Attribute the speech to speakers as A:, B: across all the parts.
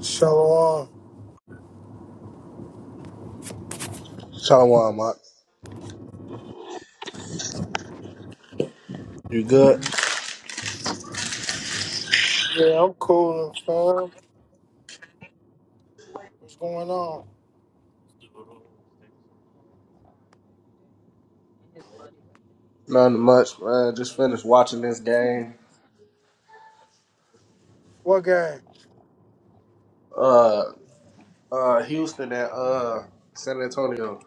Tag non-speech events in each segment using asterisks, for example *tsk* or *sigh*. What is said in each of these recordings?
A: Shalom.
B: Shalom, Mark. You good?
A: Yeah, I'm cool, fam. What's going on?
B: Nothing much, man. Just finished watching this game.
A: What game?
B: Uh, uh, Houston and uh San Antonio.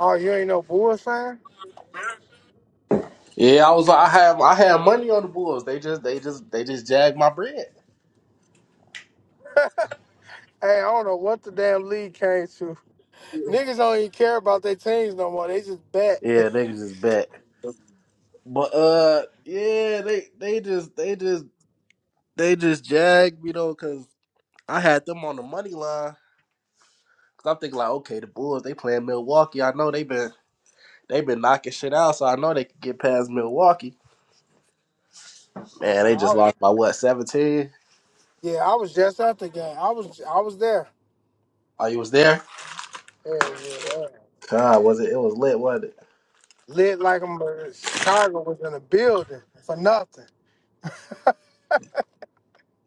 A: Oh, you ain't no Bulls fan?
B: Yeah, I was. I have. I had money on the Bulls. They just. They just. They just jagged my bread.
A: Hey, I don't know what the damn league came to. Niggas don't even care about their teams no more. They just bet. *laughs*
B: Yeah, niggas is back. But uh, yeah, they. They just. They just. They just jagged me though, cause I had them on the money line. Cause I'm thinking like, okay, the Bulls. They playing Milwaukee. I know they been. They been knocking shit out, so I know they could get past Milwaukee. Man, they just
A: Nah,
B: lost
A: I-
B: by what, 17?
A: yeah, I was just at the game. I was I was there.
B: Oh, you was there?
A: Yeah, yeah, yeah.
B: God, was it? It was lit, wasn't it?
A: Lit like I'm uh, Chicago was in a building for nothing.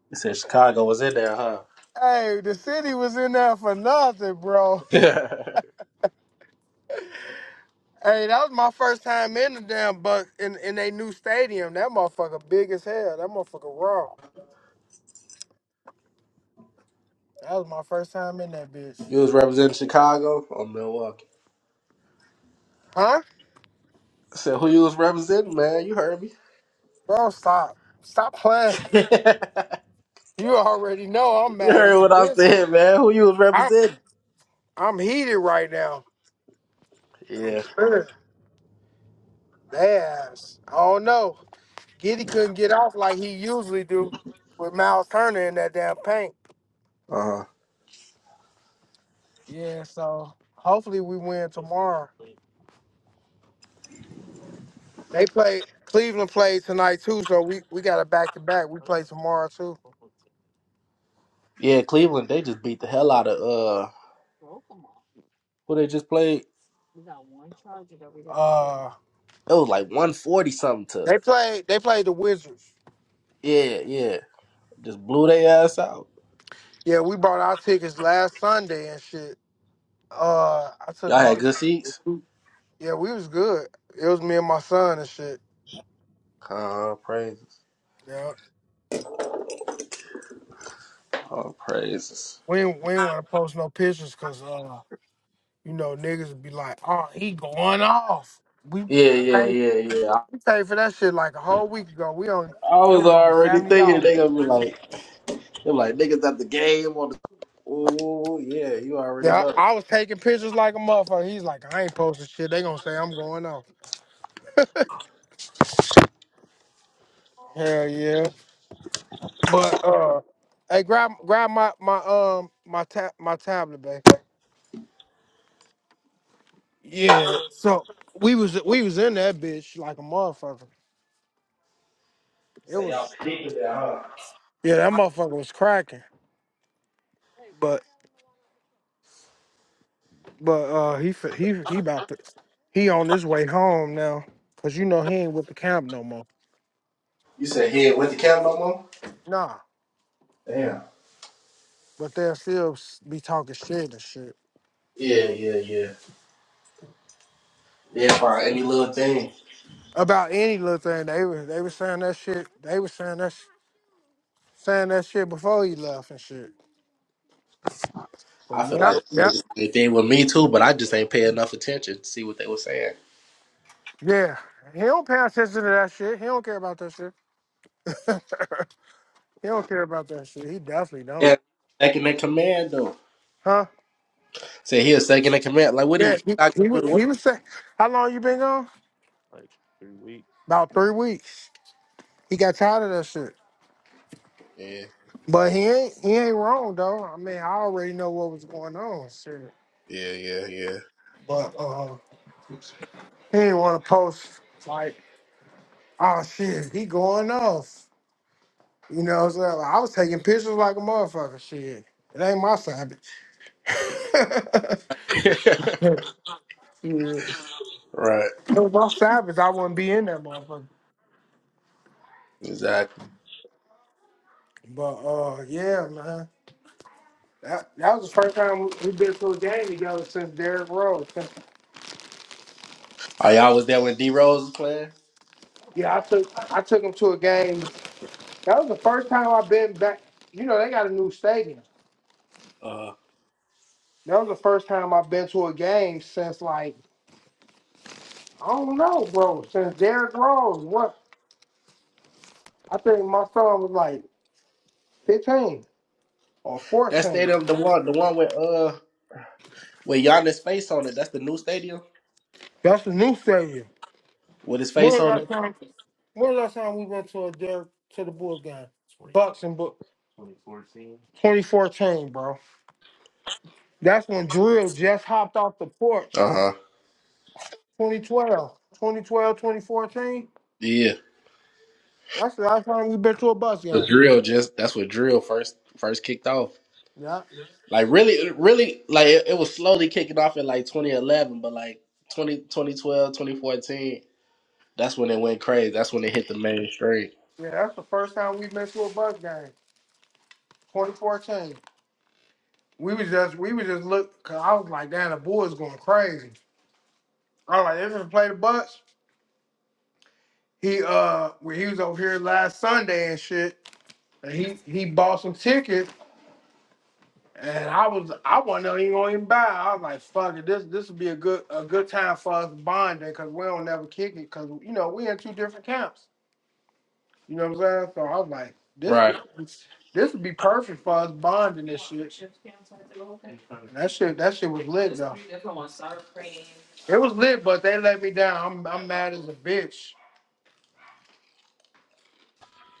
B: You said Chicago was in there, huh?
A: Hey, the city was in there for nothing, bro. *laughs*
B: *laughs*
A: Hey, that was my first time in the damn buck in in they new stadium. That motherfucker big as hell. That motherfucker raw. That was my first time in that bitch.
B: you was representing Chicago or Milwaukee?
A: Huh?
B: I said, who you was representing, man? You heard me.
A: Bro, stop. Stop playing. *laughs*
B: *laughs* you
A: You already know I'm mad
B: heard
A: as a
B: what I
A: bitch.
B: said, man. Who you was
A: I'm
B: representing?
A: I'm heated right now. I'm
B: Yeah.
A: pissed. Their ass. I don't know. Giddy couldn't get off like he usually do with Miles Turner in that damn paint.
B: Uh-huh.
A: Yeah, so hopefully we win tomorrow. They play Cleveland played tonight too, so we, we got a back to back. We play tomorrow too.
B: Yeah, Cleveland, they just beat the hell out of, uh, who they just played?
A: Uh
B: It was like 140 something to.
A: they played they played the Wizards.
B: Yeah, yeah. Just blew their ass out.
A: Yeah, we bought our tickets last Sunday and shit. Uh I took
B: Y'all
A: my
B: had good seats?
A: yeah, we was good. It was me and my son and shit.
B: Oh, praises.
A: Yeah.
B: Oh, praises.
A: We did we didn't want to post no pictures cause uh you know niggas would be like, oh he going off. We
B: Yeah, yeah,
A: paid
B: yeah, yeah. I,
A: we paid for that shit like a whole week ago. We only
B: I
A: it
B: was
A: was only
B: already
A: seventy dollars.
B: thinking they gonna be like, they're like niggas at the game on the. Ooh, yeah, you already
A: Yeah,
B: know.
A: I, I was taking pictures like a motherfucker. He's like, I ain't posting shit. They gonna say I'm going off. Hell yeah. But uh, hey, grab grab my my um my ta- my tablet, babe. Yeah. So we was we was in that bitch like a motherfucker. It
B: Say
A: was
B: y'all deep with that, huh?
A: yeah, that motherfucker was cracking. But but uh, he fi- he he about to he on his way home now, cause you know he ain't with the camp no more.
B: You said he ain't with the cam no more.
A: Nah,
B: Damn.
A: but they'll still s- be talking shit and shit.
B: Yeah, yeah, yeah, yeah. For any little thing,
A: about any little thing. They were they were saying that shit. They were saying that sh- saying that shit before he left and shit. But
B: I feel
A: yeah,
B: like
A: yeah,
B: they did with me too, but I just ain't pay enough attention to see what they were saying.
A: yeah. He don't pay attention to that shit. He don't care about that shit. *laughs* he don't care about that shit. He definitely don't.
B: Yeah, second in command though.
A: Huh?
B: Say he a second in command. Like, what he
A: Yeah.
B: he
A: He
B: not
A: he,
B: gonna
A: wa-
B: do the work?
A: he was saying, how long you been gone? About three weeks. He got tired of that shit.
B: Yeah,
A: But he ain't he ain't wrong though. I mean, I already know what was going on. Shit.
B: yeah, yeah,
A: But uh, he didn't want to post like, oh shit, he going off. You know what I'm saying? Like, I was taking pictures like a motherfucker. Shit. It ain't my savage. *laughs*
B: yeah.
A: Shit. If
B: *laughs* right.
A: it was my savage, I wouldn't be in that motherfucker.
B: Exactly.
A: But uh yeah, man. That, that was the first time we- we've been to a game together since Derrick Rose. Since-
B: Oh, y'all was there when D Rose was playing?
A: Yeah, I took I took him to a game. That was the first time I've been back. You know, they got a new stadium.
B: Uh,
A: That was the first time I've been to a game since like I don't know, bro. Since Derrick Rose, what I think my son was like 15. or Fort
B: that stadium, the one, the one with uh, with Giannis face on it. That's the new stadium
A: That's the new stadium.
B: with his
A: When
B: face
A: was
B: on
A: last
B: it.
A: time? When was last time we went to a Derek to the Bulls game? Bucks and Bucks. 2014, bro. That's when Drill just hopped off the porch.
B: Uh huh.
A: 2012, 2012, 2014.
B: Yeah.
A: That's the last time we've been to a bus
B: The
A: game.
B: drill just that's what drill first first kicked off.
A: Yeah,
B: Like really, really, like it, it was slowly kicking off in like 2011, but like 20 2012, 2014. that's when it went crazy. That's when it hit the mainstream.
A: yeah. That's the first time we've been to a bus game. 2014. We was just, we was just look. Cause I was like, damn, the boys going crazy. I was like, they just play the Bucks. He uh, when he was over here last Sunday and shit. And he he bought some tickets, and I was I wasn't even going to even buy. I was like, "Fuck it, this this would be a good a good time for us bonding because we don't never kick it because you know we in two different camps. You know what I'm saying? So I was like, this
B: Right.
A: this this would be perfect for us bonding this shit. That shit that shit was lit though. It was lit, but they let me down. I'm I'm mad as a bitch.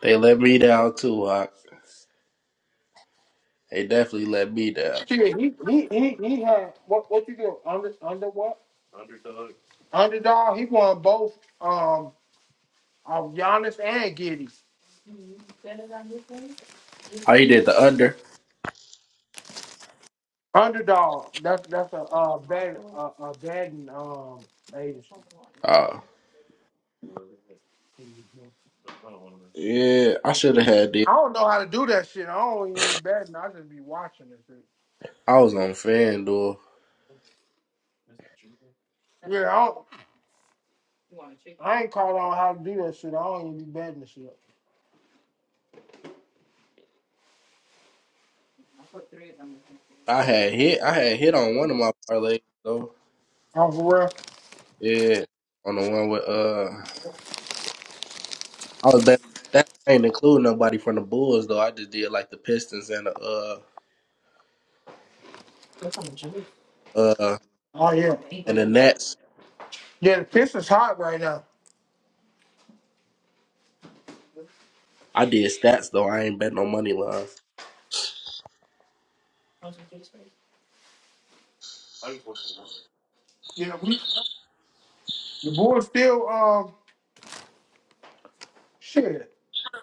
B: They let me down too. Hawk. They definitely let me down.
A: Shit, he he he, he had what what you do under under what underdog? He won both. Um. of Giannis and Giddy.
B: Oh, you did the under.
A: Underdog. That's that's a uh bad uh, a betting um agency.
B: Oh. Yeah, I should have had
A: I don't know how to do that shit. I don't even be betting. I just be watching this shit.
B: I was on FanDuel.
A: Yeah, I, don't, I ain't called on how to do that shit. I don't even be betting this shit.
B: I had hit. I had hit on one of my parlays though.
A: Oh, for real?
B: Yeah, on the one with uh, I was betting. that ain't include nobody from the Bulls though. I just did like the Pistons and the uh uh
A: Oh, yeah.
B: and the Nets.
A: Yeah, the Pistons hot right now.
B: I did stats though. I ain't bet no money lines.
A: Yeah, we the Bulls still um shit.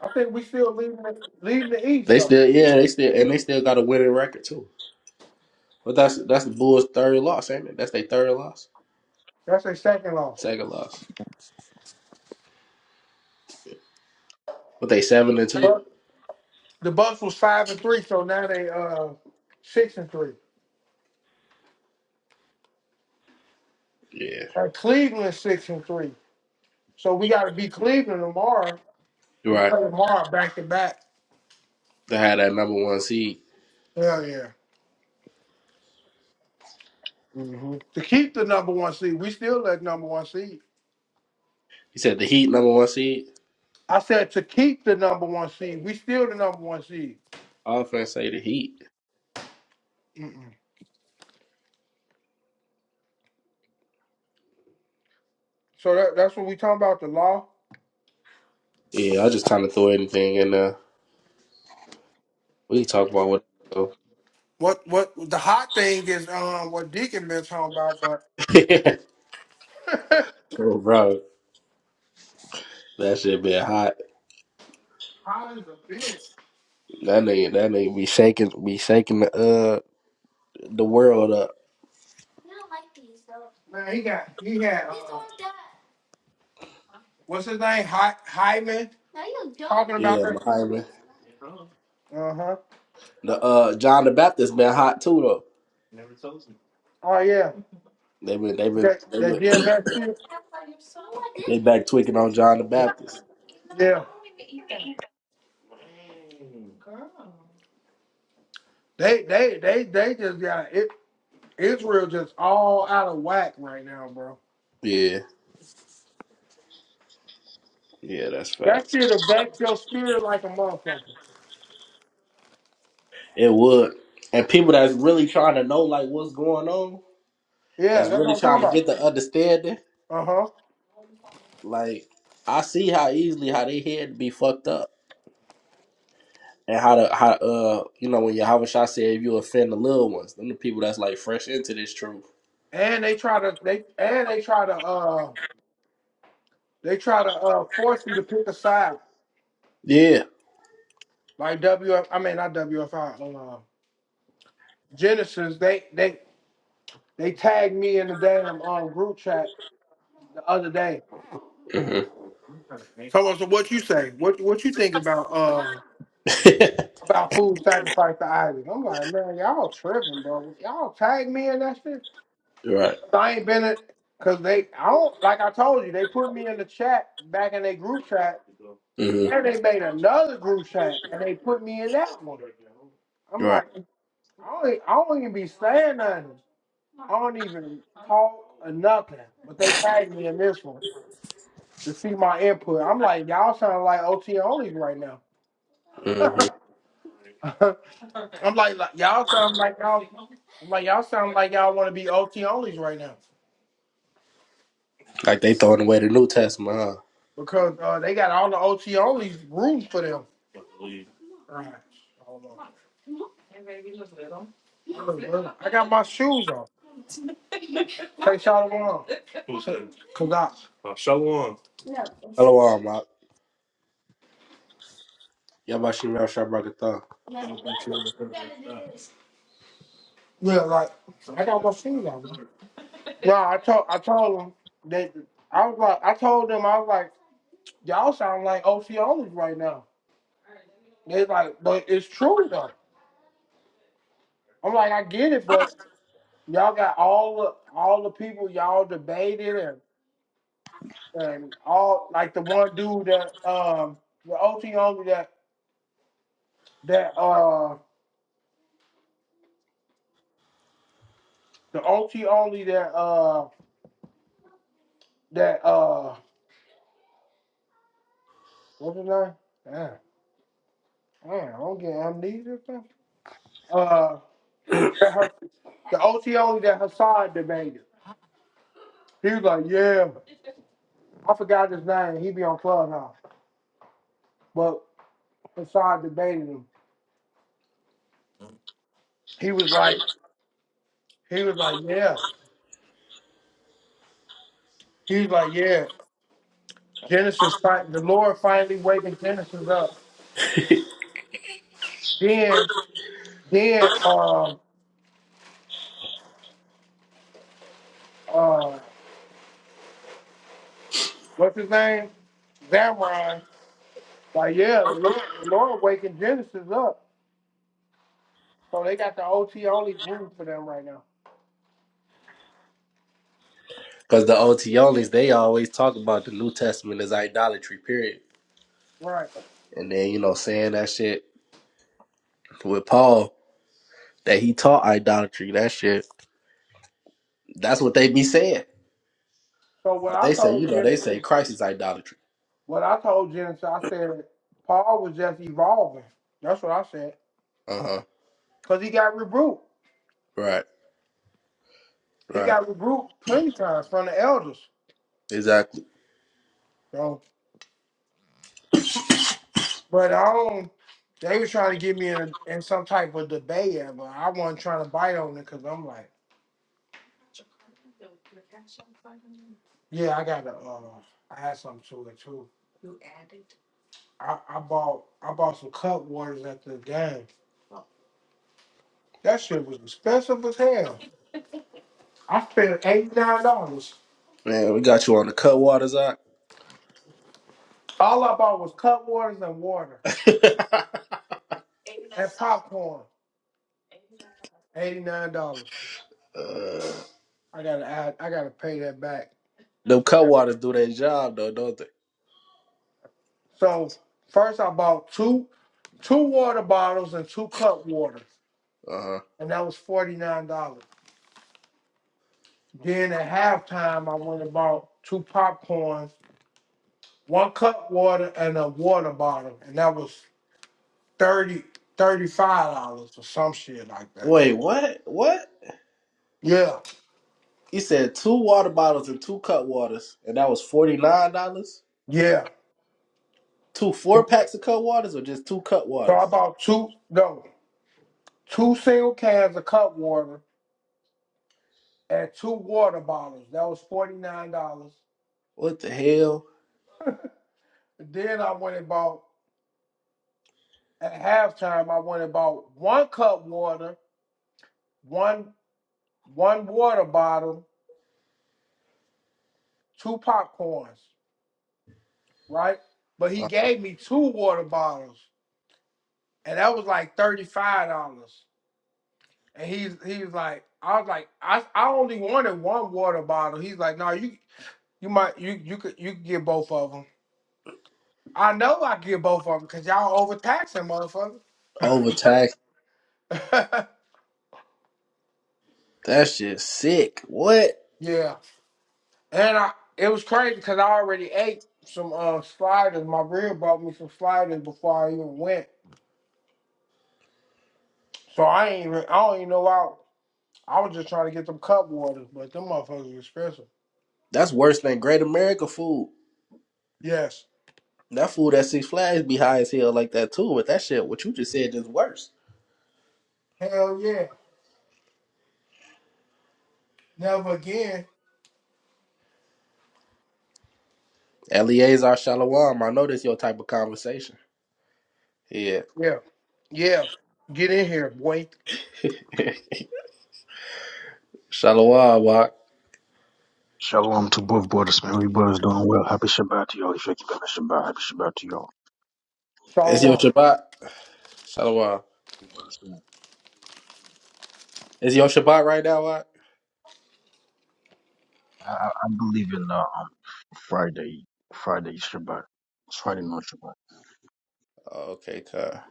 A: I think we still leading the, leading the East
B: They
A: though.
B: still yeah. They still and they still got a winning record too. But that's that's the Bulls' third loss, ain't it? That's their third loss,
A: That's their second loss.
B: second loss. But they seven and two.
A: The Bucks was five and three, so now they uh six and three.
B: Yeah,
A: And Cleveland six and three. So we got to beat Cleveland tomorrow.
B: you're
A: We
B: right.
A: play tomorrow back to back.
B: They had that number one seed.
A: Hell yeah. hmm To keep the number one seed, we still that number one seed.
B: You said the Heat number one seed.
A: I said to keep the number one seed, we still the number one seed.
B: I was gonna say the Heat.
A: Mm-mm. So that, that's what we talking about the law.
B: Yeah, I just kind of throw anything in there. We can talk about what.
A: What what the hot thing is um what Deacon been talking about, but *laughs*
B: *laughs* oh, bro, that shit been hot.
A: Holland's a bitch.
B: That nigga, that nigga be shaking, be shaking the uh the world up.
A: Man, he got he had. Uh, What's his name? Hy- Hyman? No, you don't. Talking about
B: Yeah,
A: that shit?
B: Muhammad.
A: Uh huh.
B: The uh John the Baptist been hot too though.
A: Oh yeah.
B: They been, they been,
A: That
B: they
A: that
B: been,
A: GMS shit?
B: *coughs* they back tweaking on John the Baptist.
A: Yeah. They they they they just got it Israel just all out of whack right now, bro.
B: Yeah, yeah, that's
A: That shit
B: facts.
A: affects your spirit like a motherfucker.
B: It would, and people that's really trying to know like what's going on,
A: Yeah,
B: that's
A: that's what
B: really
A: I'm talking
B: trying to
A: about.
B: get the understanding.
A: Uh huh.
B: Like I see how easily how they head be fucked up. And how to how uh you know when Yahweh Shah said if you offend the little ones, them the people that's like fresh into this truth.
A: And they try to they and they try to uh they try to uh force you to pick a side
B: Yeah.
A: like WF mean not WFI uh, Genesis. They they They tagged me in the damn um, group chat the other day.
B: hmm
A: So, uh, so what you say? What what you think about uh about food sacrifice to Isaac? I'm like, man, y'all tripping, bro. Y'all tag me in that shit.
B: *laughs* right.
A: So, I ain't been it because they I don't like I told you, they put me in the chat back in their group chat,
B: hmm
A: and they made another group chat and they put me in that one. I'm
B: right.
A: like, I don't, e, I don't even be saying nothing. I don't even talk or nothing. But they tagged me in this one. to see my input. I'm like, y'all sound like OT onlys right now.
B: hmm
A: *laughs* I'm like, like, y'all sound like y'all, I'm like y'all sound like y'all want to be OT onlys right now
B: Like they throwing away the New Testament, huh?
A: because uh, they got all the OT onlys room for them. All right. Hold on. Look, look, I got my shoes on. Take y'all along. Cause I,
B: Hello, all Mark. Yabashim Yashabrakatha.
A: yeah, like I got my shoes on. No, I told I told them that I was like I told them I was like y'all sound like OT onlys right now. They like, but it's true though. I'm like, I get it, but y'all got all the all the people y'all debated and and all like the one dude that um the OT only that that uh the OT only that uh that uh what's his name? Damn, damn, I don't get amnesia. fam. Uh, that her the OT only that Hassan debated. He was like, yeah, I forgot his name. He be on Clubhouse, but Hassan debated him. He was like, he was like, yeah. He was like, yeah. Genesis, fi- the Lord finally waking Genesis up.
B: Because
A: Then, then, uh, uh, what's his name? Zamron. Like, yeah, the Lord, the Lord waking Genesis up. So they got the OT only group for them right now.
B: *laughs* the OT onlys, they always talk about the New Testament as idolatry, period.
A: Right.
B: And then, you know, saying that shit with Paul, that he taught idolatry, that shit. That's what they be saying.
A: So what I
B: They say, you
A: told
B: know, they say
A: Genesis,
B: Christ is idolatry.
A: what I told Genesis, I said Paul was just evolving. That's what I said.
B: Uh huh.
A: Cause he got rebuked.
B: Right.
A: He
B: Right.
A: got rebuked plenty times from the elders.
B: Exactly.
A: But I don't. They were trying to get me in in some type of debate, yeah, but I wasn't trying to bite on it because I'm like, yeah, I got to. Uh, I had something to it too. I, I bought I bought some cup waters at the game. That shit was expensive as hell. I spent eighty nine dollars.
B: Man, we got you on the cut waters, Zach.
A: All I bought was cup waters and water
B: *laughs* uh,
A: and popcorn. Eighty nine dollars. I gotta add, I gotta pay that back.
B: them cut waters do their job though, don't they?
A: So first I bought two two water bottles and two cup water.
B: Uh huh.
A: and that was forty nine dollars. Then at halftime, I went and bought two popcorns, one cup water, and a water bottle, and that was 30 35 dollars or some shit like that.
B: Wait, what? What?
A: Yeah,
B: He said two water bottles and two cut waters, and that was forty nine dollars.
A: yeah.
B: Two four packs of cut waters, or just two cut
A: So I
B: waters?
A: bought two no two single cans of cup water and two water bottles. That was forty nine dollars.
B: What the hell?
A: Then I went and bought at halftime. I went and bought one cup water, one one water bottle, two popcorns. right? But he
B: Uh,
A: gave me two water bottles, and that was like thirty five dollars. And he's he was like, I was like, I, I only wanted one water bottle. He's like, no, you you might you you could you could get both of them. I know I could get both of them because y'all overtaxing, motherfucker.
B: Overtaxed.
A: *laughs*
B: That shit sick. What?
A: yeah, and I it was crazy because I already ate some uh, sliders. My rib brought me some sliders before I even went, so I ain't even, I don't even know why. I was just trying to get them cup waters, but them motherfuckers are expensive.
B: That's worse than Great America food.
A: Yes.
B: That food at Six Flags be high as hell like that too. But that shit, what you just said, is worse.
A: Hell yeah. Never again.
B: Eleazar Shalawam, I know this your type of conversation. Yeah,
A: Yeah. Yeah. Get in here, boy.
B: *laughs* Shalawam, Wak.
C: Shalom to both brothers, man. We brothers doing well. Happy Shabbat to y'all. If you're keeping the Shabbat, happy Shabbat to y'all.
B: It's your
A: Shalom.
B: Shabbat. Shalawam.
C: We brothers doing- well.
B: Is your Shabbat right now, Wak?
C: I, I I believe in uh, um, Friday, Friday Shabbat. It's Friday not Shabbat.
B: Okay, Kai.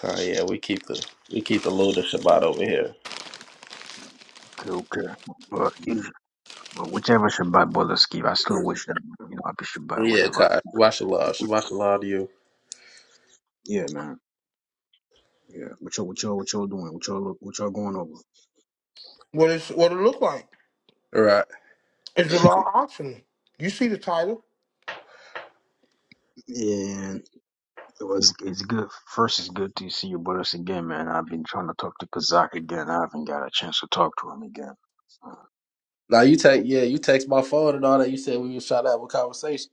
B: Kai, yeah, we keep the we keep the Lunar Shabbat over here.
C: Okay, okay. But, you- but whichever Shabbat brothers keep, I still wish them, you know, happy Shabbat
B: Yeah,
C: whenever.
B: Kai. Shabbat Shalom. Shabbat Shalom to you.
C: Yeah, man. Yeah. What y'all, what y'all, what y'all doing? What y'all, what y'all going over?
A: What is what it look like?
B: All right.
A: It's a law optional. You see the title.
C: And it was, it's good. First, it's good to see you brothers again, man. I've been trying to talk to Kazak again. I haven't got a chance to talk to him again. So,
B: Now you take yeah, you text my phone and all that. You said we was trying to have a conversation.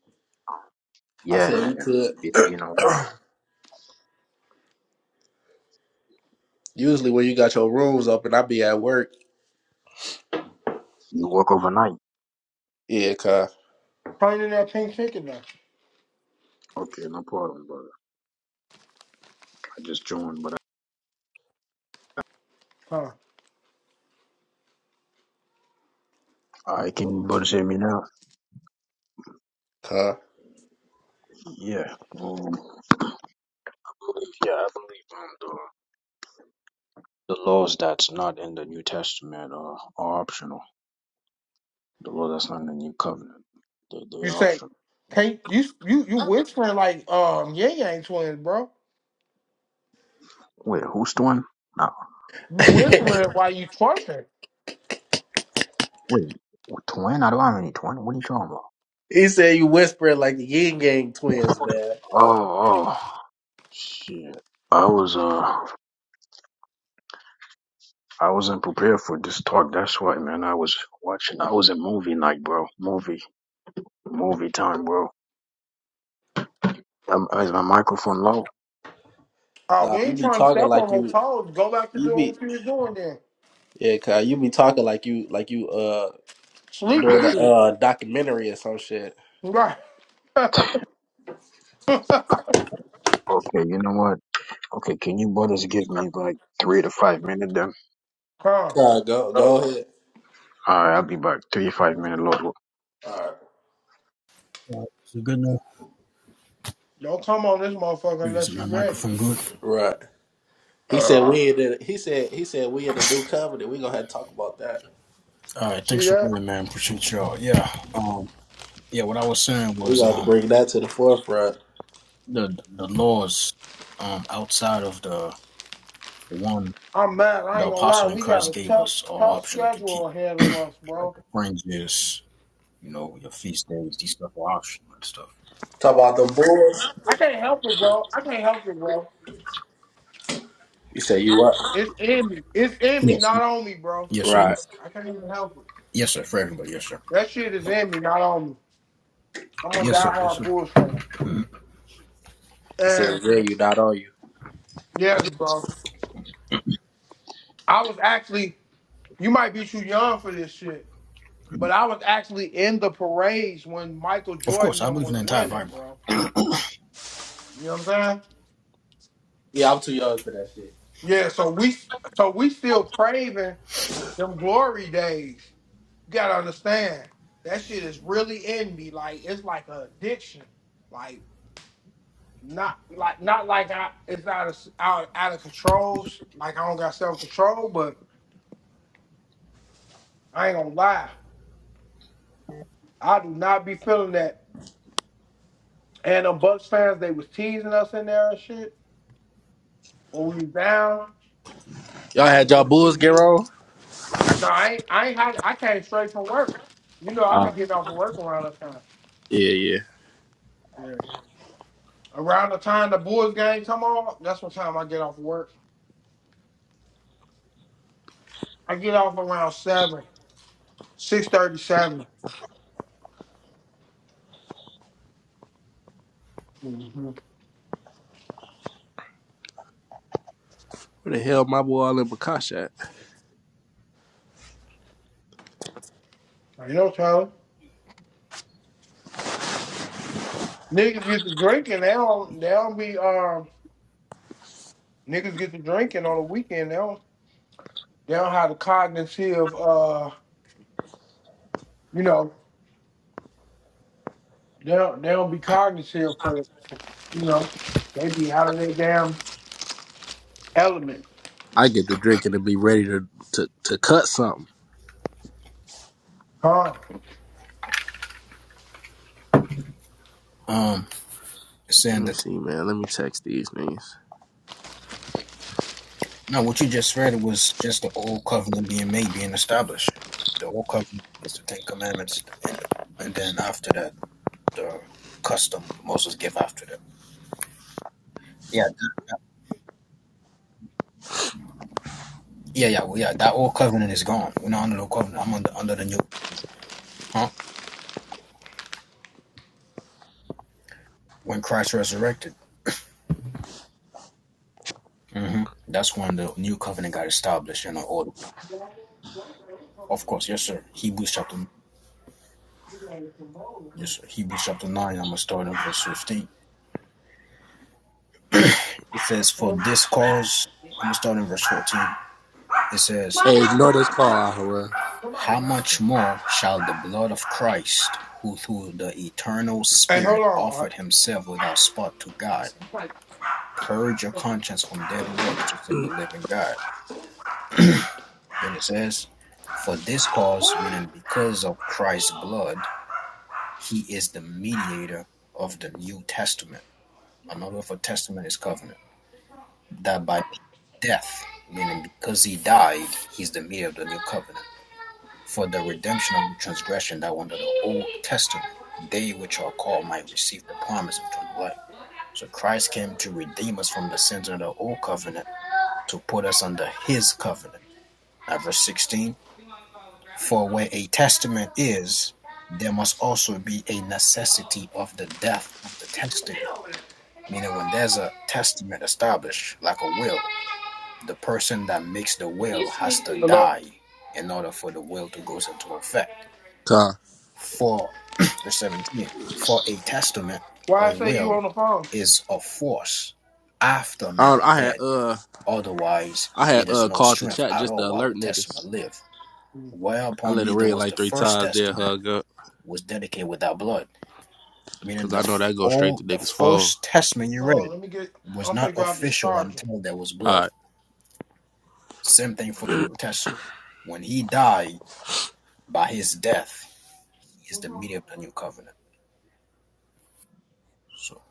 B: I
C: Yeah,
B: said
C: man,
B: we
C: it's, it's
B: could.
C: been a while.
B: *clears throat* Usually when you got your rooms open, I be at work.
C: You work overnight?
B: Yeah, cuz.
A: Turn in that pink ticket now.
C: Okay, no problem, brother. I just joined, but
A: Huh.
C: I, I can you to hear me now?
B: Cuz.
C: Yeah. Um, yeah, I believe um, the, the laws that's not in the New Testament are, are optional. The law that's not in the New Covenant, they, they
A: You
C: are
A: say,
C: optional.
A: can't you you you whispering like um Yang Yang twins, bro.
C: Wait, who's twin? No,
A: You
B: *laughs*
A: whispering while you twerking.
C: wait, twin? I don't have any twin. What are you talking about?
B: he said you whispering like the yin yang twins, man.
C: Oh, oh, shit. I was, uh, I wasn't prepared for this talk. That's why, man. I was watching. I was in movie night, bro. Movie, movie time, bro. Um, is my microphone low?
A: Uh
B: Nah,
A: we
B: you
A: ain't
B: be
A: trying to
B: talking
A: step on
B: like
A: no
B: you
A: toes. Go back to
B: you
A: doing
B: be
A: what you was doing then.
B: yeah, cuz you be talking like you like you uh
A: Sleeping
B: doing a
A: shit.
B: uh documentary or some shit.
A: Right. *laughs*
C: Okay, you know what? Okay, can you brothers give me like three to five minutes then?
A: Come.
B: Cuz go go ahead.
C: All right, I'll be back. Three to five minute load. All
B: Alright.
C: right, Is it good now?
A: Don't come on this motherfucker
C: Is
A: unless
C: my
A: you ready.
C: microphone good?
B: Right. right. He said
A: Uh,
B: we in the, he said he said we in the new covenant. We gonna have to talk about that.
C: All right,
A: see
C: thanks for
A: that?
C: waiting, man. Appreciate y'all. Yeah, um, yeah. What I was saying
B: We
C: was,
B: gonna have to
C: um,
B: bring that to the forefront.
C: the the laws, um, outside of the one
A: I'm mad. I
C: the
A: ain't gonna lie.
C: apostle in
A: We got
C: Christ
A: a
C: gave us
A: tough,
C: are
A: tough
C: optional to keep.
A: schedule ahead
C: *clears throat*
A: of us,
C: like
A: bro.
C: the fringes, you know, your feast days, these stuff are optional and stuff.
B: Talk about the boys.
A: I can't help it, bro. I can't help it, bro.
B: You say you what?
A: It's in me. It's in me,
C: Yes.
A: not on me, bro.
C: Yes, sir.
B: Right.
C: Yes.
A: I can't even help it.
C: Yes, sir. For everybody. Yes, sir.
A: That shit is in me, not on me. I'm a
C: Yes, sir. Yes,
A: diehard
C: sir.
A: Bulls fan.
B: You say
A: And
B: Yeah, you not on you.
A: yes, bro. I was actually. You might be too young for this shit, but I was actually in the parades when Michael
C: Of
A: Jordan
C: course, I
A: them
C: believe in
A: was
C: the entire
A: winning,
C: Bible.
A: bro. You know what I'm saying?
B: Yeah, I'm too young for that shit.
A: Yeah. So we, so we still craving. Them glory days. You gotta understand. That shit is really in me. Like it's like a addiction. Like not like not like I it's out of out, out of control. Like I don't got self control, but I ain't gonna lie. I do not be feeling that. And them Bucks fans, they was teasing us in there and shit when we was down.
B: Y'all
A: I was
B: had y'all
A: gonna
B: bulls
A: be
B: get rolled?
A: no, I ain't, I ain't had, I came straight from work. You know, I be
B: Uh,
A: getting off of work around that time.
B: yeah, yeah.
A: Around the time the boys game come on, that's what time I get off work. I get off around seven, six thirty, seven. Mm-hmm.
B: Where the hell my boy all in Bakash at?
A: You know, Tyler. Niggas get to drinking. They don't. They don't be. Um, niggas get to drinking on the weekend. They don't. They don't have the cognitive. Uh, you know, they don't. They don't be cognitive for. the- You know, they be out of their damn element.
B: I get to drinking and be ready to, to to cut something.
A: Huh?
C: Um, saying
B: Let me
C: that
B: see, man. Let me text these niggas.
C: now what you just read was just the old covenant being made, being established. The old covenant is the Ten Commandments, and, and then after that, the custom Moses gave after that. Yeah, that, yeah, yeah, well, yeah. That old covenant is gone. We're not under the old covenant. I'm under under the new huh? When Christ resurrected. hmm That's when the new covenant got established in the order. Of course, yes, sir. Hebrews chapter, yes, sir. Hebrews chapter 9, I'm going to start in verse 15. It says, For this cause, I'm going to start in verse 14. It says,
B: Hey, ignore this call, Ahura.
C: How much more shall the blood of Christ, who through the eternal
A: Hey, hold
C: Spirit
A: on.
C: offered himself without spot to God, purge your conscience from dead works to serve the living God? Then it says, For this cause, meaning because of Christ's blood, He is the mediator of the New Testament. Another word for testament is covenant. That by death, meaning because he died, he's the mediator of the new covenant. For the redemption of the transgression that were under the Old Testament, they which are called might receive the promise of eternal life. So Christ came to redeem us from the sins of the Old Covenant to put us under his covenant. Now, verse 16 For where a testament is, there must also be a necessity of the death of the testator. Meaning, when there's a testament established, like a will, the person that makes the
A: You
C: will has to
A: sleepy? Hello.
C: die in order for the will to goes into effect.
B: Con.
C: For *clears throat* verse 17, for a testament or
A: Why I
C: a
A: say you on
C: will
A: the phone?
C: is of force after
B: I,
C: men
B: don't-
C: are
B: I had
C: dead.
B: uh
C: Otherwise,
B: I had
C: it is
B: uh
C: no
B: called the
C: strength
B: chat
C: at
B: just
C: all
B: to
C: while the
B: alert
C: testament
B: niggas.
C: live.
B: I
C: Whereupon
B: let it
C: neither
B: ring
C: was
B: like
C: the
B: three
C: first
B: times, then
C: testament
B: hug up.
C: was dedicated without blood
B: Cause
C: meaning the
B: I know
C: f-
B: that go straight
C: all
B: to
C: the
B: niggas' phone.
C: first testament you
A: Hold on.
C: read
A: Let me get.
C: was
A: I'm gonna
C: not
A: grab this
C: official
A: charger.
C: until there was blood.
B: Alright.
C: Same thing for the New Testament. When he died by his death, he is the mediator of the new covenant. So,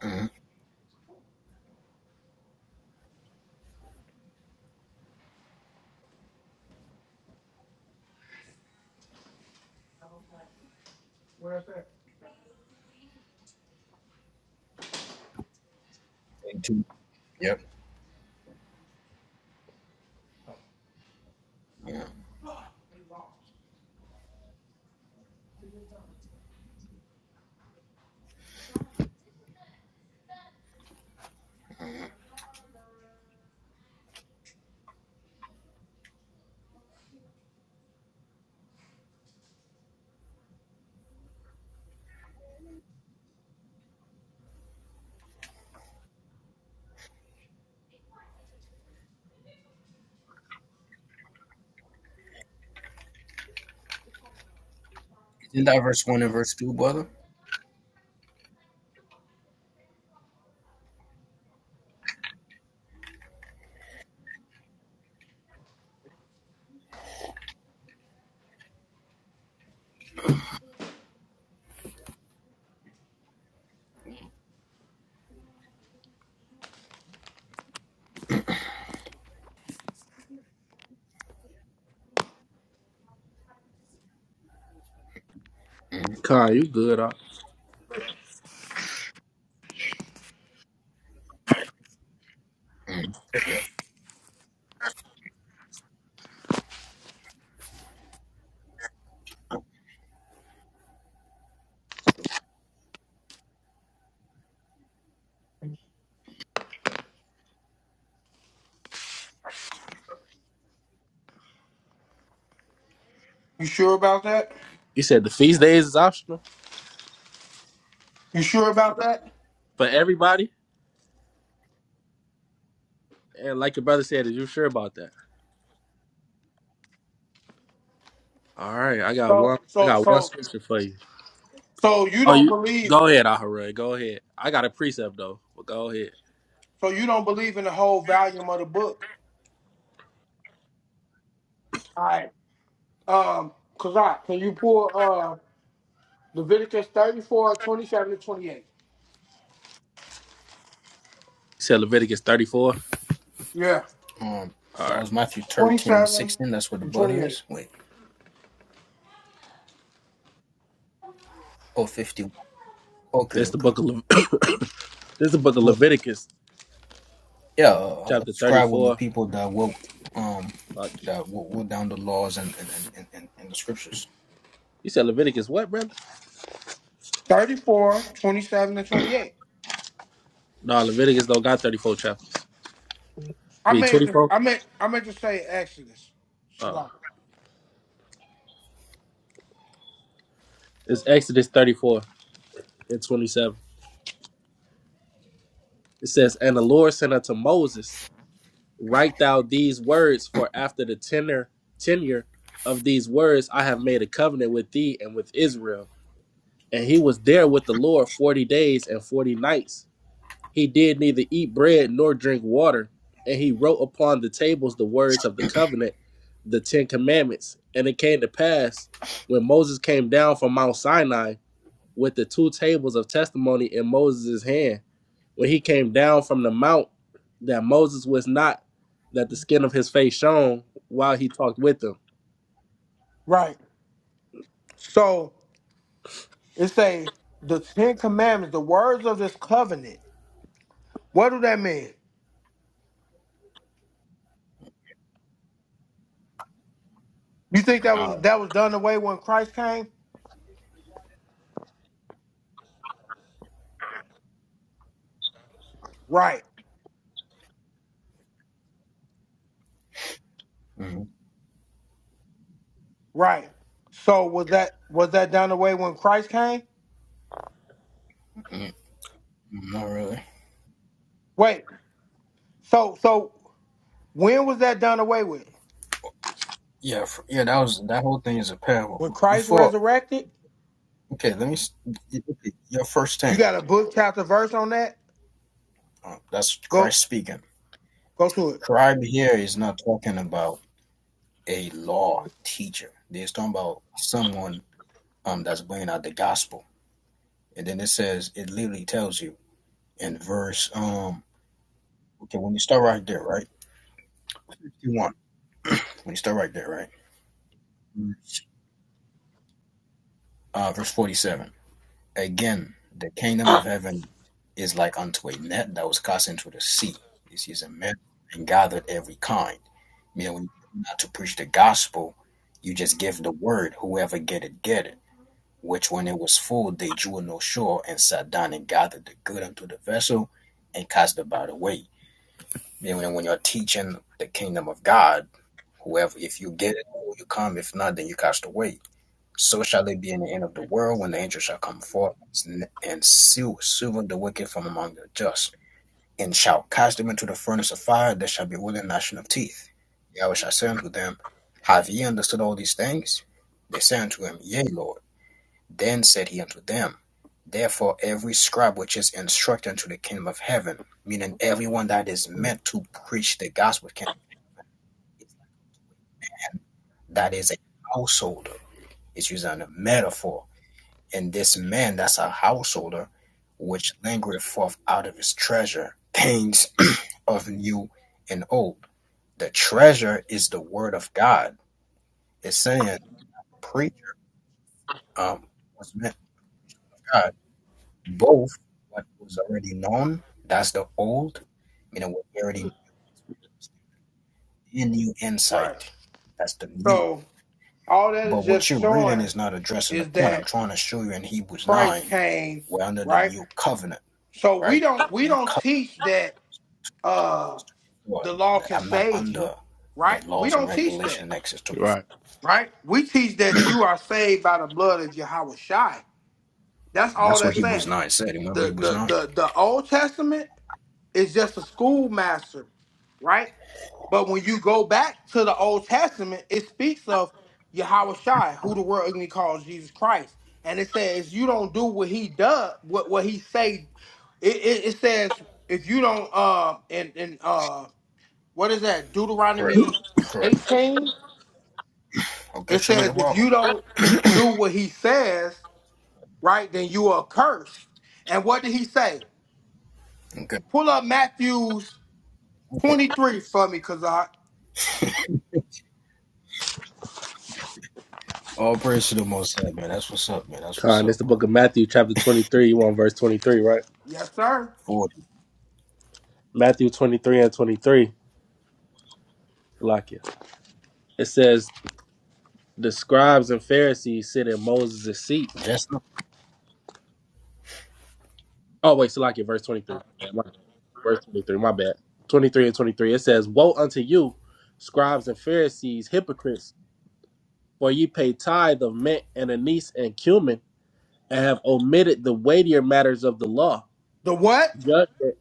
C: mhm.
A: Where's that?
C: two- yep. Yeah. Isn't that verse one and verse two, brother? hmm
B: Con, you good, huh?
C: Yeah.
A: You sure about that?
B: You said the feast days is optional
A: You sure about that?
B: for everybody? And like your brother said, is you sure about that? All right, I got
A: So
B: one. I
A: so
B: got one
A: so
B: scripture for you.
A: so you
B: Oh,
A: don't
B: you
A: believe
B: go ahead, Ahura. Go ahead. I got a precept though, but go ahead.
A: so you don't believe in the whole volume of the book. All right. Um cause I can you pull uh Leviticus thirty four twenty seven 27 to 28.
B: You said Leviticus thirty-four.
A: Yeah.
C: Um,
B: All
C: that
B: right,
C: was Matthew 13
A: 27
C: 16. That's what the
A: and
C: brother
A: 28.
C: is. Wait, oh, 51. Okay,
B: that's the
C: okay.
B: book of Le- *coughs* this the book of
C: Oh,
B: Leviticus,
C: yeah, uh,
B: chapter
C: scribe with the
B: thirty-four.
C: people that will um
B: Fuck you.
C: that will, will down the laws and and, and, and, and the scriptures.
B: You said Leviticus what, brother?
A: four, twenty seven, and 28.
B: No, Leviticus don't got thirty-four chapter.
A: I
B: Read
A: meant to
B: twenty-four.
A: I meant I meant to say Exodus.
B: Uh,
A: Shalom.
B: it's Exodus thirty-four and twenty-seven. It says, "And the Lord sent unto Moses." Write thou these words, for after the tenor tenure of these words I have made a covenant with thee and with Israel. And he was there with the Lord forty days and forty nights. He did neither eat bread nor drink water, and he wrote upon the tables the words of the covenant, the Ten Commandments. And it came to pass when Moses came down from Mount Sinai with the two tables of testimony in Moses' hand when he came down from the mount that Moses was not that the skin of his face shone while he talked with them.
A: Right. So it say the Ten Commandments, the words of this covenant. What do that mean? You think that
C: Uh,
A: was that was done away when Christ came? Right,
C: mm
A: right. So was that was that done away when Christ came?
C: mm, not really.
A: Wait. So so when was that done away with?
C: Yeah, f yeah. That was that whole thing is a parable.
A: When Christ
C: Before,
A: resurrected?
C: okay, let me. s- okay, Your first
A: You
C: thing.
A: got a book chapter verse on that?
C: Uh, that's
A: Go
C: Christ speaking.
A: go to it.
C: Scribe here is not talking about a law teacher. They're talking about someone um that's bringing out the gospel. And then it says it literally tells you in verse um okay when you start right there right. 51. We start right there, right? Uh, verse 47. Again, the kingdom of heaven is like unto a net that was cast into the sea. It's used in measure and gathered every kind. Meaning, when you come to preach the gospel, you just give the word. Whoever get it, get it. Which, when it was full, they drew no shore and sat down and gathered the good unto the vessel and cast the bad away. Meaning, when you're teaching the kingdom of God, whoever, if you get it, you come. If not, then you cast away. So shall it be in the end of the world when the angels shall come forth and seal, seal the wicked from among the just, and shall cast them into the furnace of fire There shall be with a gnashing of teeth. Yahweh shall say unto them, Have ye understood all these things? They said unto him, Yea, Lord. Then said he unto them, Therefore every scribe which is instructed unto the kingdom of heaven, meaning everyone that is meant to preach the gospel, that is a householder. It's using a metaphor And this man that's a householder, which lingereth forth out of his treasure, things *clears throat* of new and old. The treasure is the word of God. It's saying preacher um was meant God. Both what was already known, that's the old, You know, what we already knew, and new
A: Right.
C: insight. That's the new.
A: So all that
C: But
A: is just
C: what you're reading
A: showing
C: is not addressing the
A: is
C: point I'm
A: that
C: trying to show you in Hebrews
A: Christ
C: 9.
A: came,
C: We're under the
A: right?
C: new covenant,
A: So we
C: right?
A: don't we
C: The new
A: don't
C: covenant.
A: teach that uh
C: what
A: the law can
C: I'm not
A: save
C: under
A: you,
C: the
A: right? We
C: laws and
A: don't teach
C: regulation
A: that.
C: in Exodus 24.
B: Right.
A: right? We teach that you are saved by the blood of Jehovah Shai. That's all
C: That's what
A: that's
C: Hebrews
A: saying.
C: 9 said. Remember
A: The
C: Hebrews
A: the
C: 9?
A: the the Old Testament is just a schoolmaster, right? But when you go back to the Old Testament, it speaks of Yahweh Shai, who the world ignorantly calls Jesus Christ. And it says, you don't do what he does, what, what he say. It, it, it says, if you don't, uh, and, and uh, what is that?
C: Correct.
A: Deuteronomy
C: Correct.
A: 18?
C: Okay,
A: It
C: show me the
A: says if
C: problem.
A: you don't do what he says, right, then you are cursed. And what did he say?
C: Okay.
A: Pull up Matthew's
C: Okay.
A: 23 for me, cause I
C: All praise to the most high, man. That's what's up, man. That's what's
B: Con, it's
C: up,
B: the book
C: brother.
B: of Matthew, chapter 23. You want verse 23, right?
A: yes, sir.
C: 40.
B: Matthew 23 and 23. Salakia. It It says, The scribes and Pharisees sit in Moses' seat.
C: Just
B: Oh, wait, so Salakia, verse 23. Verse 23, my bad. 23 and 23. It says, Woe unto you, scribes and Pharisees, hypocrites! For ye pay tithe of mint and anise and cumin, and have omitted the weightier matters of the law.
A: The what?
B: Judgment,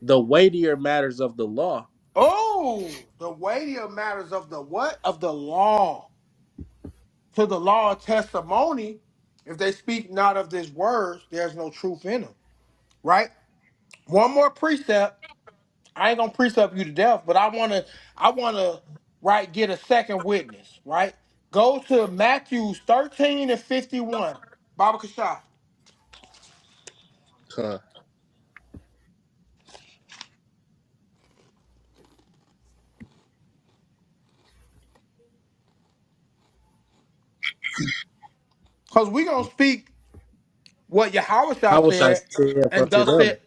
B: the weightier matters of the law.
A: Oh, the weightier matters of the what? Of the law. To the law of testimony, if they speak not of this word, there's no truth in them. Right? One more precept. I ain't gonna precept you to death, but I wanna, I wanna, right, get a second witness, right? Go to Matthew 13 and 51, Baba Kashah.
B: Huh.
A: Cause we gonna speak what Yahweh
B: How wish I
A: said,
B: saith
A: and
B: unto
A: thus
B: them?
A: said,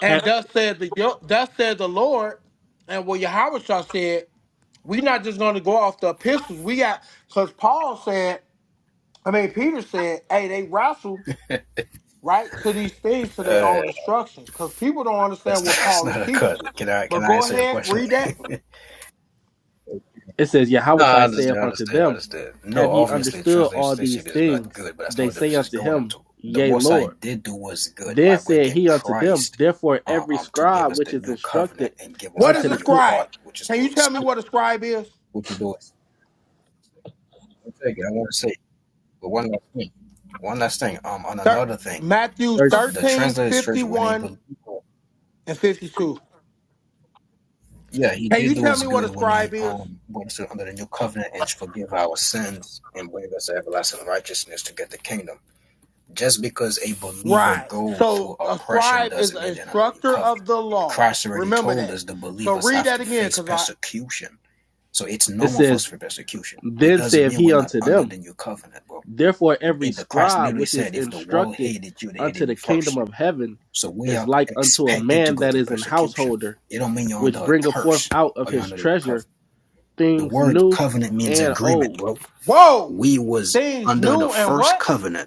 A: and
B: Ha-
A: thus said the thus said the Lord, and what Yahweh said, we not just gonna go off the epistles. We got cause Paul said, I mean Peter said, hey, they wrestle right, to these things to their
C: uh
A: own destruction. Because people don't
C: that's
A: understand what
C: that's
A: Paul is
C: not a cut.
A: teaching.
C: Can I
A: But
C: can I
A: go
C: answer your
A: ahead,
C: question?
A: read that.
C: *laughs*
B: It says, Yeah, how
C: No,
B: wish
C: I
B: I
C: understand,
B: saith
C: I
B: unto
C: understand, I
B: them?
C: understand. No,
B: Have ye
C: obviously,
B: understood all these
C: translation is not
B: things?
C: good, but that's not
B: They
C: what the
B: say
C: verse is
B: unto
C: going
B: him,
C: into. The
B: Yea,
C: Most I
B: Lord.
C: did do was good
B: Then
C: by
B: said
C: bringing
B: he unto them,
C: Christ
B: Therefore
C: uh,
B: every
C: um, to give
B: scribe
C: us the
B: which is
C: new covenant
B: instructed
C: and give us
A: What
C: that
B: unto
A: is a
C: new
B: the
A: scribe?
C: heart, which is the
A: Can you
C: Holy
A: tell me
C: Spirit,
A: what a scribe is?
C: which is the Holy Spirit. I want to say, but one last thing. One last thing. Um, on
A: Thir-
C: another thing,
A: Matthew
C: the
A: 13
C: translated
A: fifty
C: church when they
A: one
C: believe,
A: and 52.
C: yeah, he
A: Can
C: did
A: you
C: do
A: tell
C: us
A: me what a
C: good when he
A: scribe is?
C: um brought us under the new covenant and forgive our sins and bring us to everlasting righteousness to get the kingdom Just because a believer
A: Right.
C: go through
A: So a
C: oppression
A: scribe is
C: doesn't
A: an
C: mean they're under the new
A: instructor of
C: covenant.
A: the law.
C: Christ already
A: Remember
C: told
A: that.
C: us the
A: So
C: believers
A: read
C: have
A: that
C: to
A: again,
C: face
A: because I
C: persecution. So it's
B: it
C: normal for us
B: says,
C: for persecution. It
B: Then
C: doesn't
B: saith
C: mean
B: he
C: we're not
B: unto
C: under
B: them.
C: the new covenant, bro.
B: Therefore, every
C: It, the Christ
B: scribe
C: literally
B: which is
C: said, if the world
B: instructed
C: hated you, they
B: unto
C: hated
B: the
C: me
B: kingdom
C: first.
B: of heaven
C: So we
B: is
C: are
B: like unto a
C: expected to
B: man
C: go
B: that
C: through
B: is an
C: persecution.
B: householder,
C: It don't mean you're under
B: which
C: a
B: bringeth forth
C: curse
B: out of
C: or you're
B: his
C: under the new
B: treasure
C: covenant. The
B: things
C: word
B: new
C: covenant means
B: and old
C: agreement, bro.
A: whoa!
C: We was
A: Things
C: under the
A: new and
C: first
A: what?
C: covenant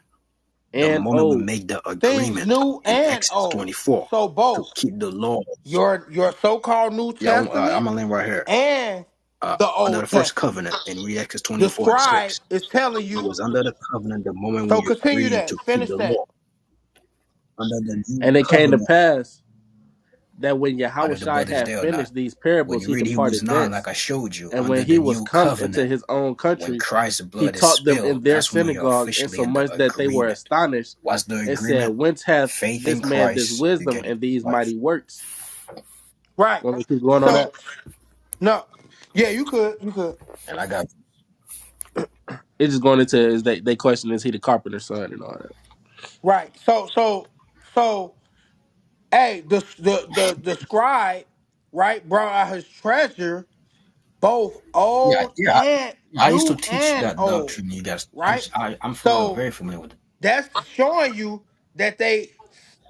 C: the
B: and
C: moment we
B: old.
C: make the
A: Things
C: agreement
A: new
C: in
A: and
C: Exodus
A: old.
C: 24
A: So
C: to
A: both.
C: keep the laws.
A: your your so-called New
C: Yeah, I'm, uh, I'm
A: Testament
C: gonna land right here.
A: and
C: Uh,
A: the
C: under the
A: Old
C: first
A: Testament.
C: covenant in read Exodus
A: The
C: 24 and
A: scribe
C: 6.
A: is telling
C: It was
A: you.
C: under the covenant the moment
A: So
C: we
A: continue
C: agreed
A: that.
C: to keep
A: Finish
C: the
A: that.
C: law. Under the new
B: And it came to
C: covenant,
B: pass that when
C: I don't know if the
B: Yahushai
C: brother's
B: had
C: there or not.
B: finished these
C: When
B: parables,
C: you
B: he
C: read Hebrews
B: departed
C: 9, like
B: thence.
C: I showed you,
B: And
C: under
B: when
C: the
B: he was
C: new
B: come into
C: covenant,
B: his own
C: when
B: country,
C: Christ's
B: he
C: blood is
B: taught them in
C: spilled,
B: their
C: that's when you're
B: synagogue,
C: officially in the
B: insomuch that they were
C: agreement.
B: astonished
C: What's the
B: and said,
C: agreement?
B: Whence hath
C: Faith in
B: this man this
C: Christ, you
B: wisdom
C: get it
B: and these
C: life.
B: mighty works?
A: Right.
B: Gonna keep going on
A: So
B: that.
A: no. Yeah, you could. You could.
C: And I got
B: It's just going into is they they question is he the carpenter's son and all that.
A: Right. So so so hey, the the the, the scribe, right, brought out his treasure, both
C: yeah,
A: old
C: yeah,
A: and
C: I used to
A: new
C: teach
A: and
C: that
A: old.
C: doctrine. You guys, I,
A: Right?
C: I, I'm familiar,
A: So
C: very familiar with it.
A: That's showing you that they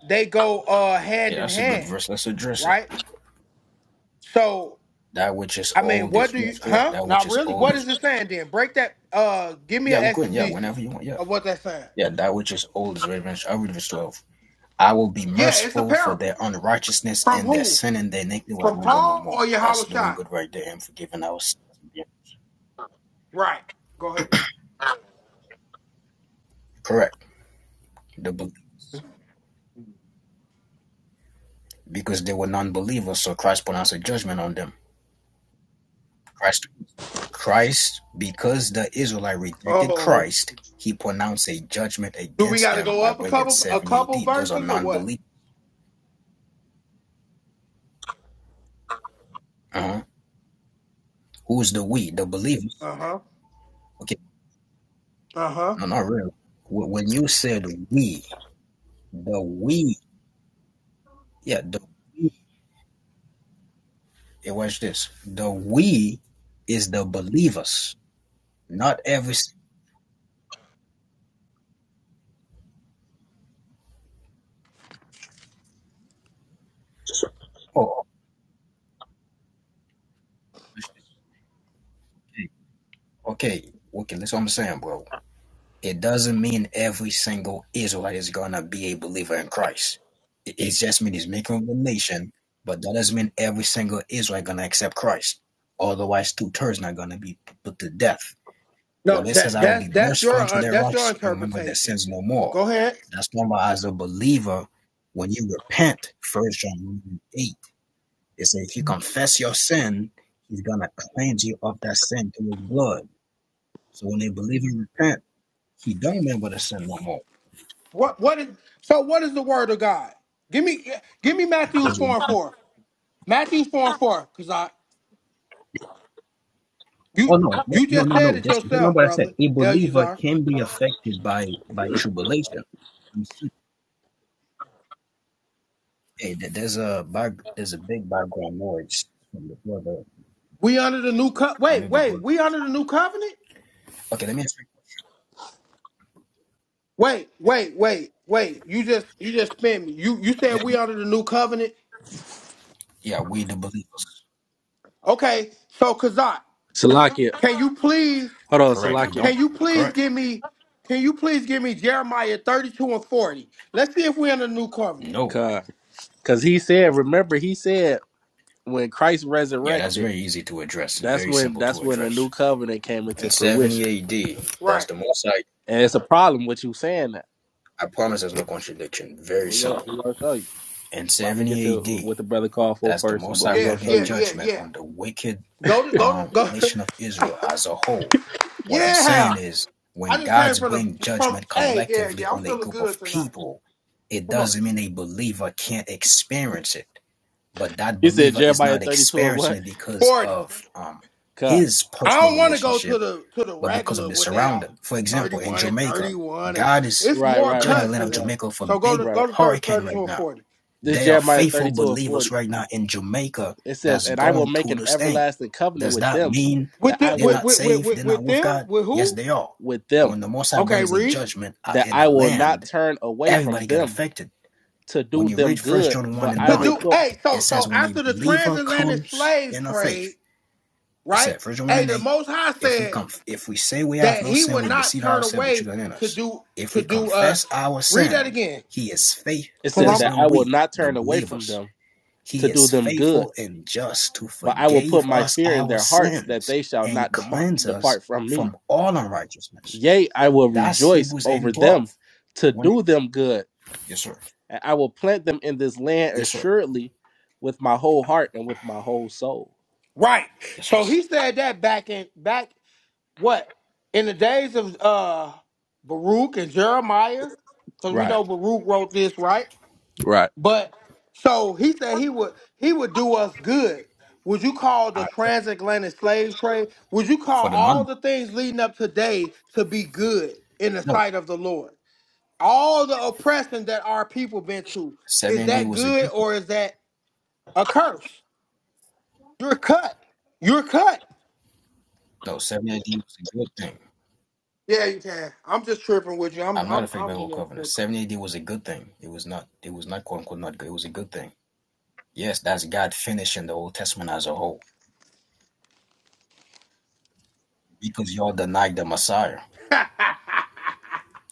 A: they go uh
C: Yeah,
A: hand in
C: that's a good
A: hand,
C: verse. Let's address it.
A: right? So
C: That which is
A: I mean,
C: old
A: what
C: is
A: do
C: yes,
A: you
C: correct.
A: huh?
C: That which
A: Not
C: is
A: really.
C: old
A: What
C: is
A: is it saying then? Break that uh give me an
C: yeah. We're going yeah.
A: exegesis
C: Whenever you want yeah,
A: of what that's saying.
C: yeah. That which is old is revenge. I'll read verse twelve. I will be
A: Yeah, it's a
C: merciful for
A: parable.
C: their unrighteousness
A: From
C: and their
A: who?
C: sin and their iniquity will I
A: From
C: remember no
A: Paul
C: more.
A: or Yahweh
C: That's doing
A: Shai?
C: good right there and forgiving our sins. Yeah.
A: Right. Go ahead.
C: Correct. The, because they were non-believers, so Christ pronounced a judgment on them. Christ, Christ, because the Israelite rejected
A: Oh.
C: Christ, he pronounced a judgment
A: Do we
C: against
A: gotta
C: them
A: go
C: by
A: up a
C: bringing
A: couple a
C: 70
A: couple
C: AD. Those are
A: verses or
C: non
A: what?
C: believers. Uh-huh. Who's the we? The believers.
A: Uh-huh.
C: Okay,
A: Uh-huh.
C: no, not really. Wh- When you said we, the we, yeah, the we, yeah, watch this. The we is the believers, not every. Oh, okay, okay, okay, that's what I'm saying, bro. It doesn't mean every single Israelite is gonna be a believer in Christ. It, it just means he's making a nation, but that doesn't mean every single Israelite gonna accept Christ. Otherwise, two thirds not gonna be put to death.
A: No,
C: When it says,
A: that
C: "I will
A: that's
C: be
A: that's
C: merciful
A: your
C: unto
A: uh,
C: their
A: that's your
C: righteous and remember their
A: interpretation.
C: sins no more,"
A: Go ahead.
C: that's talking as a believer. When you repent, First John eight, it says, "If you confess your sin, He's gonna cleanse you of that sin through His blood." So when a believer repent, he don't remember the sin no more.
A: What what is so what is the word of God? Give me give me Matthew's
C: Those who
A: four and
C: don't.
A: four. Matthew's four and four, because I
C: Oh
A: you
C: no, no,
A: you
C: no,
A: just
C: no,
A: said
C: no.
A: it
C: Just remember
A: yourself,
C: what I said.
A: brother.
C: A believer
A: Eleazar.
C: can be affected by by tribulation. You see, Hey, there- there's a back, there's a big background noise from the brother.
A: We under the new co-
C: I
A: wait,
C: need the book.
A: wait, we under the new covenant?
C: Okay, let me ask
A: Wait, wait, wait, wait. You just you just spin me. You you
C: Yeah,
A: said we
C: you,
A: under the new covenant?
C: yeah, we the believers.
A: Okay, so Kazat,
B: Salakia,
A: can you please
B: hold on,
C: Correct. He
B: Salakia,
A: can
C: don't.
A: you please
C: Correct.
A: give me can you please give me Jeremiah 32 and 40? Let's see if we're in the new covenant.
C: No.
B: because he said, remember he said when Christ
C: Yeah, that's
B: resurrected,
C: very easy to address.
B: that's
C: Very
B: when
C: simple
B: that's
C: to
B: when a new
C: address.
B: covenant came into
C: In 70
B: fruition,
C: AD, that's
A: Right.
C: the most High.
B: and it's a problem with you saying that.
C: I promise there's no contradiction. Very
B: We gonna
C: simple.
B: we gonna show you.
C: In
B: But I'm gonna
C: 70
B: get to
C: AD,
B: what the brother called for
C: that's the
B: first,
C: most
B: but
C: High
B: we
A: Yeah,
B: gonna
C: bringing
B: show
A: yeah,
B: you.
A: yeah,
C: judgment
A: yeah.
C: on the wicked
A: Go to go to
C: um,
A: go. *laughs*
C: nation of Israel as a whole. What I'm saying
A: yeah,
C: is,
A: I
C: when
A: just came
C: God's
A: from the
C: bring
A: from.
C: judgment
A: Hey, yeah,
C: collectively
A: yeah. I'm
C: on a
A: feeling
C: group
A: good
C: of
A: tonight.
C: people, it
A: Come on,
C: doesn't mean a believer can't experience it. But that
B: He said
C: believer is
B: Jeremiah
C: not
B: 32 and
C: experiencing
B: what?
C: it because
A: forty.
C: of um,
B: Ka.
C: his
A: I
C: personal
A: don't want to go to
C: relationship,
A: the to the
C: but because of
A: regular
C: the
A: what they are
C: surrounding. For
A: thirty
C: example, in
A: one and
C: Jamaica,
A: thirty one. and
C: God is
A: It's
B: Right,
A: more
B: right,
C: judging the
A: cuts
B: right,
C: land
A: than
B: right,
C: of
B: right,
A: that.
C: Jamaica for
A: So go to
C: big
B: right.
A: go to thir-
C: hurricane
A: thirty two
C: right
A: and
C: now
A: forty.
B: This
C: there are
B: Jeremiah
C: faithful
B: 32 and 40.
C: believers right now in Jamaica
B: It says,
C: that's
B: "And I will
C: going
B: make
C: through
B: an
C: this thing.
B: everlasting covenant
C: Does
B: with
C: that
B: them,
C: mean
A: With,
B: that I
A: the,
C: they're
A: with
B: will
C: not
A: with with
C: saved?
A: with
C: They're not
A: with
C: with
A: them
C: God?
A: with
C: Yes,
A: who?
C: they are.
B: with
C: But
B: them,
C: when the Most High
A: Okay,
C: brings a
A: read
C: judgment uh,
B: that
C: in a
B: I will not
C: land,
B: turn away from
C: everybody get
B: them
C: affected.
B: to do
C: When you
B: them
C: read First
B: good,
C: John 1
B: but
C: and
B: I
A: to
B: will
C: 9,
A: do.
B: put."
A: Hey,
C: it
A: so
C: says,
A: so
C: when a
A: after the
C: believer
A: transatlantic
C: comes
A: slave
C: in a
A: trade,
C: faith, it
A: right?
C: said, First John 1
A: Hey,
C: and
A: the
C: 8,
A: Most High
C: if we
A: said.
C: come, if we say we have
A: that
C: no
A: he
C: sin,
A: would
C: we
A: not
C: deceive
A: turn
C: ourselves, the
A: away
C: truth is in
A: to
C: us.
A: do
C: If
A: to
C: we
A: do us.
C: confess our
A: Read that
C: sin,
A: again.
C: he is faith.
B: It
A: Cause
C: Who
B: says
C: is
A: I'm
B: that
C: the
B: I will
C: we?
B: not
C: The
B: turn away from
C: believers
B: them to
C: he
B: do
C: is
B: them good,
C: faithful and just to
B: but I will put
C: forgive
B: my
C: us
B: fear in
C: our
B: their hearts that
C: sins
B: they shall
C: and
B: not depart
C: cleanse us
B: depart from me.
C: from all unrighteousness.
B: Yea, I will
C: That's
B: rejoice
C: Hebrews 8
B: over
C: and 12.
B: them to
C: When
B: do
C: it-
B: them good,
C: yes, sir.
B: and I will plant them in this land
C: Yes, sir.
B: assuredly with my whole heart and with my whole soul.
A: right.
C: Yes,
A: So
C: sir.
A: he said that back in back what? In the days of uh Baruch and Jeremiah, because we
B: Right,
A: know Baruch wrote this, right?
B: right.
A: But so he said he would he would do us good. Would you call the
C: I,
A: transatlantic slave trade? Would you call
C: for the
A: all
C: non,
A: the things leading up today to be good in the
C: no,
A: sight of the Lord? all the oppression that our people been to
C: 70
A: is
C: AD
A: that
C: was a
A: good
C: good thing.
A: or is that a curse you're cut you're cut
C: No, 70 AD was a good thing.
A: yeah you can i'm just tripping with you i'm
C: I'm not
A: i'm
C: affected by
A: i'm
C: the old
A: just
C: covenant.
A: tripping
C: 70 AD was a good thing. It was not, it was not quote unquote not good. It was a good thing. Yes, that's God finishing the Old Testament as a whole because y'all denied the Messiah.
A: *laughs*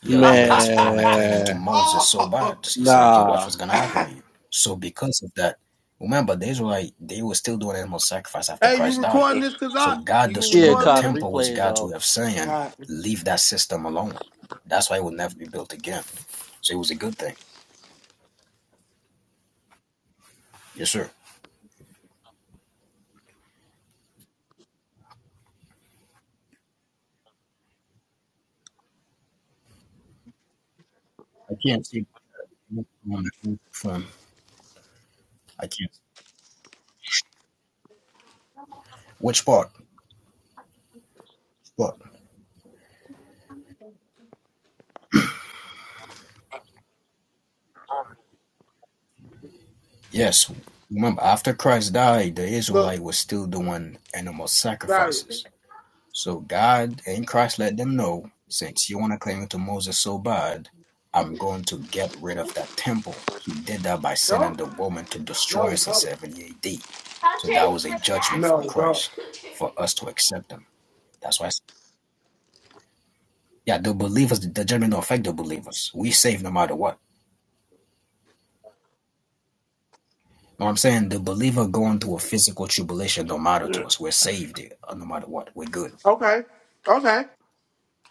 C: yo, you guys are going to cling to
B: Man,
C: Moses so
A: oh
C: bad. He said, okay, watch
B: nah.
C: what's going to happen to you. So because of that, remember, the Israelite, they were still doing animal sacrifice after
A: hey you
C: Christ
A: recording
C: died.
A: this cuz
C: So
A: i
C: God
A: you gonna
B: Yeah,
C: destroying the
A: recording
B: Carter,
A: this
C: temple was
B: replays
C: God's way
B: off.
C: of
A: all
C: saying,
A: right
C: leave that system alone. That's why it will never be built again. So it was a good thing. Yes, sir. I can't see from I can't. Which part? What? Yes. Remember, after Christ died, the
A: look
C: Israelite was still doing animal
A: sorry
C: sacrifices. So God and Christ let them know, since you want to cling to Moses so bad, I'm going to get rid of that temple. He did that by sending
A: don't
C: the woman to destroy
A: no
C: us in
A: no
C: 70 AD. So that was a
A: I'm
C: judgment from
A: no don't
C: Christ for us to accept him. That's why, I s- yeah, the believers, the judgment don't affect the believers. We saved no matter what. No, I'm saying the believer going through a physical tribulation don't matter to us. We're saved uh, no matter what. We're good.
A: okay okay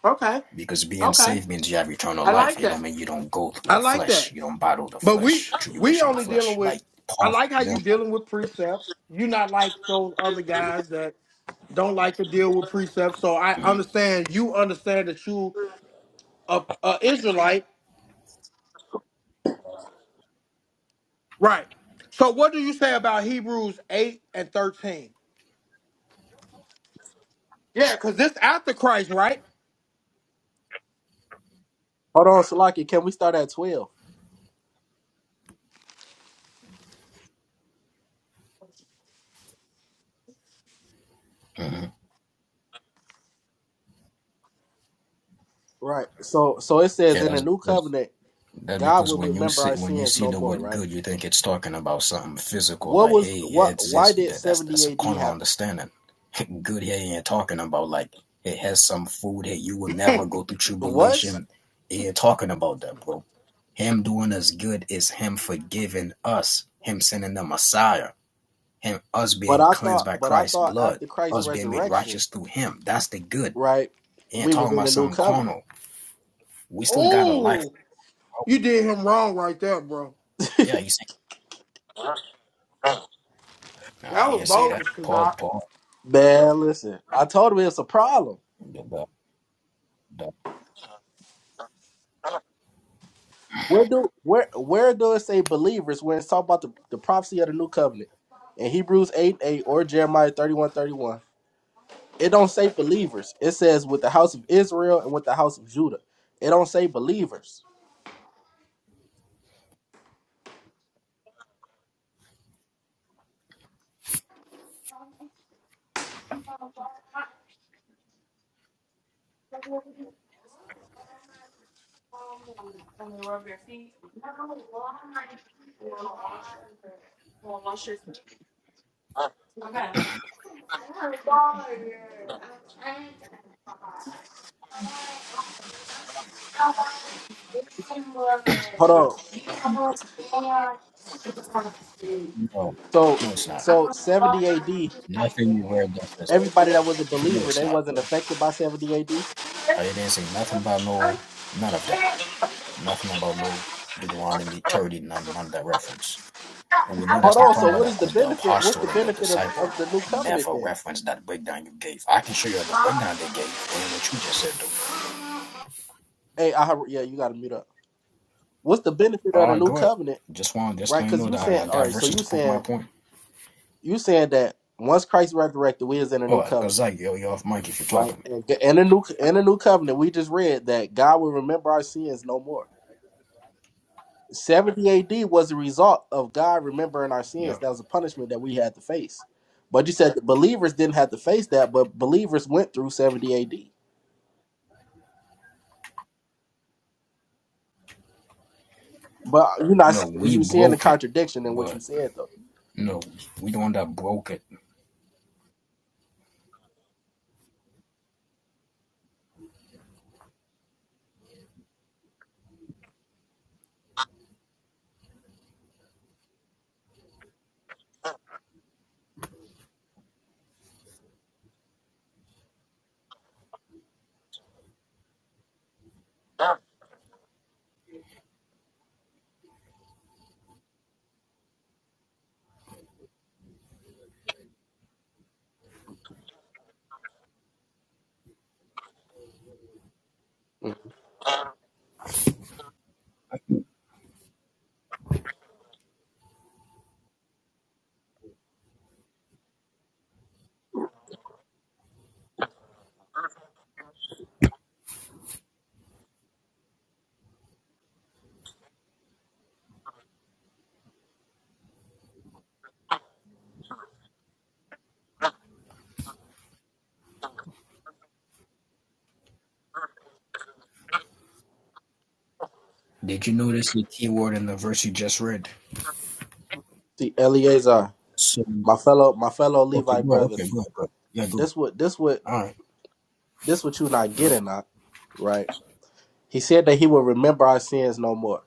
A: okay
C: Because being
A: okay
C: saved means you have eternal
A: i
C: life.
A: like
C: It don't
A: that
C: mean you don't go through
A: i
C: the
A: like
C: flesh.
A: that
C: You don't battle the
A: But we
C: flesh,
A: we
C: tribulation of the
A: only dealing
C: flesh.
A: with.
C: Like
A: I
C: Paul, for
A: like how you
C: example.
A: dealing with precepts. You're not like those other guys that don't like to deal with precepts. So I understand you understand that you a, a Israelite, right? So what do you say about Hebrews eight and thirteen? Yeah, because this after Christ, right?
B: Hold on, Salaki. Can we start at twelve?
C: hmm
B: Right. So, so it says
C: Yeah,
B: in the
C: that's
B: new
C: because
B: covenant,
C: that's
B: God
C: because
B: will
C: when you
B: remember our
C: see when you
B: sins
C: see
B: no
C: the
B: more.
C: word
B: Right.
C: good, you think it's talking about something physical,
B: What
C: like
B: was
C: hey,
B: what?
C: heads
B: Why
C: this.
B: did
C: That, that's
B: seventy
C: that's a
B: A.D.
C: carnal
B: happen?
C: understanding. *laughs* good here ain't talking about like it has some food. Hey, you will never go
A: *laughs*
C: through
B: What?
C: tribulation. It ain't talking about that, bro. Him doing us good is him forgiving us. Him sending the Messiah. and us
B: But
C: being
B: I
C: cleansed
B: thought,
C: by
B: but I
C: Christ's
B: thought
C: blood,
B: after Christ's
C: us being made
B: resurrection,
C: righteous through Him. That's the good.
B: right,
C: He ain't
B: we was
C: talking
B: in
C: about
B: the new
C: something
B: covenant.
C: carnal. We still got a life.
A: oh,
C: Oh,
A: you did him wrong right there, bro.
C: yeah, you say. Nah,
A: That
C: he
A: was
C: didn't say that.
A: bogus, cause
C: Paul,
A: I.
C: Paul.
B: Man, listen, I told him it's a problem.
C: The, the, the,
B: Where do where where do it say believers when it's talking about the, the prophecy of the new covenant in Hebrews eight eight or Jeremiah thirty one thirty one? It don't say believers. It says with the house of Israel and with the house of Judah. It don't say believers. Hold on.
C: no,
B: So
C: no, it's not.
B: so seventy
C: It's
B: A.D.
C: nothing you read that says that.
B: Everybody that was a
C: *laughs* No,
B: believer,
C: it's
B: they
C: not,
B: wasn't
C: bro.
B: affected by seventy A.D.
C: I didn't say nothing about no, none of that. Nothing about no Deuteronomy 30, none, none of that reference. And we know
B: Hold
C: that's not
B: on.
C: talking
B: So
C: about
B: what
C: that
B: is the
C: because the
B: benefit? What's the
C: apostle and the
B: benefit of, of
C: disciple
B: the new covenant
C: never
B: then?
C: referenced that breakdown you gave. I can show you the breakdown they gave and what you just said, though.
B: Hey, I heard- yeah, you got to mute up. What's the benefit of
C: All
B: the
C: right,
B: new
C: go ahead.
B: covenant,
C: Just want just
B: right?
C: let you
B: Because
C: know
B: you
C: that
B: saying
C: I, I
B: all
C: got
B: right. So
C: verses
B: you
C: to prove my
B: saying
C: point.
B: you saying that once Christ resurrected, we is in a new
C: Oh, cause
B: covenant,
C: I yo you off mic if you're
B: right?
C: talking.
B: And in a new in a new covenant, we just read that God will remember our sins no more. 70 AD was a result of God remembering our sins. That was a punishment that we had to face. But you said the believers didn't have to face that, but believers went through 70 AD. But you're not
C: No, we
B: you are seeing the
C: broke it,
B: contradiction in what you
C: but
B: said though.
C: no, we the one that broke it.
B: Mm.
C: Did you notice the key word in the verse you just read?
B: See, Eleazar,
C: So
B: my fellow my fellow
C: okay,
B: Levite
C: go ahead,
B: brother,
C: okay, go ahead, go ahead. Yeah, go ahead.
B: this what this what
C: All right.
B: this what you not
C: All right.
B: getting at, right? He said that he will remember our sins no more.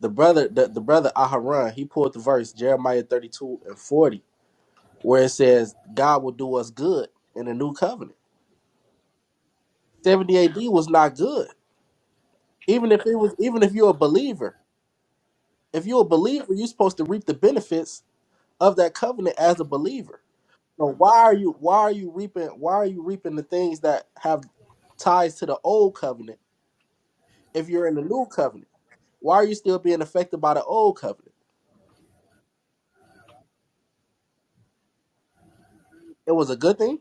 B: The brother, the, the brother Aharon, he pulled the verse Jeremiah 32 and 40, where it says, God will do us good in the new covenant. 70 AD was not good. Even if it was, even if you're a believer, if you're a believer, you're supposed to reap the benefits of that covenant as a believer. So why are you why are you reaping why are you reaping the things that have ties to the old covenant if you're in the new covenant? Why are you still being affected by the old covenant? It was a good thing.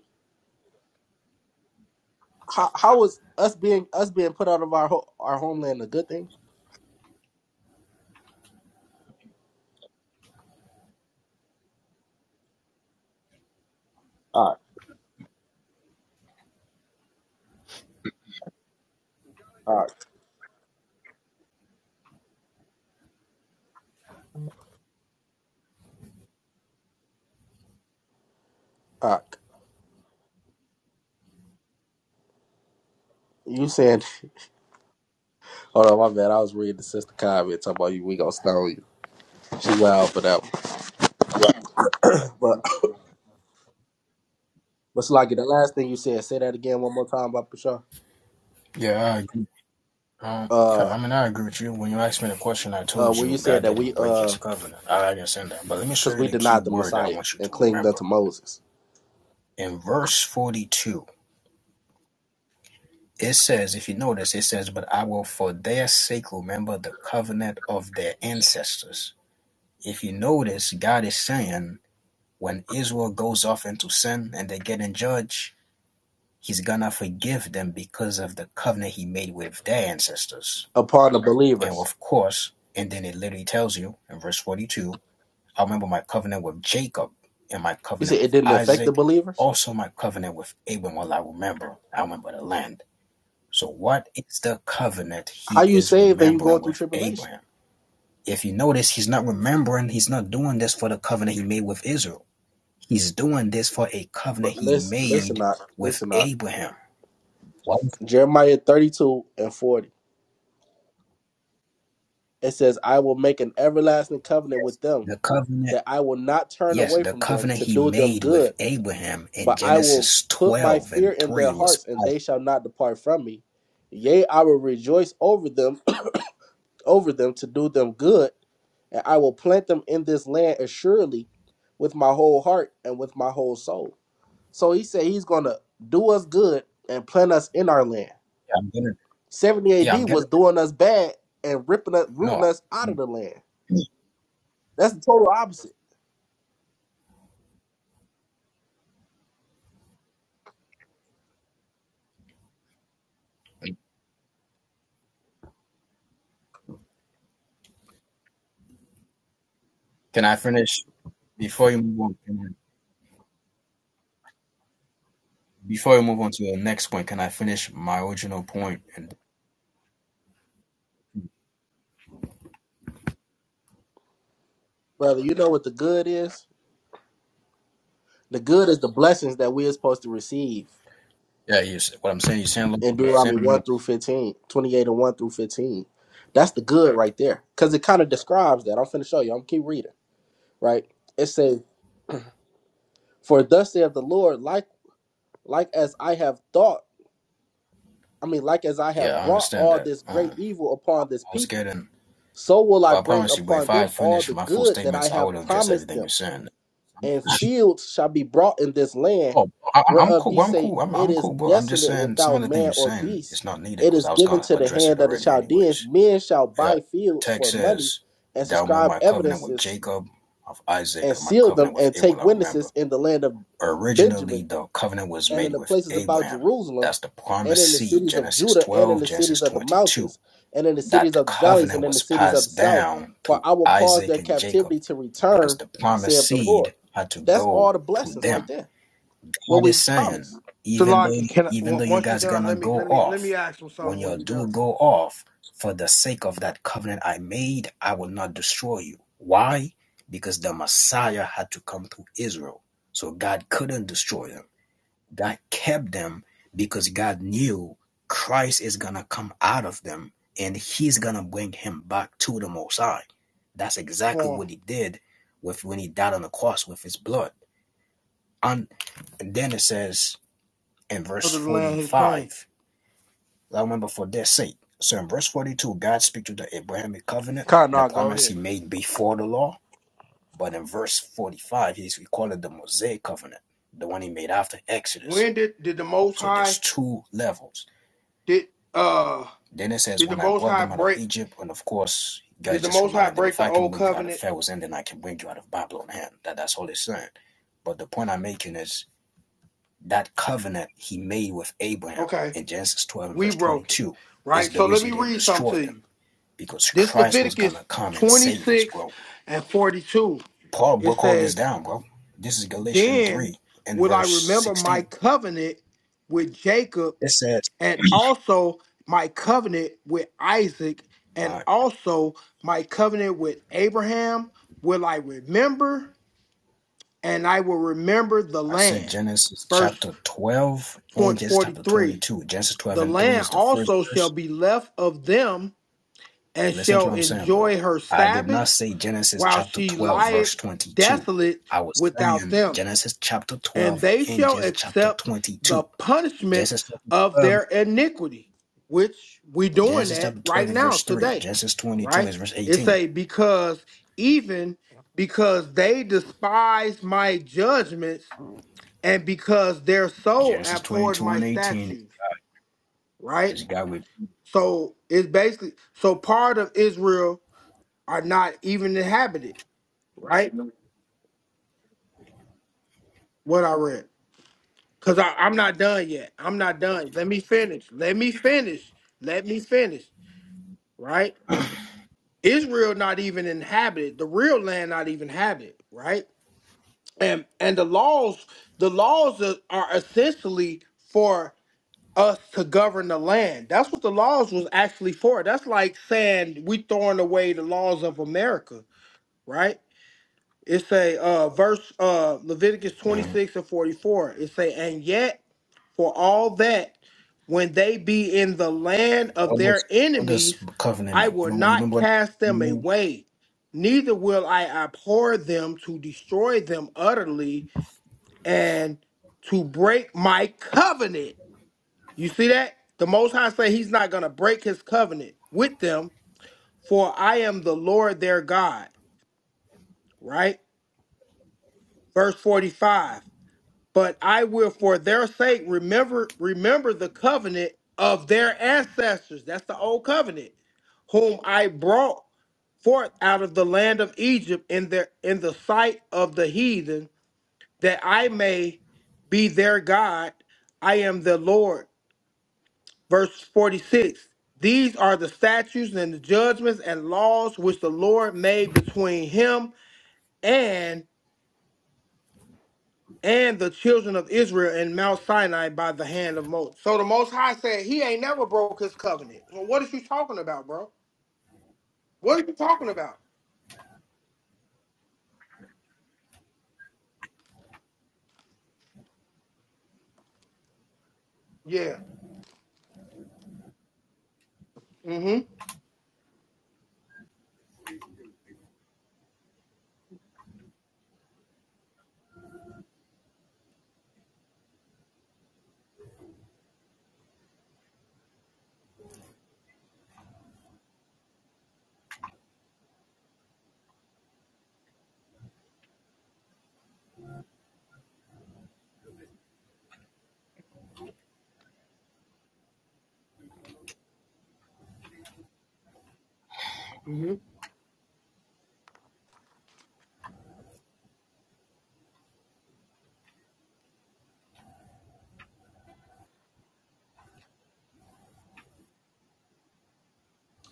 B: how how was us being us being put out of our ho- our homeland a good thing? All right, all right, all right. You saying? *laughs* Hold on, my bad. I was reading the sister comment talking about you. We gonna stone you. She wild for that. One. But *coughs* but Sluggy, the last thing you said. Say that again one more time, about Bashar.
C: Yeah, all right, Um, yeah,
B: Uh,
C: I mean, I agree with you. When you asked me the question, I
B: uh,
C: told
B: where you
C: you
B: said
C: God
B: that
C: didn't
B: we
C: break
B: uh,
C: his covenant. I understand that. But let me show
B: cause
C: you
B: we
C: the key
B: denied the
C: word I
B: Messiah
C: want you
B: and
C: to
B: clinged
C: remember.
B: unto Moses
C: In verse 42, it says, if you notice, it says, But I will for their sake remember the covenant of their ancestors. If you notice, God is saying, when Israel goes off into sin and they get in judge, he's gonna forgive them because of the covenant he made with their ancestors.
B: upon the
C: And
B: believers.
C: of course, and then it literally tells you in verse 42 I remember my covenant with Jacob and my
B: You said
C: covenant
B: it
C: with
B: didn't affect the
C: Isaac,
B: believers.
C: also my covenant with Abraham. Well, I remember, I remember the land. So, what is the covenant he
B: How you
C: is
B: saved and you
C: remembering
B: going through
C: with
B: tribulation?
C: Abraham? If you notice, he's not remembering, he's not doing this for the covenant he made with Israel. He's doing this for a covenant
B: But
C: he
B: listen, listen,
C: made
B: not
C: with
B: listen, not
C: Abraham. What was
B: Jeremiah thirty two and forty. It says, I will make an everlasting covenant
C: yes,
B: with them,
C: the covenant?
B: that I will not turn
C: Yes,
B: away
C: the
B: from them
C: covenant
B: to
C: he
B: do them
C: made with
B: good,
C: Abraham in
B: but I will
C: Genesis
B: put my
C: 12
B: fear
C: and
B: in their
C: 3 was.
B: hearts, and
C: Yeah,
B: they shall not depart from me. Yea, I will rejoice over them, *clears throat* over them to do them good, and I will plant them in this land assuredly with my whole heart and with my whole soul. So he said he's gonna do us good and plant us in our land.
C: I'm gonna,
B: 70
C: yeah, I'm
B: AD
C: gonna.
B: was doing us bad and ripping us rooting
C: No,
B: us out of the land. That's the total opposite.
C: Can I finish before you move on? Can I, before you move on to the next point, can I finish my original point? And
B: Brother, you know what the good is? The good is the blessings that we are supposed to receive
C: yeah, you what I'm saying, you saying look,
B: in
C: you saying
B: Deuteronomy 1 through 15, 28 and 1 through 15. That's the good right there. Because it kind of describes that. I'm finna show you. I'm keep reading, right? It says, For thus saith the Lord, like like as I have thought, I mean, like as I
C: Yeah,
B: have
C: I
B: brought
C: understand
B: all
C: that.
B: this
C: Um,
B: great
C: I
B: evil upon this
C: was
B: people,
C: getting.
B: so will I
C: Well, I
B: bring
C: promise you, but
B: upon
C: if I
B: them
C: had
B: all
C: finished
B: the
C: my full
B: good that I
C: statements, I would
B: have
C: have addressed
B: promised
C: everything
B: them
C: you're saying.
B: and fields shall be brought in this land,
C: Oh, I, I'm
B: whereof
C: cool.
B: ye
C: Bro. I'm
B: say,
C: cool. I'm
B: It
C: I'm
B: is
C: cool, bro. I'm just
B: desolate
C: saying some of
B: without
C: the thing
B: man
C: you're
B: or
C: saying
B: beast.
C: is not needed
B: It
C: because
B: is
C: I was
B: given
C: gonna
B: to the
C: address
B: hand
C: it
B: of the
C: already,
B: Chaldeans.
C: anyways.
B: Men shall
C: Yeah,
B: buy
C: the
B: fields
C: text
B: for money
C: says,
B: and
C: "Thou remember
B: subscribe
C: my covenant with
B: evidences
C: Jacob, of Isaac,
B: and
C: and my
B: seal them
C: covenant with
B: and take
C: Abraham." I remember.
B: witnesses in the land of Benjamin
C: Originally the covenant was
B: and in
C: made
B: the
C: with
B: places about
C: Abraham.
B: Jerusalem,
C: That's the
B: and
C: promised
B: in the
C: seed,
B: cities of
C: Genesis
B: Judah, and in
C: 12,
B: the
C: Genesis
B: cities of the
C: 22.
B: mountains, and in the cities
C: That
B: of the valleys,
C: covenant
B: and in the
C: was
B: cities of the
C: passed
B: south.
C: down
B: For
C: through
B: I will cause their
C: Isaac and Jacob
B: captivity to
C: because
B: return,
C: the promised
B: saith the Lord.
C: seed had to
B: That's all
C: go
B: the
C: through
B: blessings right
C: them.
B: there. What
C: God
B: we
C: is
B: was
C: saying,
B: promised.
C: even though
A: Salaki, can I,
C: even though
A: on-
C: you
A: once you're
C: guys
A: done,
C: gonna
A: let me
C: go
A: let me let me
C: off,
A: ask him
C: when
A: something when
C: you
A: you're
C: do
A: done.
C: go off, for the sake of that covenant I made, I will not destroy you. Why? Because the Messiah had to come through Israel. So God couldn't destroy them God kept them because God knew Christ is going to come out of them and he's going to bring him back to the Most High. That's exactly
A: For him,
C: what he did with when he died on the cross with his blood. And, and then it says in verse
A: under the land, his plane.
C: 45, I remember for their sake. So in verse 42, God speaks to the Abrahamic covenant,
B: Con,
C: the
B: no, go
C: promise he
B: ahead.
C: made before the law. But in verse 45, he's we call it the Mosaic covenant, the one he made after Exodus.
A: when did did the most
C: So there's
A: high
C: two levels
A: did uh
C: Then it says,
A: did the
C: When I
A: most
C: brought
A: high
C: them out of
A: break
C: Egypt, and of course, you
A: did
C: guys
A: the
C: just
A: most high
C: remind them,
A: break
C: if
A: the
C: I can
A: old
C: bring you out of
A: covenant
C: Pharaoh's hand, then I can bring you out of Babylon hand. That, that's all it's saying. But the point I'm making is that covenant he made with Abraham
A: okay
C: in Genesis 12 and
A: we
C: verse
A: broke it
C: 22 is
A: right
C: the
A: so let
C: reason he
A: me
C: didn't
A: read something
C: destroy
A: to
C: them
A: you
C: because
A: this
C: Christ was going
A: leviticus
C: to come and save us,
A: 26
C: bro.
A: and 42
C: Paul
A: it
C: broke all
A: says
C: this down, bro. This is Galatians
A: then
C: 3 and
A: will i
C: verse
A: remember my
C: 16.
A: covenant with jacob
C: It says,
A: and
C: *clears throat*
A: also my covenant with isaac and
C: uh,
A: also my covenant with abraham will i remember and I will remember the
C: I said
A: land.
C: Genesis
A: Verse
C: chapter 12 and
A: 20
C: Genesis chapter
A: 43
C: 22. Genesis 12
A: The
C: and 3
A: land
C: is the first
A: also shall
C: verse.
A: be left of them, and
C: Okay, listen to
A: shall
C: what I'm saying, bro.
A: enjoy her
C: I did not
A: Sabbaths
C: say Genesis
A: while
C: chapter
A: she
C: 12, verse
A: lieth
C: 22.
A: desolate
C: I was
A: without
C: saying
A: them.
C: Genesis chapter
A: And
C: 12
A: they
C: and
A: shall
C: Genesis chapter
A: accept the
C: 22.
A: punishment
C: Genesis chapter
A: of
C: 12,
A: their iniquity, which we doing
C: Genesis
A: that
C: chapter
A: right now
C: 3.
A: today,
C: Genesis 22
A: right?
C: is verse
A: It's
C: 18.
A: a because even because they despise my judgments and because their soul
C: Genesis
A: abhorred my
C: twenty-eighteen
A: statutes, right?
C: is God with.
A: So it's basically so part of Israel are not even inhabited, right? What I read. Because I'm not done yet. I'm not done. Let me finish. Let me finish. Let me finish. Right? Israel not even inhabited. The real land not even inhabited, right? And and the laws, the laws are, are essentially for us to govern the land. That's what the laws was actually for. That's like saying we throwing away the laws of America, right? It's a uh, verse uh, Leviticus
C: Mhm.
A: 26 and 44. It say, and yet for all that, when they be in the land of
C: What
A: their
C: does what does
A: enemies,
C: covenant
A: I
C: mean? You
A: will
C: remember, you
A: not
C: remember what it
A: cast them
C: mean?
A: away, neither will I abhor them to destroy them utterly and to break my covenant you see that? The Most High say he's not going to break his covenant with them, for I am the Lord their God, right? Verse 45. But I will for their sake remember remember the covenant of their ancestors. That's the old covenant, whom I brought forth out of the land of Egypt in their in the sight of the heathen, that I may be their God. I am the Lord Verse 46 These are the statutes and the judgments and laws which the Lord made between him and and the children of Israel in Mount Sinai by the hand of Moses. So the Most High said he ain't never broke his covenant. Well, what is you talking about, bro? What are you talking about? Yeah. Mm-hmm. Mm-hmm.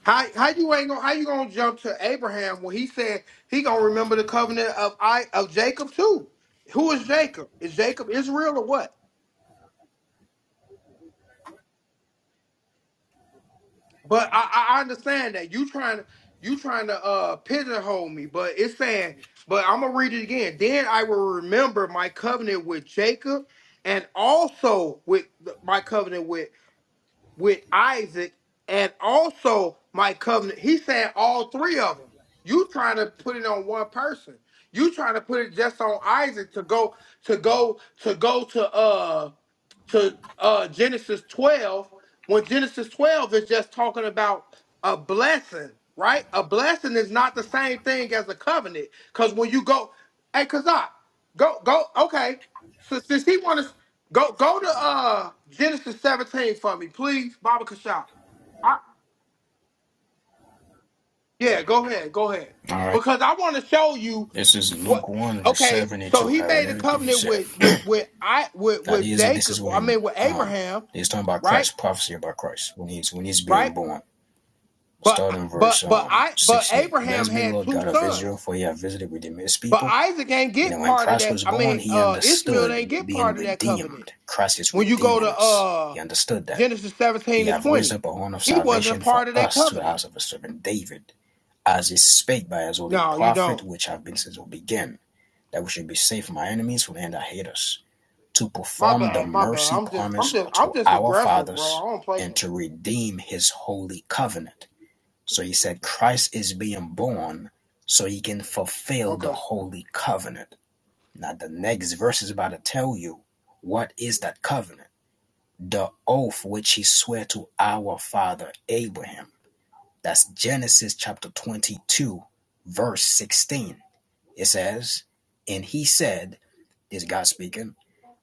A: How how you ain't gonna how you gonna jump to Abraham when he said he gonna remember the covenant of I of Jacob too? Who is Jacob? Is Jacob Israel or what? But I, I understand that you trying to you trying to uh pigeonhole me, but it's saying, but I'm gonna read it again. Then I will remember my covenant with Jacob, and also with the- my covenant with with Isaac, and also my covenant. He said all three of them. You trying to put it on one person. You trying to put it just on Isaac to go to go to go to uh to uh, Genesis 12, when Genesis 12 is just talking about a blessing, right? A blessing is not the same thing as a covenant. Because when you go, hey, Kazak, go, go, okay. So since he wants to go, go to uh Genesis 17 for me, please, Baba Kashaw. I, yeah, go ahead, go ahead.
C: All right.
A: Because I want to show you
C: This is
A: what
C: Luke 1, verse
A: okay, so
C: 72. I
A: he
C: heard
A: made a
C: everything you
A: covenant
C: said.
A: with with with I with
C: Now
A: with
C: this is this
A: Jacob,
C: is
A: I
C: when
A: mean with
C: um
A: Abraham,
C: he's talking about
A: right?
C: Christ, prophecy about Christ when he's when he's being
A: right?
C: born.
A: But
C: Starting in verse
A: but but
C: um
A: I but
C: sixty eight.
A: Abraham
C: Blessed be the
A: had
C: Lord
A: two
C: God of
A: sons.
C: Israel, for he hath visited redeemed his
A: But
C: people.
A: Isaac ain't
C: You know,
A: get
C: when
A: part of
C: Christ
A: that.
C: was
A: I
C: born,
A: mean,
C: he
A: uh Ishmael ain't
C: understood
A: get
C: being
A: part of that covenant.
C: redeemed. Christ is
A: When you go to
C: redeeming us.
A: uh
C: He understood that.
A: Genesis
C: He
A: 17 and
C: hath raised
A: 20,
C: up a horn of
A: he wasn't
C: salvation for
A: part of that
C: us to the
A: covenant.
C: house of his servant David, as is spake by his holy
A: No, you
C: prophet,
A: don't.
C: which have been since will begin, that we should be safe from our enemies, from the hand that hate us to
A: My
C: perform the
A: bad, my bad.
C: mercy
A: I'm just I'm
C: promise
A: just I'm
C: to
A: just
C: our
A: aggressive, bro.
C: fathers
A: I don't play
C: and
A: that
C: to
A: shit.
C: redeem his holy covenant. So he said Christ is being born so he can fulfill the
A: Okay.
C: holy covenant. Now the next verse is about to tell you what is that covenant? The oath which he swore to our father Abraham. That's Genesis chapter 22 verse 16. It says, "And he said, is God speaking.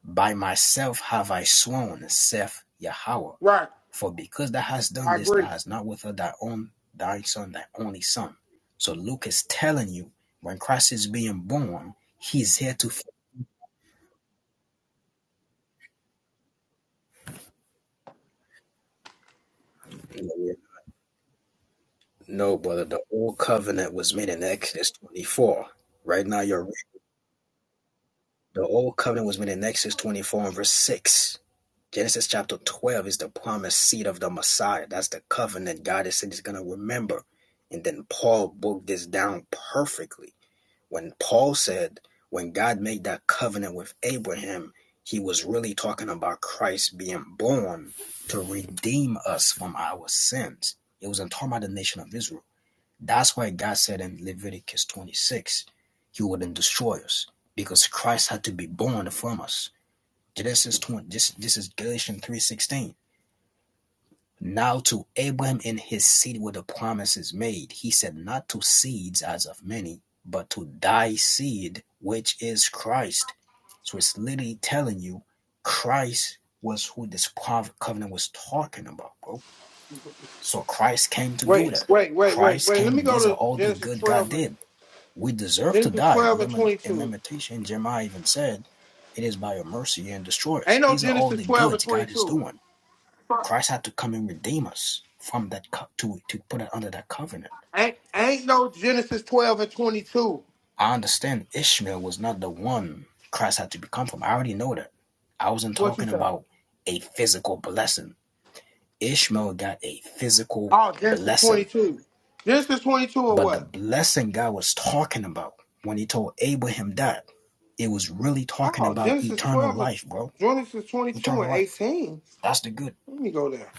C: By myself have I sworn, saith Yahweh,
A: Right.
C: for because thou hast
A: I
C: done this, thou
A: agree.
C: hast not withheld thy own thy son, thy only son. So Luke is telling you when Christ is being born, he's here to fulfill it. No, brother, the old covenant was made in Exodus 24. Right now, you're right. the old covenant was made in Exodus 24 and verse 6. Genesis chapter 12 is the promised seed of the Messiah. That's the covenant God has said he's going to remember. And then Paul broke this down perfectly. When Paul said, when God made that covenant with Abraham, he was really talking about Christ being born to redeem us from our sins. It wasn't talking about the nation of Israel. That's why God said in Leviticus 26, he wouldn't destroy us because Christ had to be born from us. Genesis 20, this, this is Galatians 3.16. Now to Abraham and his seed were the promises made. He said not to seeds as of many, but to thy seed, which is Christ. So it's literally telling you Christ was who this covenant was talking about, bro. So Christ came to do
A: Wait,
C: that.
A: wait, wait, wait,
C: Christ
A: wait. Let me
C: came.
A: go
C: These are
A: to
C: all the
A: Genesis
C: good God
A: 12 and
C: did. We deserve to
A: Genesis
C: die.
A: 12 and
C: Limit in
A: 22.
C: limitation, Jeremiah even said, It is by your mercy and destroy
A: Ain't
C: us.
A: no
C: These are all
A: Genesis
C: the
A: 12 and
C: goods God is
A: 22.
C: doing. Christ had to come and redeem us from that co- to to put it under that covenant.
A: Ain't, ain't no Genesis 12 and 22.
C: I understand Ishmael was not the one Christ had to become from. I already know that. I wasn't
A: What you
C: talking
A: say?
C: about a physical blessing. Ishmael got a physical
A: Oh, Genesis
C: blessing.
A: 22. Genesis 22 or
C: But the
A: what?
C: blessing God was talking about when he told Abraham that, it was really talking
A: Oh,
C: about
A: Genesis
C: eternal
A: 12 and
C: life, bro
A: Genesis 22
C: eternal
A: and
C: life.
A: 18.
C: That's the good.
A: Let me go there.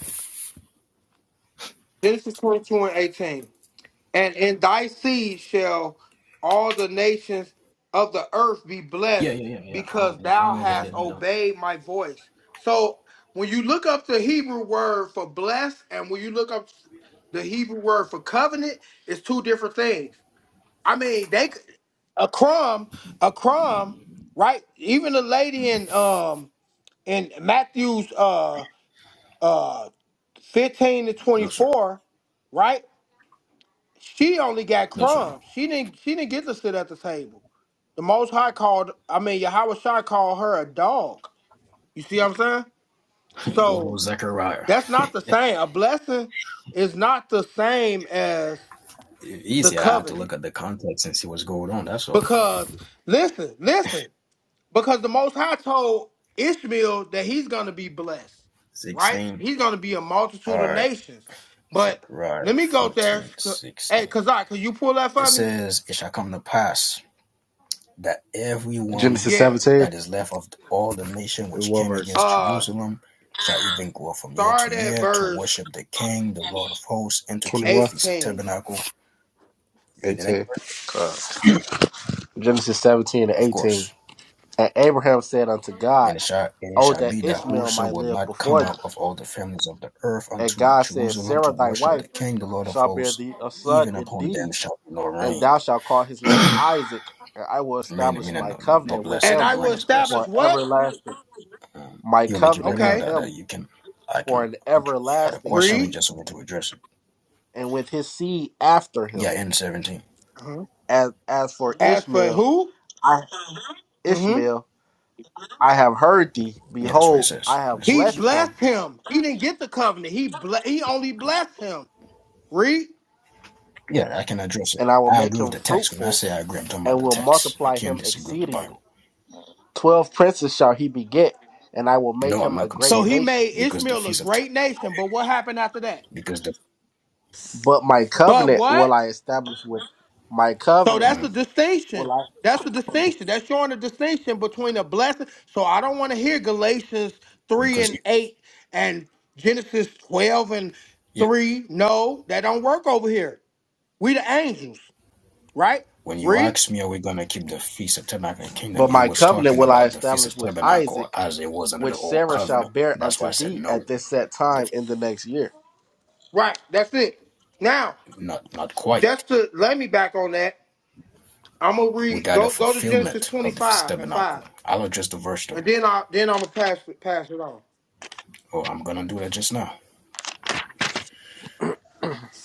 A: Genesis 22 and 18. And in thy seed shall all the nations of the earth be
C: Yeah,
A: blessed
C: yeah, yeah, yeah.
A: because
C: I'm,
A: thou
C: I'm
A: hast
C: anointed. I'm done.
A: obeyed my voice. So when you look up the Hebrew word for blessed and when you look up the Hebrew word for covenant, it's two different things. I mean, they could- a crumb, a crumb, right? Even the lady in um in Matthew's uh uh fifteen to twenty
C: No, sir.
A: four, right? She only got
C: No, sir,
A: crumbs.
C: no.
A: She didn't she didn't get to sit at the table. The Most High called, I mean, Yahweh Shai called her a dog. You see what I'm saying?
C: *laughs* Go to
A: So
C: Zechariah.
A: that's not the same. A blessing is not the same as the
C: Easy. I had to look
A: covenant
C: at the context and see what's going on. That's all.
A: because listen, listen. Because the Most High told Ishmael that he's going to be blessed, right?
C: 16.
A: He's going to be a
C: All
A: multitude of
C: right.
A: nations. But
C: Zechariah
A: let me go there.
C: 14 16.
A: Hey, Kazak, could you pull that
C: It
A: for me?
C: says, It shall come to pass that everyone
B: Genesis
A: Yeah.
B: 17,
C: that is left of all the nation
B: and
C: which
B: what
C: came
B: verse?
C: against
A: Uh,
C: Jerusalem shall even go up from year to
A: start at
C: year to
A: verse
C: worship the King, the Lord of hosts, and to keep the
B: Twenty-one,
C: Feast of
A: 18.
C: Tabernacle. Read the next
B: eighteen.
C: verse.
B: Genesis 17 and
C: Of course.
B: 18. And Abraham said unto God,
C: And it shall, and it
B: Oh,
C: shall
B: that
C: be that
B: Ishmael
C: whoso
B: might
C: will
B: live
C: not come
B: before thee.
C: up of all the families of the earth
B: And
C: unto
B: God said,
C: Jerusalem to
B: Sarah thy
C: worship
B: wife
C: the King, the Lord of
B: shall bear
C: hosts,
B: thee a son
C: even upon
B: indeed,
C: them shall be no
B: and
C: rain.
B: thou shalt call his name Isaac, and I will
C: Meaning,
B: establish
C: meaning
B: my
C: no, no
B: covenant with
A: And
C: blessing.
B: him
A: I
C: The
A: will
C: rain is
A: establish
C: blessing.
B: for
A: what?
B: everlasting.
C: Um,
B: My
C: you want me to keep
B: covenant
C: reading or
B: with
A: Okay.
C: that,
B: him
C: that you can, I
B: for
C: can,
B: an
C: you had a
B: everlasting
C: question or you
A: Read.
B: covenant,
C: just want to address it?
B: and with his seed after him.
C: Yeah, in 17.
A: Uh-huh.
B: As as for
A: As for
B: Ishmael,
A: who?
B: I
A: Mm-hmm.
B: Ishmael, I have heard thee.
C: Yeah, that's what it
B: Behold, I
C: says. It
B: have
A: He
C: says.
B: blessed him,
A: blessed him. He didn't get the covenant. He ble- he only blessed him. Read.
C: Yeah, I can address it.
B: and I will
C: I
B: make
C: agree
B: him
C: with the text. When I
B: fruitful,
C: say I agree, I'm talking
B: and
C: about the
B: will
C: text. I
B: multiply
C: can't
B: him
C: disagree with the
B: exceedingly.
C: Bible.
B: Twelve princes shall he beget, and I will make
C: No, I'm
B: him a
C: not
B: great
A: So he
C: conceding
B: nation
A: made
C: because the
A: Ishmael a
C: Feast of,
A: great nation. But what happened after that?
C: because the,
B: But my
A: But
B: covenant will
A: what?
B: I establish with my
A: So
B: covenant
A: that's the
B: will
A: distinction.
B: I
A: That's the distinction. That's showing the distinction between a blessing. So I don't want to hear Galatians 3
C: because
A: and
C: you,
A: 8 and Genesis 12 and
C: yeah.
A: 3. No, that don't work over here. We the angels, right?
C: When you
A: Read?
C: asked me, are we going to keep the Feast of Tabernacle in the Kingdom?
B: but
C: You
B: my
C: was
B: covenant
C: talking
B: will I
C: about the Feast
B: establish
C: of
B: with
C: Tabernacle
B: Isaac,
C: as it was under
B: which
C: the Old
B: Sarah shall
C: Covenant.
B: bear
C: That's why
B: unto
C: I said
B: thee at
C: no,
B: this set
C: the,
B: time in the next year.
A: Right. That's it. Now,
C: not not quite.
A: just to let me back on that, I'm gonna
C: We
A: read
C: got a
A: go go to Genesis
C: fulfillment of the Feast of
A: 25 and 5.
C: Tabernacle. I'll address the verse
A: And
C: though.
A: then I then I'm gonna pass it pass it on.
C: Oh, I'm going to do that just now.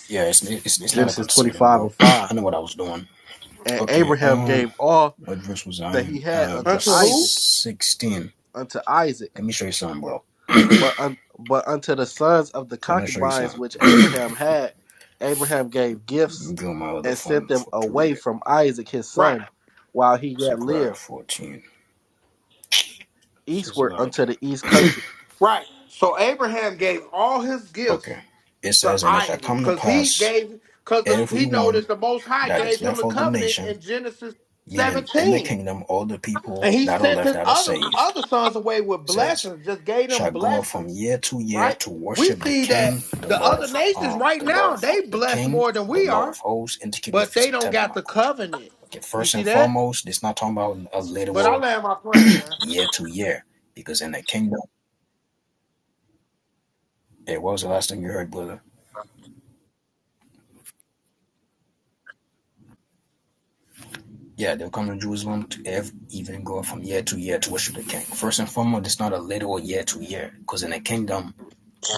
C: Yeah, it's it's, it's not a
B: Genesis twenty
C: conceding.
B: five and
C: Well, *clears throat*
B: five.
C: I know what I was doing.
B: And
C: Okay,
B: Abraham
C: um,
B: gave all
C: what verse was I
B: that he
C: in?
B: had unto
A: Unto who?
B: Isaac,
C: 16.
B: unto Isaac,
C: Let me, well,
B: but un, but unto the sons of the
C: for another
B: concubines
C: time,
B: which Abraham had, Abraham gave
C: I'm
B: gifts
C: going
B: and sent them
C: for, to read
B: away
C: it.
B: from Isaac his
A: Right.
B: son, while he yet
C: 16.
B: lived,
C: It says
B: eastward
C: like,
B: unto the east country
A: Right. So Abraham gave all his gifts
C: okay. It's
A: to Isaac because he gave because he know that
C: Aaron
A: the Most High
C: that
A: gave
C: is
A: him
C: left
A: the
C: of the
A: covenant
C: nation
A: in Genesis
C: meaning in the
A: 17,
C: kingdom all the people
A: and he
C: that are
A: sent
C: left
A: his
C: that are
A: other
C: saved
A: other sons away with
C: says
A: blessings, just gave them
C: shall go up from
A: blessings.
C: year to year
A: Right.
C: to
A: We
C: worship the
A: see
C: King,
A: that
C: the
A: the
C: Lord
A: other
C: of
A: nations
C: um,
A: right
C: the Lord
A: now they
C: of the
A: blessed
C: King,
A: more than
C: the
A: we
C: Lord of
A: are,
C: hosts, and to keep the
A: but
C: feast
A: they
C: of
A: don't got the
C: tabernacle.
A: covenant.
C: Okay,
A: You
C: first
A: see
C: and
A: that?
C: foremost, it's not talking about a
A: But I
C: literal
A: land my plane, man.
C: year to year. Because in the kingdom, hey, what was the last thing you heard, brother? Yeah, they'll come to Jerusalem to ev- even go from year to year to worship the king. First and foremost, it's not a literal year to year. Because in the kingdom,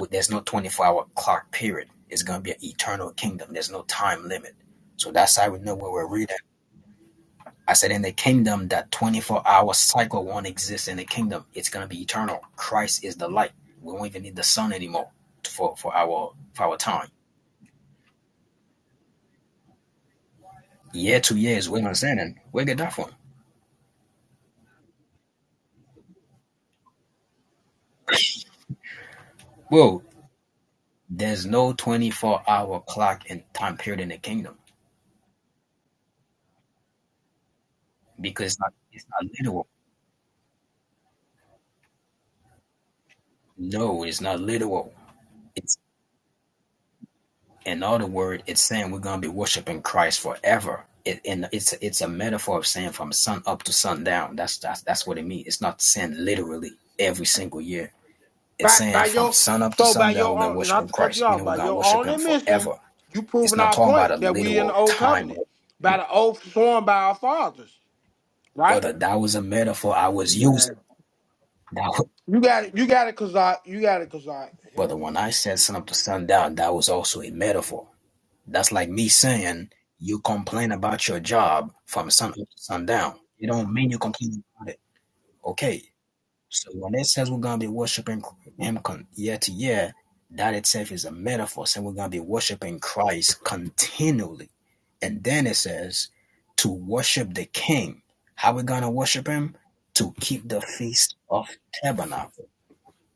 C: there's no 24 hour clock period. It's going to be an eternal kingdom. There's no time limit. So that's how we know what we're reading. I said in the kingdom, that 24 hour cycle won't exist in the kingdom. It's going to be eternal. Christ is the light. We won't even need the sun anymore for, for our for our time. Year to year is what I'm saying. And where get that from? Well, there's no 24 hour clock and time period in the kingdom because it's not, it's not literal. No, it's not literal It's In other words, it's saying we're going to be worshiping Christ forever. It, and it's it's a metaphor of saying from sun up to sundown. That's that's that's what it means. It's not saying literally every single year. It's
A: By
C: saying
A: by
C: from
A: your
C: sun up to
A: so by
C: sundown
A: your
C: we're gonna
A: own
C: worship
A: not
C: in
A: to cut you
C: Christ.
A: off,
C: Meaning we're
A: by
C: gonna
A: your
C: worship
A: own
C: Him
A: admission,
C: forever.
A: you
C: It's
A: proving
C: not
A: our
C: talking about a
A: point that we in the
C: literal
A: old
C: time,
A: covenant by the oath sworn by our fathers, right?
C: brother. That was a metaphor I was
A: Amen.
C: using. That was,
A: You got it. You got it, Kazak. You got it, Kazak.
C: brother,
A: Him.
C: when I said sun up to sundown, that was also a metaphor. That's like me saying you complain about your job from sun up to sundown. It don't mean you complain about it. Okay. So when it says we're gonna be worshiping him year to year, that itself is a metaphor saying we're gonna be worshiping Christ continually. And then it says to worship the King. How we gonna worship him? To keep the feast of tabernacle.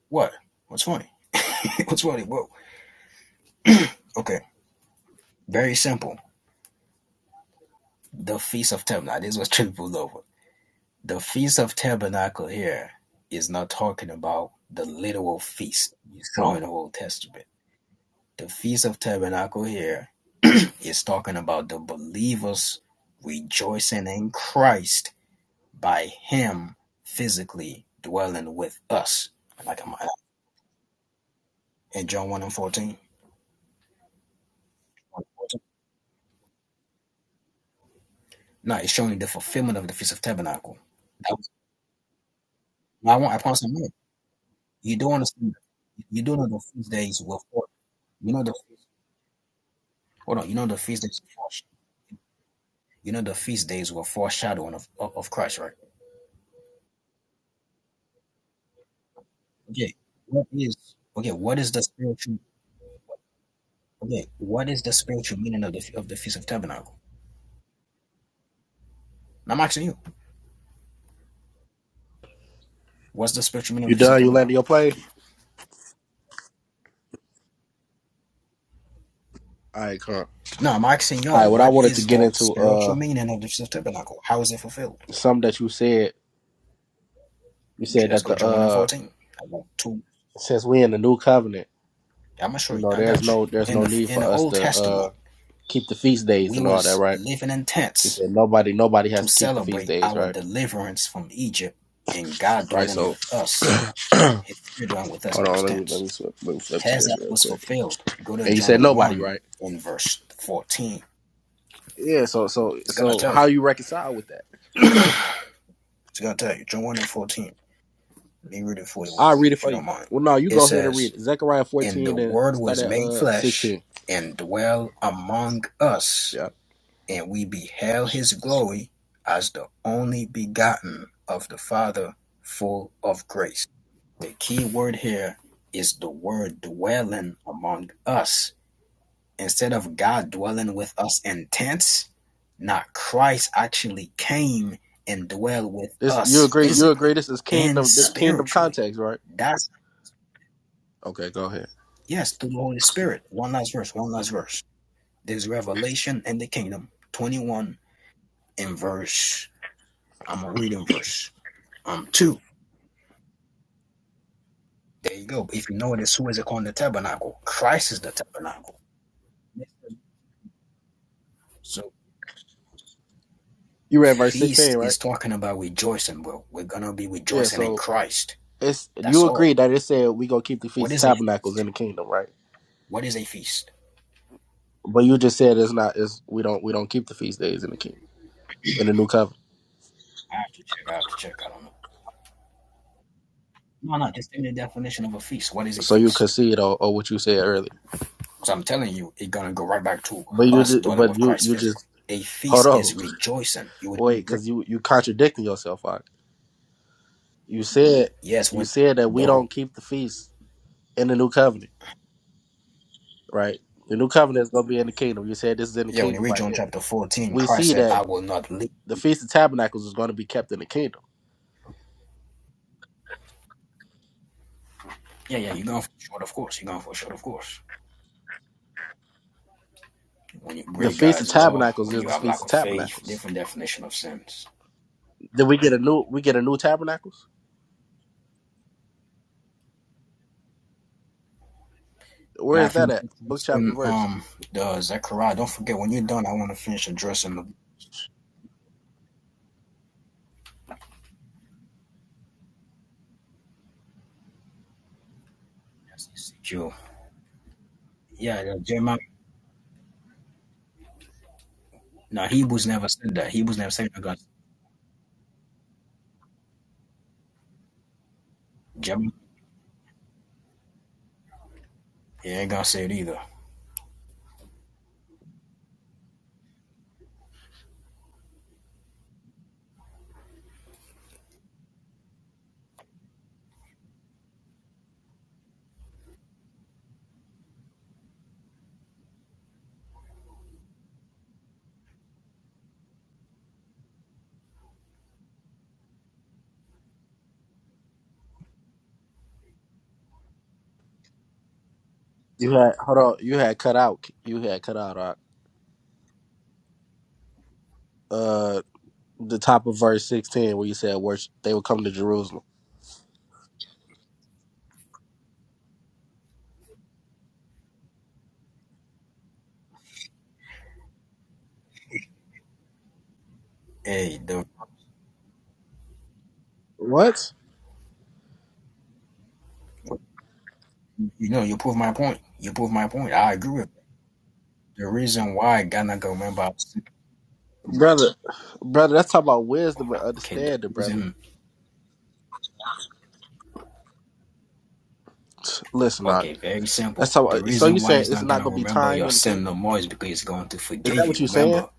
C: What? What's funny? *laughs* What's funny? Whoa. Okay. Very simple. The feast of tabernacle. This was *laughs* triple over. The Feast of Tabernacle here is not talking about the literal feast you saw in the Old Testament. The Feast of Tabernacle here is talking about the believers rejoicing in Christ by Him physically dwelling with us. Like in John 1 and 14. No, it's showing the fulfillment of the Feast of Tabernacle. That was, no, I, want, I promise you, you don't understand. You don't know the feast days were for. You know the hold on. You know the feast days were for. You know the feast days were foreshadowing of, of, of Christ, right? Okay. What is okay, what is the spiritual okay, what is the spiritual meaning of the of the Feast of Tabernacle? And I'm asking you, what's the spiritual meaning of
B: You
C: the Feast of
B: done? You landed your
C: Tabernacle?
B: plane? All right, come.
C: No, I'm asking
B: All right.
C: y'all,
B: What I
C: what
B: wanted to
C: is
B: get
C: the
B: into,
C: spiritual
B: uh,
C: meaning of the Feast of Tabernacle? How is it fulfilled?
B: something that you said. You said
C: Let's
B: that
C: go
B: the
C: John 1 and
B: uh,
C: 14. I got two.
B: since we in the new covenant,
C: I'm gonna show
B: you
C: you.
B: know,
C: I
B: there's
C: got you.
B: no there's
C: In
B: no
C: the
B: need
C: in
B: for
C: the
B: us
C: Old
B: to
C: Testament,
B: uh keep the feast days
C: we
B: and all that,
C: was
B: right?
C: living in
B: You
C: tents
B: said nobody nobody
C: to
B: has to keep the feast
C: celebrate
B: days,
C: our
B: right?
C: deliverance from Egypt and God
B: Right.
C: dwelling
B: So
C: with us
B: *clears throat* hold
C: his spirit dwelling with us
B: on,
C: in those
B: let me let
C: tents.
B: me flip, let me flip to
C: Has
B: this
C: that
B: real
C: was
B: quick.
C: fulfilled? Go to
B: And you said
C: John
B: nobody,
C: 1
B: right?
C: in verse 14.
B: Yeah. So so
C: It's going to
B: so
C: tell
B: how
C: you.
B: you reconcile with that?
C: It's going to tell you. John 1 and 14. Let me read it for you real
B: I'll
C: quick,
B: read it
C: if
B: for
C: you
B: you.
C: don't mind.
B: Well, no, you
C: It
B: go ahead and
C: says,
B: read it. Zechariah
C: And the
B: 14 and
C: Word
B: start
C: was
B: at
C: made
B: uh
C: flesh
B: 16.
C: and dwelt among us, and we beheld his glory as the only begotten of the Father, full of grace. The key word here is the word dwelling among us instead of God dwelling with us in tents, not Christ actually came and dwelled with
B: This you
C: us
B: agree? You agree?
C: physically
B: This is
C: and
B: kingdom. This kingdom
C: spiritually.
B: context, right?
C: That's
B: Okay, go ahead.
C: yes, through the Holy Spirit. One last verse, one last verse. There's Revelation and the Kingdom 21 in verse. I'm gonna read in verse um two. There you go. If you notice who is it called the tabernacle? Christ is the tabernacle. So
B: You read verse sixteen,
C: feast
B: right?
C: is talking about rejoicing, bro. We're gonna be
B: Yeah.
C: rejoicing in
B: So
C: Christ.
B: it's
C: That's
B: you
C: all.
B: agree that it said we gonna keep the
C: What
B: feast of
C: is a
B: tabernacles in the kingdom, right?
C: what is a feast?
B: But you just said it's not. It's we don't we don't keep the feast days in the kingdom in the new covenant.
C: I have to check. I have to check. I don't know. No, no. Just give me the definition of a feast. What is a
B: So you
C: feast?
B: concede or, or what you said earlier.
C: So I'm telling you, it's gonna go right back to
B: But you
C: us
B: just,
C: dwelling
B: but
C: with
B: you
C: Christ
B: you
C: physically.
B: just
C: A
B: hold
C: feast
B: on
C: is rejoicing. You would
B: wait
C: agree.
B: because you you contradicting yourself. Right? You said
C: Yes,
B: you
C: when
B: said that we
C: the
B: don't keep the feast in the new covenant, right? The new covenant is gonna be in the kingdom. You said this is in the
C: yeah, when you
B: kingdom
C: read
B: right
C: John
B: here.
C: chapter 14,
B: we
C: Christ
B: see
C: said,
B: that
C: I will not leave.
B: the Feast of Tabernacles is going to be kept in the kingdom.
C: Yeah, yeah, you're going for short, of course. You're going for short, of course. When you
B: The
C: break
B: Feast of
C: God's law,
B: Tabernacles
C: when
B: is
C: you
B: the
C: have
B: Feast
C: lack
B: of
C: of faith,
B: Tabernacles.
C: different definition of sins.
B: Then we get a new we get a new tabernacles.
C: You
B: Where
C: know, I
B: is that
C: finished
B: at? Book chapter verse.
C: um the Zechariah. Don't forget when you're done, I want to finish addressing the. That's Yeah, no, Jeremiah. Now Hebrews never said that. Hebrews never said that. God, Jeremiah. Yeah, ain't gonna say it either.
B: You had hold on. You had cut out. You had cut out. Rock. Uh, the top of verse sixteen where you said worship. They will come to Jerusalem.
C: Hey, the
B: What,
C: you know you prove my point. You prove my point. I agree with that. the reason why God not gonna remember.
B: brother? Brother, that's talking about wisdom and
C: Okay, the
B: understanding, brother.
C: reason.
B: Listen, Rock.
C: Okay, very
B: That's
C: simple. The
B: so. So you
C: reason why
B: saying
C: He's
B: it's
C: not
B: not
C: gonna
B: gonna be
C: remember
B: time
C: your
B: in the
C: sin no
B: kingdom.
C: more is because He's going to
B: Is that
C: forgive
B: what
C: you.
B: you saying?
C: Remember,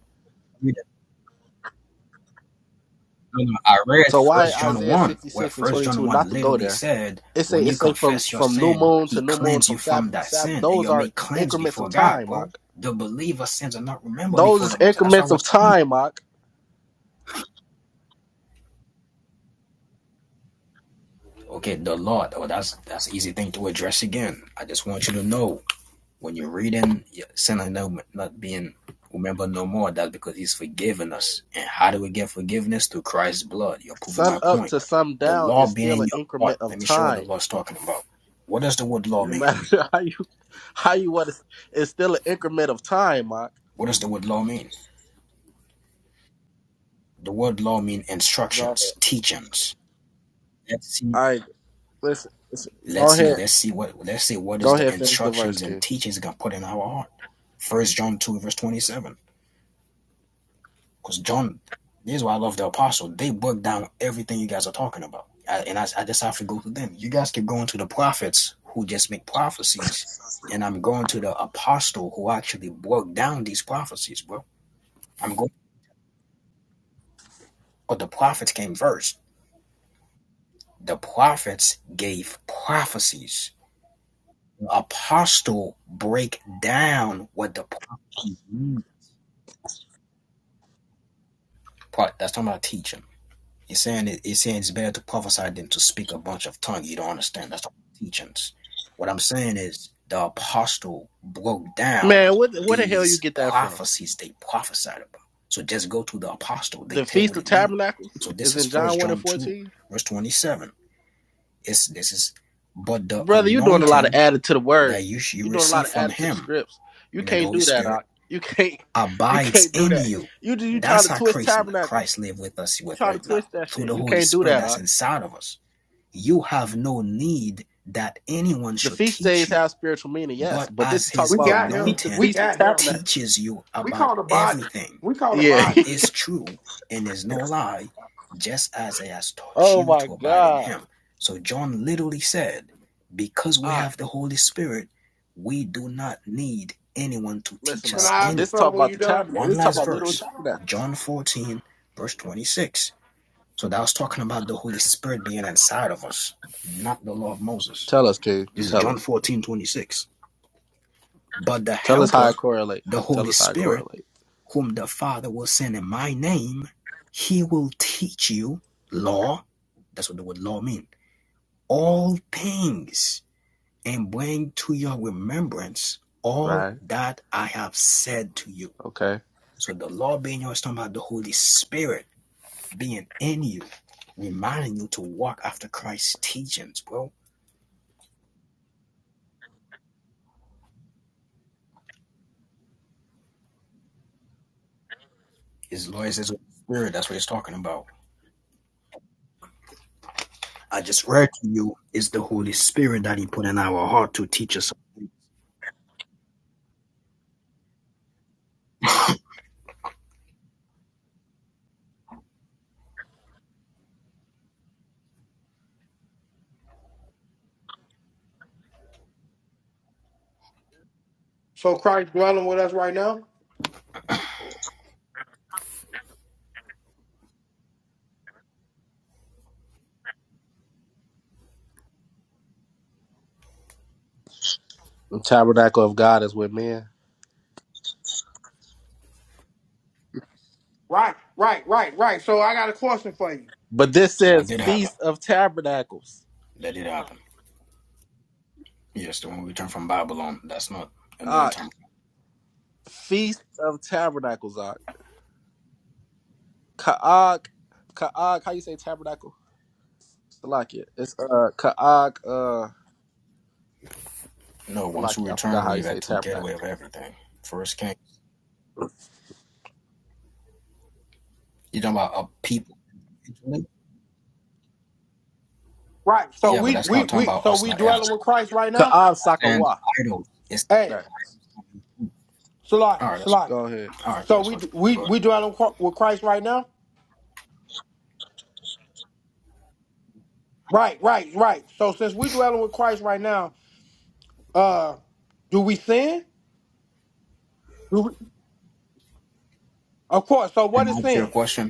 C: No, no, I read
B: So why
C: First John
B: Isaiah
C: one, where
B: 66 and
C: First John
B: 22 not
C: one
B: to go
C: literally
B: there?
C: said,
B: It say
C: "When
B: it
C: you
B: say from
C: confess your
B: from new
C: sin,
B: moon to
C: He
B: new moon,
C: cleans you
B: from
C: from
B: Sabbath to
C: that
B: Sabbath.
C: sin, and
B: Those
C: you're
B: are
C: made cleansed
B: increments of
C: before God."
B: time, Mark.
C: Bro, the believer's sins are not remembered
B: Those
C: before
B: is
C: the Most. High. That's why
B: increments
C: we're
B: of
C: saying,
B: time, Mark.
C: okay, the Lord. Oh, that's that's an easy thing to address again. I just want you to know When you're reading sinner no, not being remembered no more, that's because he's forgiven us. And how do we get forgiveness? Through Christ's blood. You're proving
B: Sun
C: my
B: up
C: point.
B: to sun
C: The
B: down
C: law
B: is
C: being
B: still
C: in
B: an
C: your heart.
B: increment of
C: Let me show what the
B: time.
C: law is talking about. What does the word law
B: No
C: mean?
B: matter *laughs* how you how you want to, it's still an increment of time, Mark.
C: What does the word law mean? The word law mean
B: Go ahead.
C: instructions, teachings. Let's see.
B: All right, listen. listen. Go
C: Let's see.
B: ahead.
C: Let's see what. Let's see what
B: Go
C: is the
B: ahead. Finish the verse,
C: instructions and
B: King.
C: teachings God put in our heart. First John two verse twenty seven. Because John, this is why I love the apostle. They broke down everything you guys are talking about. I, and I, I just have to go through them. You guys keep going to the prophets who just make prophecies. And I'm going to the apostle who actually broke down these prophecies, bro. I'm going, but the prophets came first. The prophets gave prophecies. The apostle break down what the prophecies mean. That's talking about teaching. It's saying it, it's saying it's better to prophesy than to speak a bunch of tongue. You don't understand. That's the teachings. What I'm saying is the apostle broke down
B: Man, what what the hell you
C: these
B: get that from?
C: prophecies they prophesied about. So just go to the apostle. They
B: the
C: tell
B: Feast
C: what
B: of
C: it means.
B: Tabernacles
C: So this
B: is
C: is
B: in John
C: First
B: 1 and
C: John two,
B: 14.
C: verse twenty seven. It's this is, but the
B: Brother, you're doing a lot of
C: anointing
B: added to the word.
C: that you you
B: You're doing a lot
C: receive
B: of
C: from
B: added to the
C: him,
B: scripts. You
C: meaning the
B: can't
C: Holy
B: do that,
C: Spirit,
B: Doc. You can't *laughs* you
C: abides
B: can't do
C: in
B: that.
C: you.
B: You do you trying to
C: That's how
B: twist
C: Christ Christ
B: tabernacles.
C: live with us
B: You
C: with
B: trying to
C: right now
B: twist that
C: through
B: shit.
C: the
B: You
C: Holy
B: can't do
C: Spirit
B: that,
C: that's
B: Doc.
C: inside of us. You have no need that anyone
B: The
C: should
B: feast
C: teach
B: days
C: you,
B: have spiritual meaning, yes.
C: but
B: But this is
C: as
B: talk
C: his
A: We
B: about
A: got
B: the
A: him.
B: keep the
A: We
B: feast
C: anointed
B: of
A: got him.
B: tabernacles.
C: teaches you
A: We call
C: about
A: the body.
C: everything,
A: We call the
B: Yeah.
C: and
A: body.
B: *laughs*
A: Yeah.
C: is true, and is no lie, just as he has taught
B: oh
C: you
B: my
C: to abide in
B: God.
C: him. So John literally said, because we
B: Doc,
C: have the Holy Spirit, we do not need anyone to
B: listen,
C: teach
A: Can I
B: Doc.
C: us
A: ask him
B: This
C: anything.
B: talk
A: something when
B: about
A: you
B: the
A: done?
B: tabernacle.
C: One
B: This talk
C: last
B: about literal
C: verse,
B: tabernacles.
C: John 14, verse 26. So that was talking about the Holy Spirit being inside of us, not the law of Moses.
B: Tell us, King.
C: This is
B: Tell
C: John
B: us.
C: 14 26. But the
B: Tell us how it
C: Helper,
B: correlate.
C: the
B: How- Tell
C: Holy
B: us how it
C: Spirit,
B: correlate.
C: whom the Father will send in my name, he will teach you law. That's what the word law means. All things and bring to your remembrance all
B: Right.
C: that I have said to you.
B: Okay.
C: So the law being yours, talking about the Holy Spirit being in you, reminding you to walk after Christ's teachings, bro. His law is what we're talking about. I just read to you is the Holy Spirit that He put in our heart to teach us.
A: So Christ dwelling with us right now.
B: The tabernacle of God is with men.
A: Right, right, right, right. So I got a question for you.
B: But this
C: That
B: says
C: did happen.
B: Feast of Tabernacles.
C: That did happen. Yes, when we return from Babylon, that's not anointing.
B: Ah,
C: time.
B: Feast of Tabernacles. Ah, Kaag, Kaag. How you say tabernacle? Salakia. It's uh Kaag uh
C: No, once we
B: Salakia. I forgot
C: return,
B: how
C: we
B: you say
C: had to get
B: tabernacle.
C: away with everything. First king. You're talking about a people.
A: Right. So
C: Yeah, but
A: we
C: that's
A: we
C: not talking
A: we
C: about
A: so
C: us
A: we
C: not ever.
A: dwelling with Christ right now.
B: Kaag
C: And the
B: Sakawa.
C: idols. It's
A: Hey,
B: Nah,
C: all right.
A: Salaki,
C: That's
A: Salaki.
B: Go ahead.
C: all right.
A: So
C: That's
A: we
C: fine.
A: we
C: Go ahead.
A: we dwelling qu- with Christ right now. Right, right, right. So since we dwelling with Christ right now, uh, do we sin? Do we- of course. So
C: Can
A: what is
C: I ask you a
A: sin?
C: question?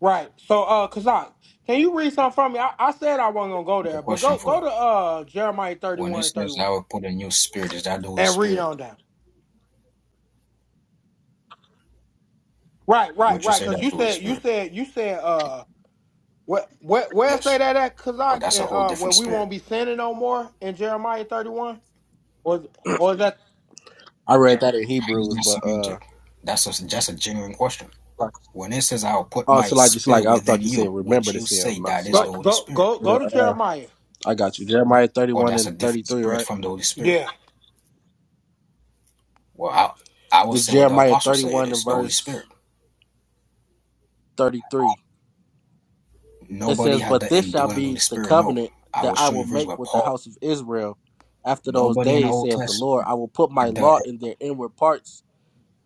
A: Right. So uh, Kazak, can you read something from me? I, I said I wasn't gonna go
C: I have a
A: there, but
C: question
A: go
C: for
A: go
C: you.
A: to uh Jeremiah thirty
C: When
A: one
C: it
A: and thirty
C: says
A: one
C: I will put a new spirit, is that the Holy
A: and read
C: Spirit?
A: on down. Right, right,
C: Would you
A: right.
C: say
A: Because
C: that's
A: you
C: the Holy
A: said you
C: Spirit?
A: said you said uh. What, where where say
C: Yes.
A: that at
C: Or
A: Kazak
C: that's a
A: and
C: whole
A: uh where
C: different
A: we
C: spirit?
A: won't be sinning no more in Jeremiah thirty one or or is that
B: I read that in
C: Is
B: Hebrews,
C: there
B: but
C: something
B: uh.
C: That's a, just a genuine question.
B: like-
C: When it says, I'll put
B: Oh,
C: my
B: Salaki, Salaki.
C: spirit
B: I thought
C: within
B: you said
C: you, would
B: remember to
C: you
B: say I'm
C: say
B: not
C: that is the
A: go
B: Salaki.
C: Holy
A: go
C: Spirit?
A: go
B: But,
A: go to
B: uh,
A: Jeremiah
B: I got you. Jeremiah
C: Or
B: 31
C: that's a
B: and
C: different
B: 33,
C: spirit
B: right?
C: from the Holy Spirit?
A: Yeah,
C: Well, I, I will
B: It's
C: say what the
B: Jeremiah
C: apostles say it
B: 31 and
C: is the Holy
B: verse
C: Spirit.
B: 33. It
C: Nobody
B: says,
C: had
B: But
C: the
B: this shall
C: indwelling Holy
B: be the
C: Spirit, no.
B: covenant
C: I
B: that
C: will
B: I
C: show
B: will
C: you verse
B: make
C: where
B: with the
C: Paul,
B: house of Israel after
C: no
B: those days,
C: Old
B: saith the
C: Testament,
B: Lord. I will put my
C: had the
B: law in their inward parts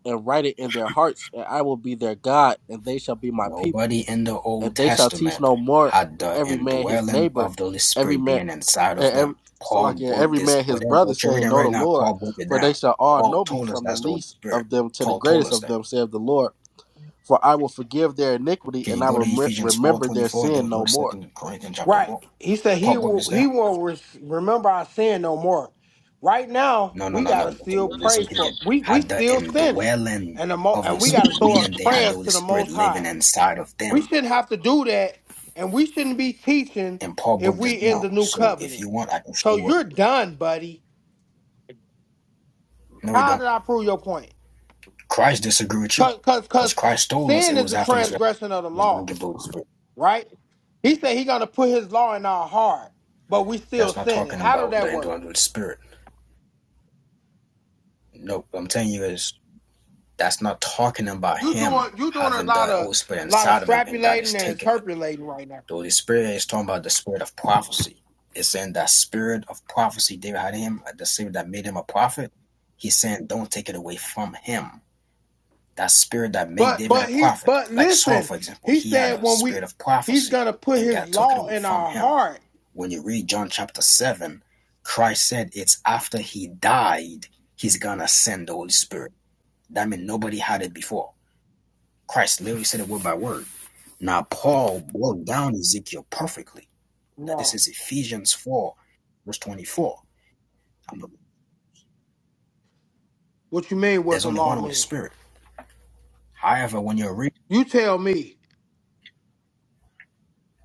B: and write it in their hearts, and I will be their God, and they shall be my people.
C: Nobody in the
B: And
C: Old
B: they shall teach
C: Testament
B: no more
C: had the
B: every man his
C: indwelling
B: neighbor,
C: of the Holy
B: every
C: Spirit
B: man,
C: being inside of
B: and every,
C: them.
B: so
C: Paul
B: like, yeah,
C: broke
B: every
C: this,
B: man his
C: whatever
B: brother,
C: what you're
B: saying,
C: reading
B: Know the
C: right now,
B: Lord.
C: Paul broke it
B: For
C: down.
B: they shall all
C: Paul
B: know me
C: told us
B: from the
C: that's the Holy
B: least
C: Spirit.
B: of them to the
C: Paul told
B: greatest
C: us
B: of
C: that.
B: them, saith the Lord. For I will forgive their iniquity
C: Can you
B: and I
C: go to
B: will remem-
C: Ephesians four
B: remember
C: twenty
B: their
C: four and then we
B: sin
C: go
B: no
C: to
B: more.
C: Second Corinthians chapter
A: right.
C: four?
A: He said he
C: Paul broke
A: will,
C: this
A: he
C: down.
A: won't res- remember our sin no more. Right now,
C: No, no,
A: we
C: no,
A: gotta
C: no. Okay,
A: still pray
C: listen
A: for
C: again.
A: we we
C: Had the
A: still sinning,
C: indwelling
A: and the mo
C: of
A: and
C: the
A: we gotta
C: Spirit,
A: throw up
C: meaning they had the
A: prayers
C: Holy
A: to the
C: Spirit
A: Most High.
C: living inside of
A: We
C: them.
A: shouldn't have to do that, and we shouldn't be teaching
C: And Paul
A: if
C: broke this
A: we in
C: down.
A: the new
C: So if
A: covenant.
C: you want, I can show
A: So
C: you what.
A: you're done, buddy.
C: No, we
A: How
C: don't.
A: did I prove your point?
C: Christ disagree with you.
A: Cause cause
C: Because
A: cause
C: Christ told us
A: sin
C: it
A: is
C: was
A: a
C: after his resurrection
A: transgression of the
C: he's going
A: law,
C: to give the Holy Spirit.
A: right? He said he gonna put his law in our heart, but we still
C: That's not
A: sinning.
C: talking
A: How did
C: about
A: that
C: the
A: work?
C: indwelling of the Spirit. No, what I'm telling you is that's not talking about
A: You doing
C: him
A: you doing a
C: having
A: lot
C: the
A: of
C: Holy Spirit
A: lot of
C: inside of him and God is
A: strapulating and
C: taking it.
A: interpolating right now.
C: The Holy Spirit is talking about the spirit of prophecy. It's saying that spirit of prophecy David had in him, uh, the spirit that made him a prophet. He's saying don't take it away from him. That spirit that made
A: But
C: David a
A: but he
C: prophet,
A: but
C: like Saul,
A: listen,
C: for example,
A: he
C: he had
A: said
C: a
A: when we
C: spirit of
A: he's
C: prophecy
A: gonna put
C: and
A: his
C: God took it
A: law
C: away
A: in
C: from
A: our
C: him.
A: heart.
C: when you read John chapter 7, Christ said it's after he died, he's gonna send the Holy Spirit. That means nobody had it before. Christ literally said it word by word. Now, Paul broke down Ezekiel perfectly. Now, this
A: No.
C: is Ephesians 4, verse 24.
A: What you mean what
C: there's
A: the
C: only
A: law
C: one Holy
A: mean?
C: Spirit. However, when you are reading,
A: You tell me.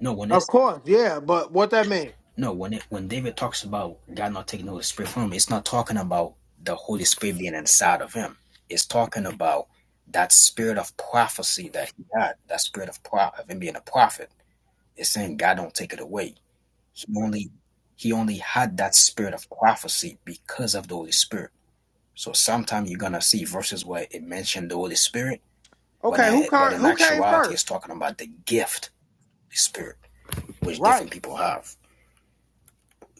C: no, when
A: Of
C: it's
A: course, yeah, but what that mean?
C: No, when it, when David talks about God not taking the Holy Spirit from him, it's not talking about the Holy Spirit being inside of him. It's talking about that spirit of prophecy that he had, that spirit of pro- of him being a prophet. It's saying God don't take it away. He only he only had that spirit of prophecy because of the Holy Spirit. So sometimes you're gonna see verses where it mentioned the Holy Spirit, but
A: Okay, who
C: in,
A: came
C: but in
A: who came
C: actuality, it's
A: first?
C: talking about the gift, of the Spirit, which
A: Right,
C: different people have.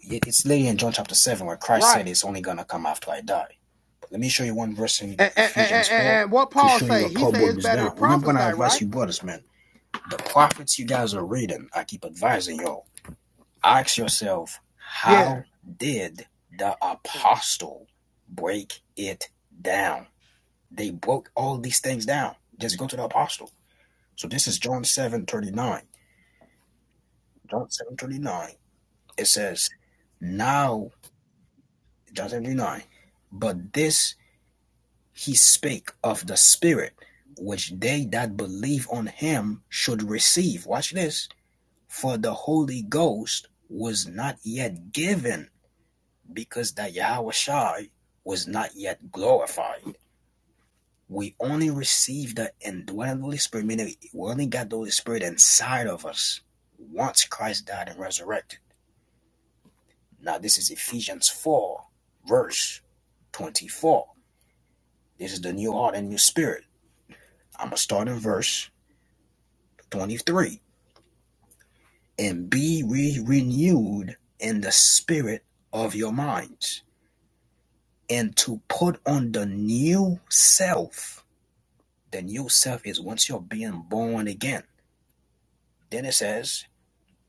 C: It's later in John chapter 7 where Christ
A: right.
C: said it's only going to come after I die. But let me show you one verse in
A: And, and, and,
C: Ephesians
A: and,
C: 4
A: and what
C: to
A: Paul
C: show you
A: say?
C: where
A: He
C: Paul
A: say
C: broke
A: it's
C: this
A: better to
C: down. Remember when I
A: prophesy, right?
C: advised you brothers, man? The prophets you guys are reading, I keep advising y'all. Ask yourself,
A: Yeah.
C: how did the apostle break it down? They broke all these things down. Just go to the apostle. So this is John 7 39. John 7 39. It says, now, John 7 thirty-nine, But this He spake of the Spirit, which they that believe on him should receive. Watch this. For the Holy Ghost was not yet given, because that Yahushai was not yet glorified. We only received the indwelling Holy Spirit, meaning we only got the Holy Spirit inside of us once Christ died and resurrected. Now, this is Ephesians 4, verse 24. This is the new heart and new spirit. I'm going to start in verse 23. And be re renewed in the spirit of your minds, and to put on the new self. The new self is once you're being born again. Then it says,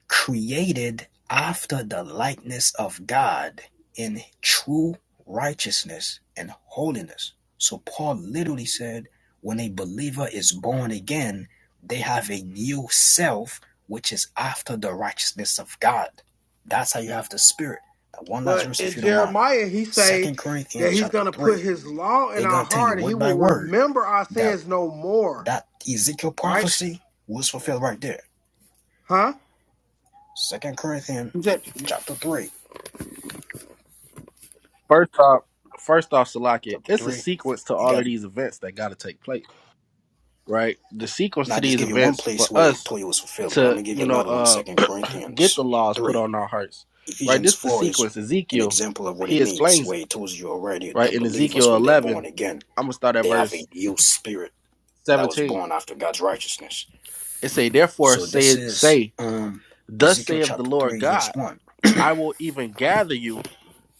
C: created after the likeness of God in true righteousness and holiness. So Paul literally said, when a believer is born again, they have a new self which is after the righteousness of God. That's how you have the spirit. One last
A: But
C: verse,
A: in
C: if you don't mind.
A: Jeremiah, he say
C: Second
A: that
C: Corinthians
A: he's
C: chapter
A: gonna put
C: three.
A: his law in
C: They're
A: our
C: gonna tell you
A: heart, and he
C: word by
A: will
C: word
A: remember our
C: that
A: sins no more.
C: that Ezekiel
A: Right?
C: prophecy was fulfilled right there.
A: Huh?
C: Second Corinthians
A: He said-
C: chapter three.
B: First off, first off, Salakia,
C: chapter
B: it's a
C: 3.
B: sequence to
C: You
B: all
C: got
B: of these events that got to take place, right? The sequence
C: now
B: to
C: I just
B: these
C: give you one
B: events for
C: place where
B: us
C: Toya was fulfilled, but I'm
B: to,
C: gonna give
B: you
C: you
B: know,
C: another one,
B: uh,
C: Second
B: *clears throat* get
C: Corinthians
B: the laws put
C: 3.
B: on our hearts, right?
C: Ephesians
B: This is the
C: 4 is
B: sequence.
C: an
B: Ezekiel,
C: example of what it
B: he
C: means,
B: explains
C: where
B: it,
C: it tells you already the
B: right? In
C: believers,
B: Ezekiel
C: when they're born
B: 11,
C: again,
B: I'm gonna start at
C: they have
B: verse
C: a new spirit that was
B: 17.
C: born after God's righteousness.
B: It say, therefore
C: So this
B: say,
C: is
B: say,
C: um
B: thus
C: Ezekiel
B: saith the
C: chapter
B: Lord
C: 3,
B: God,
C: verse 1.
B: I will even gather you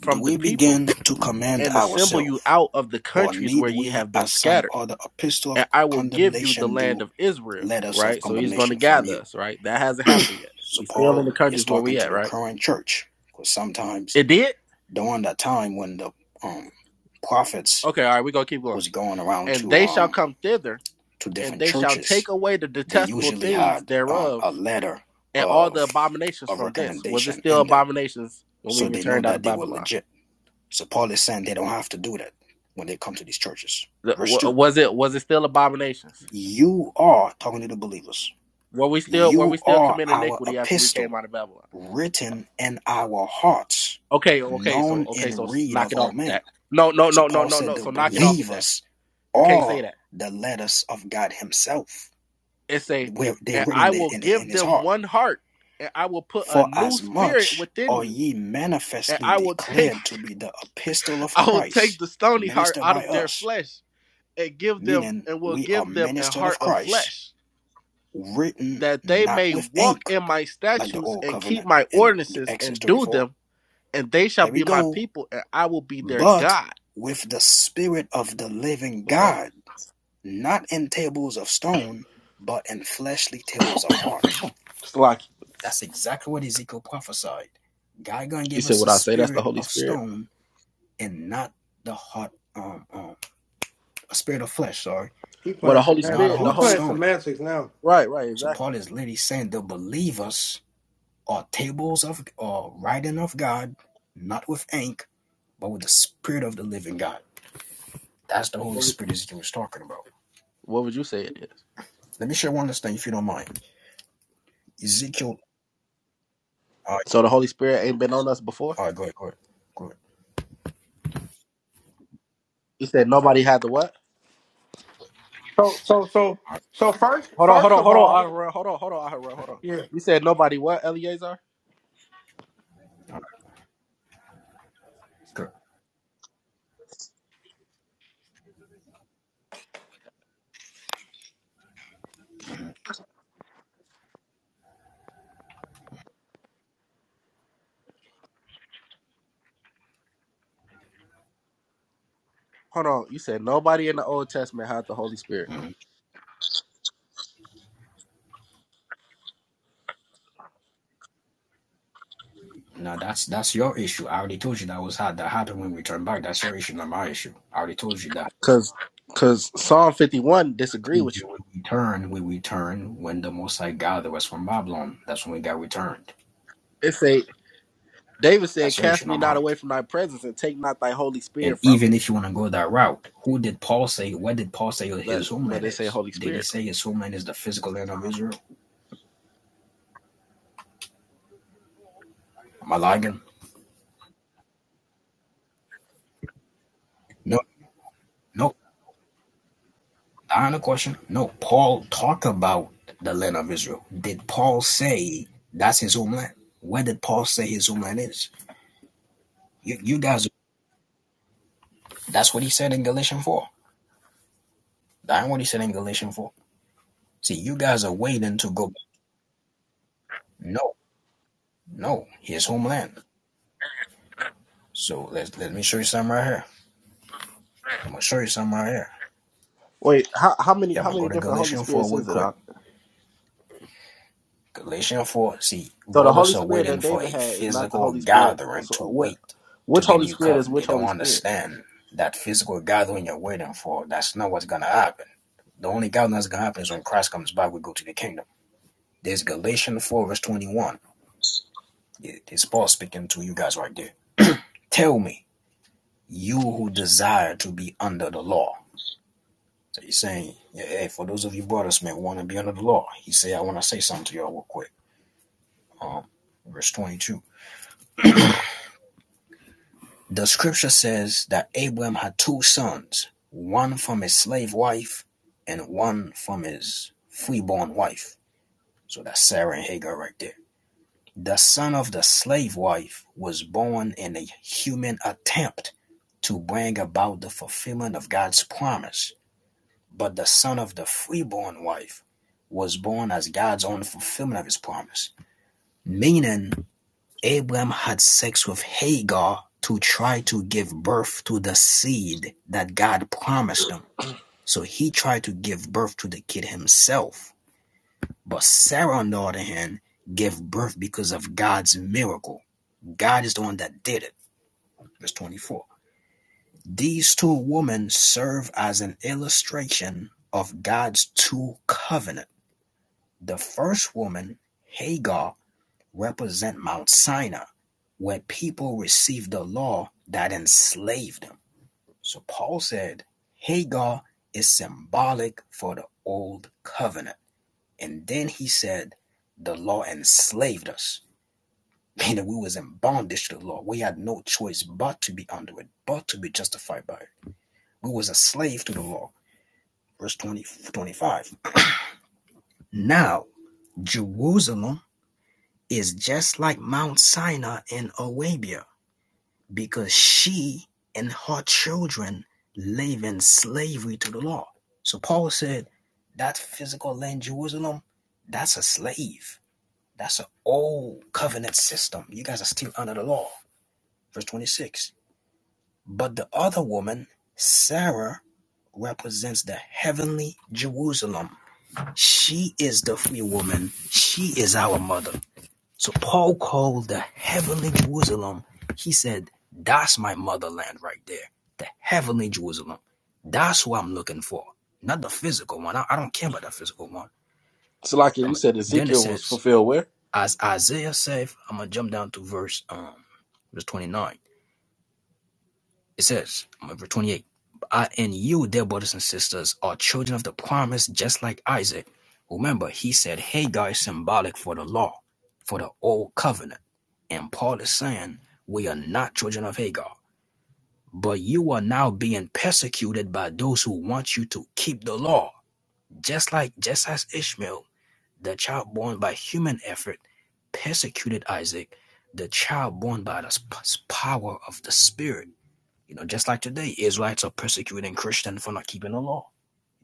C: Do
B: from the
C: we
B: people
C: begin to commend
B: and assemble you
C: ourselves,
B: out of the
C: or
B: countries where
C: need
B: ye
C: we,
B: have been
C: as some
B: scattered.
C: other epistle of
B: And I will give you the
C: condemnation
B: land
C: do,
B: of Israel,
C: letters of
B: right? So he's going to
C: condemnation from
B: gather
C: you?
B: us, right? That hasn't happened yet.
C: So
B: We still in
C: Paul
B: the
C: is
B: countries where
C: talking
B: we
C: to
B: at,
C: the
B: right?
C: current church because sometimes
B: It did?
C: during that time when the um, prophets
B: Okay, all right, we're going to keep going.
C: was going around
B: And
C: to
B: they shall
C: um,
B: come thither,
C: to
B: and
C: different
B: they shall take
C: churches,
B: away the
C: they
B: detestable
C: usually
B: things
C: had um,
B: thereof
C: a letter
B: and all the
C: of
B: abominations
C: a
B: from thence. Was it
C: recommendation
B: still
C: in them,
B: abominations when we
C: so they know
B: returned out of
C: that they were
B: Babylon?
C: legit. So Paul is saying they don't have to do that when they come to these churches.
B: The-
C: Verse
B: wa-
C: two:
B: Was it was it still abominations?
C: You are talking to the believers.
B: Were we still were
C: You
B: we still
C: are
B: committing
C: our
B: iniquity after we came
C: epistle
B: out of Babylon?
C: written in our hearts,
B: Okay, okay, so
C: known
B: okay, so
C: and read
B: knock
C: of
B: it off
C: all
B: with
C: men.
B: that. No, no,
C: So
B: no, no,
C: Paul
B: no,
C: said
B: no.
C: the
B: So knock it off with that.
C: believers
B: You can't say
C: are
B: that.
C: the letters of God Himself.
B: It say,
C: Where they're
B: and I
C: written in,
B: will
C: in
B: give
C: His
B: them
C: heart.
B: one heart, and I will put a
C: For
B: new
C: as
B: spirit
C: much
B: within
C: are
B: you,
C: ye
B: and
C: manifestly
B: I will take,
C: declared to be the epistle
B: *laughs*
C: of
B: I will take
C: Christ,
B: the stony heart
C: ministered
B: out
C: by
B: of their
C: us,
B: flesh, and give them,
C: meaning
B: and will
C: we are
B: give them a
C: ministered of
B: heart of
C: Christ,
B: flesh,
C: written
B: that they
C: not
B: may
C: with
B: walk
C: ink,
B: in my
C: like the
B: statutes
C: old
B: and keep
C: covenant
B: my
C: in
B: ordinances
C: Exodus
B: and do
C: 34.
B: them, and they shall
C: Here we
B: be my
C: go
B: people, and I will be their
C: but
B: God.
C: with the Spirit of the living
B: What's up?
C: God, not in tables of stone, but in fleshly tables of heart.
B: It's like
C: That's exactly what Ezekiel prophesied. God gonna
B: you
C: give
B: said,
C: us
B: would
C: a
B: I say that's the
C: spirit
B: Holy
C: of
B: Spirit?
C: stone and not the heart, um, um, a spirit of flesh. Sorry,
A: he
B: Well, the
A: playing
B: Holy
A: semantics.
C: not a
B: Spirit,
A: He
B: the
C: heart of
A: playing
B: Holy,
C: stone.
A: semantics now.
B: right, right,
C: So
B: exactly.
C: Paul is literally saying the believers are tables of or writing of God, not with ink, but with the spirit of the living God. That's the Holy
B: What would,
C: Spirit Ezekiel was talking about.
B: what would you say it is?
C: Let me share one last thing, if you don't mind. Ezekiel. All right,
B: So the Holy Spirit ain't been on us before.
C: all right, go ahead, go ahead, go ahead.
B: You said nobody had the what?
A: So so so so first
B: Hold on, hold
A: first
B: on,
A: of
B: hold
A: all,
B: on, Ahura, hold on, hold on, Ahura, hold on.
A: yeah.
B: You said nobody what, Eleazar?
C: Go ahead.
B: Hold on. You said nobody in the Old Testament had the Holy Spirit.
C: Mhm. Now that's that's your issue. I already told you that was how that happened when we turned back. That's your issue, not my issue. I already told you that.
B: Cause, cause Psalm fifty one
C: I
B: disagree
C: told
B: with
C: you
B: you.
C: when we turned, when we turned, when the Most High gathered us from Babylon, that's when we got returned.
B: It say David said,
C: That's your
B: "Cast
C: issue,
B: me
C: not
B: not
C: mine.
B: away from thy presence, and take not thy Holy Spirit
C: And
B: from me."
C: even if you want to go that route, who did Paul say? What did Paul say
B: But
C: his
B: but
C: homeland
B: they say
C: is?
B: Holy
C: Did he
B: Spirit
C: say his homeland is the physical land of
B: though.
C: Israel? Am I lying? No, no. I have a question, no. Paul talked about the land of Israel. Did Paul say that's his homeland? Where did Paul say his homeland is? You, you guys, that's what he said in Galatians 4. That's what he said in Galatians 4. See, you guys are waiting to go. No, no, his homeland. So let's let me show you something right here. I'm gonna show you something right here.
B: Wait, how how many
C: Yeah, I'm
B: how
C: gonna go
B: many
C: to
B: different Holy
C: Galatians 4
B: Spirits
C: real
B: is it?
C: quick.
B: Huh?
C: Galatians 4 See,
B: So the Holy
C: brothers are
B: Spirit that
C: waiting for
B: David
C: a
B: had is not the
C: physical
B: Holy Spirit.
C: gathering
B: So
C: to
B: what?
C: wait
B: Which
C: to be a
B: Holy
C: new
B: Spirit is
C: covenant. They
B: which
C: don't
B: Holy Spirit?
C: understand that physical gathering you're waiting for, that's not what's going to happen. The only gathering that's going to happen is when Christ comes back, we go to the kingdom. There's Galatians 4, verse 21. It- It's Paul speaking to you guys right there. Tell me, you who desire to be under the law. So he's saying, yeah, hey, for those of you brothers, man, want to be under the law. He say, I want to say something to y'all real quick. Um, verse 22. The scripture says that Abram had two sons, one from his slave wife and one from his freeborn wife. So that's Sarah and Hagar right there. The son of the slave wife was born in a human attempt to bring about the fulfillment of God's promise, but the son of the freeborn wife was born as God's own fulfillment of his promise, meaning Abraham had sex with Hagar to try to give birth to the seed that God promised him. So he tried to give birth to the kid himself. But Sarah, on the other hand, gave birth because of God's miracle. God is the one that did it. Verse 24. These two women serve as an illustration of God's two covenants. The first woman, Hagar, represent Mount Sinai, where people received the law that enslaved them. So Paul said Hagar is symbolic for the old covenant. And then he said the law enslaved us, *laughs* meaning we was in bondage to the law. We had no choice but to be under it, but to be justified by it. We was a slave to the law. Verse 20 25. Now, Jerusalem is just like Mount Sinai in Arabia because she and her children live in slavery to the law. So Paul said that physical land, Jerusalem, that's a slave. That's an old covenant system. You guys are still under the law. Verse 26. But the other woman, Sarah, represents the heavenly Jerusalem. She is the free woman. She is our mother. So Paul called the heavenly Jerusalem, he said, That's my motherland right there. The heavenly Jerusalem. That's what I'm looking for. Not the physical one. I, I don't care about the physical one.
B: So like you
C: I'm a,
B: said,
C: then it
B: Ezekiel was
C: says,
B: fulfilled where?
C: as Isaiah said, I'm gonna jump down to verse um verse 29. It says, verse 28. I and you, dear brothers and sisters, are children of the promise, just like Isaac. Remember, he said, Hey guys, symbolic for the law, for the old covenant. And Paul is saying, We are not children of Hagar, but you are now being persecuted by those who want you to keep the law. Just like, just as Ishmael, the child born by human effort, persecuted Isaac, the child born by the power of the Spirit. You know, just like today, Israelites are persecuting Christians for not keeping the law.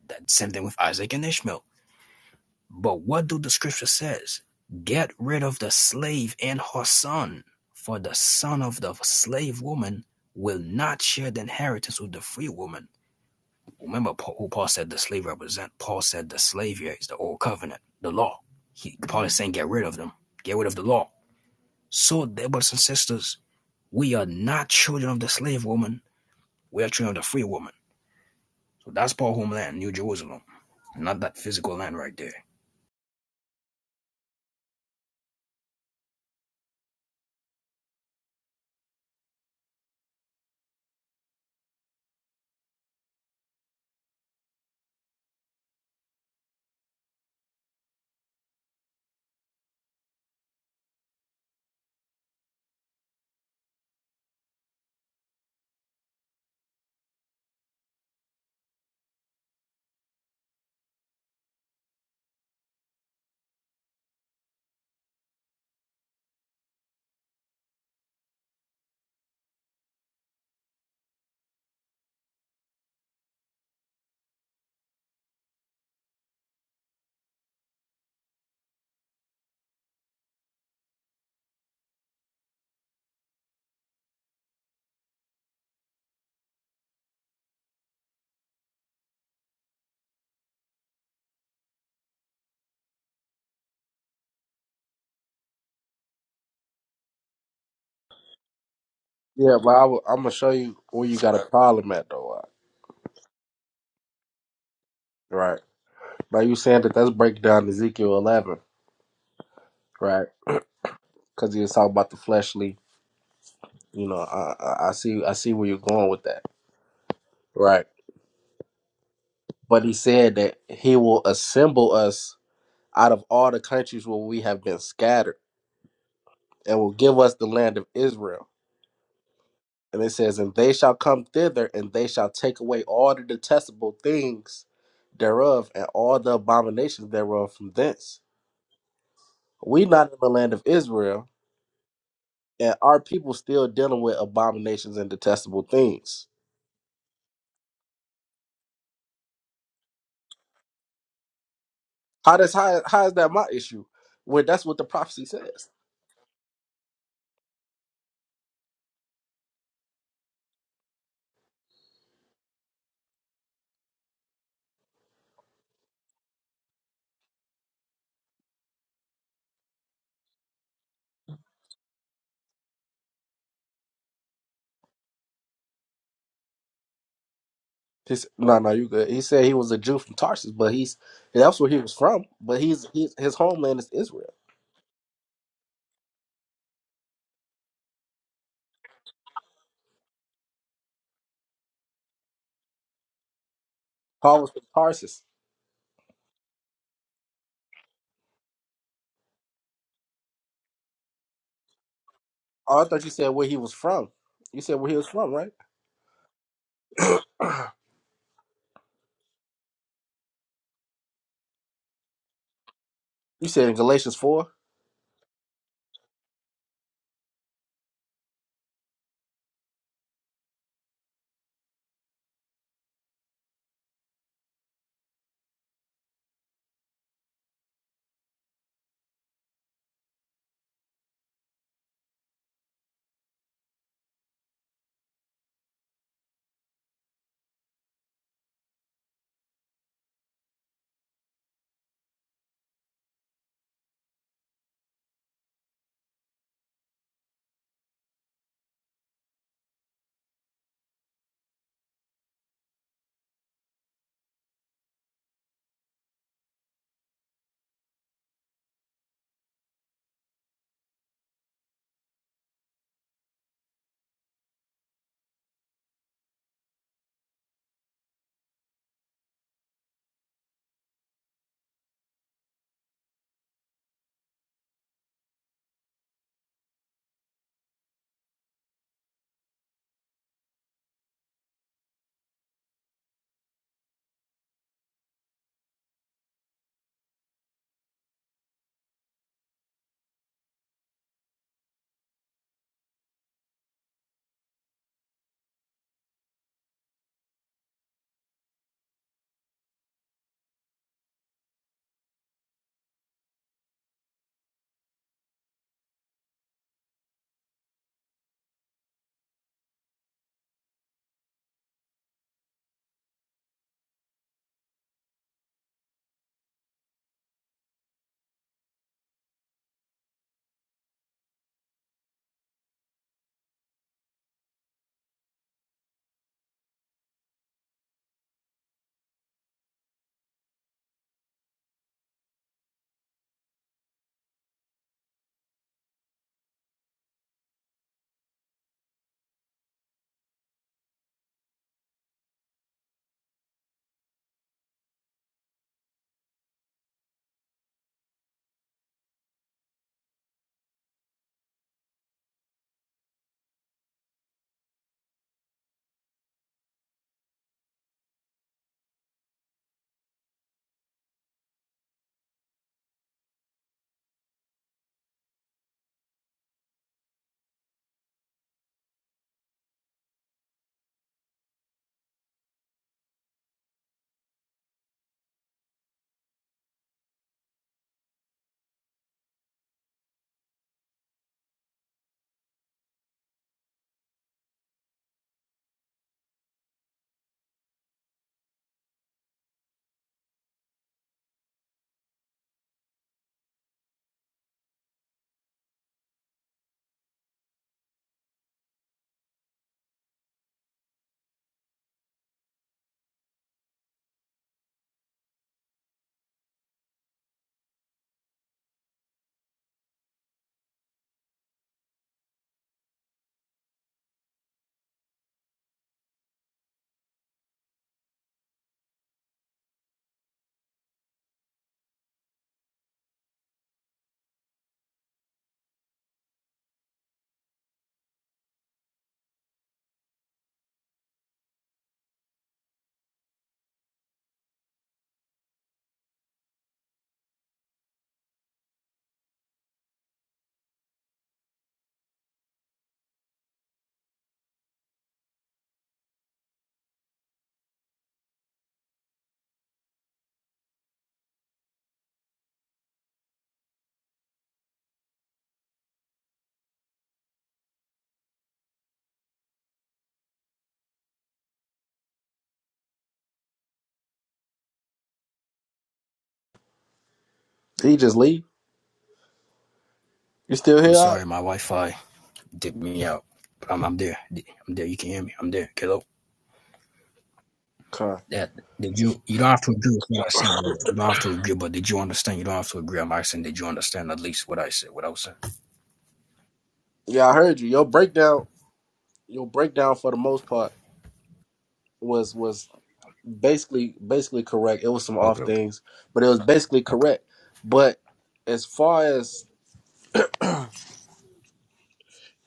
C: That same thing with Isaac and Ishmael. But what do the scripture says? Get rid of the slave and her son, for the son of the slave woman will not share the inheritance with the free woman. Remember who Paul said the slave represent. Paul said the slave here is the old covenant, the law. He, Paul is saying get rid of them, get rid of the law. So, dear brothers and sisters, we are not children of the slave woman. We are children of the free woman. So that's Paul homeland, New Jerusalem, not that physical land right there.
B: Yeah, but I am gonna show you where you got a problem at though. uh, Right? Now you saying that that's breaking down Ezekiel 11, right? Because he was talking about the fleshly. You know, I, I I see I see where you're going with that, right? But he said that he will assemble us out of all the countries where we have been scattered. and will give us the land of Israel. And it says, And they shall come thither, and they shall take away all the detestable things thereof, and all the abominations thereof from thence. We not in the land of Israel, and our people still dealing with abominations and detestable things. How does how, how is that my issue? When that's what the prophecy says. He said, no, no, you good. He said he was a Jew from Tarsus, but he's that's where he was from. But he's, he's his homeland is Israel. Paul was from Tarsus. Oh, I thought you said where he was from. You said where he was from, right? You said in Galatians four. Did he just leave? You still
C: I'm
B: here? Ock?
C: sorry, my Wi-Fi Dip me out. But I'm, I'm there. I'm there. You can hear me. I'm there. Hello.
B: Okay.
C: That did you? You don't have to agree with what I said, brother. You don't have to agree, but did you understand? You don't have to agree. I'm asking, did you understand at least what I said? What I was saying?
B: Yeah, I heard you. Your breakdown, your breakdown for the most part was was basically basically correct. It was some off
C: Okay, okay,
B: things, but it was basically
C: okay.
B: correct. But as far as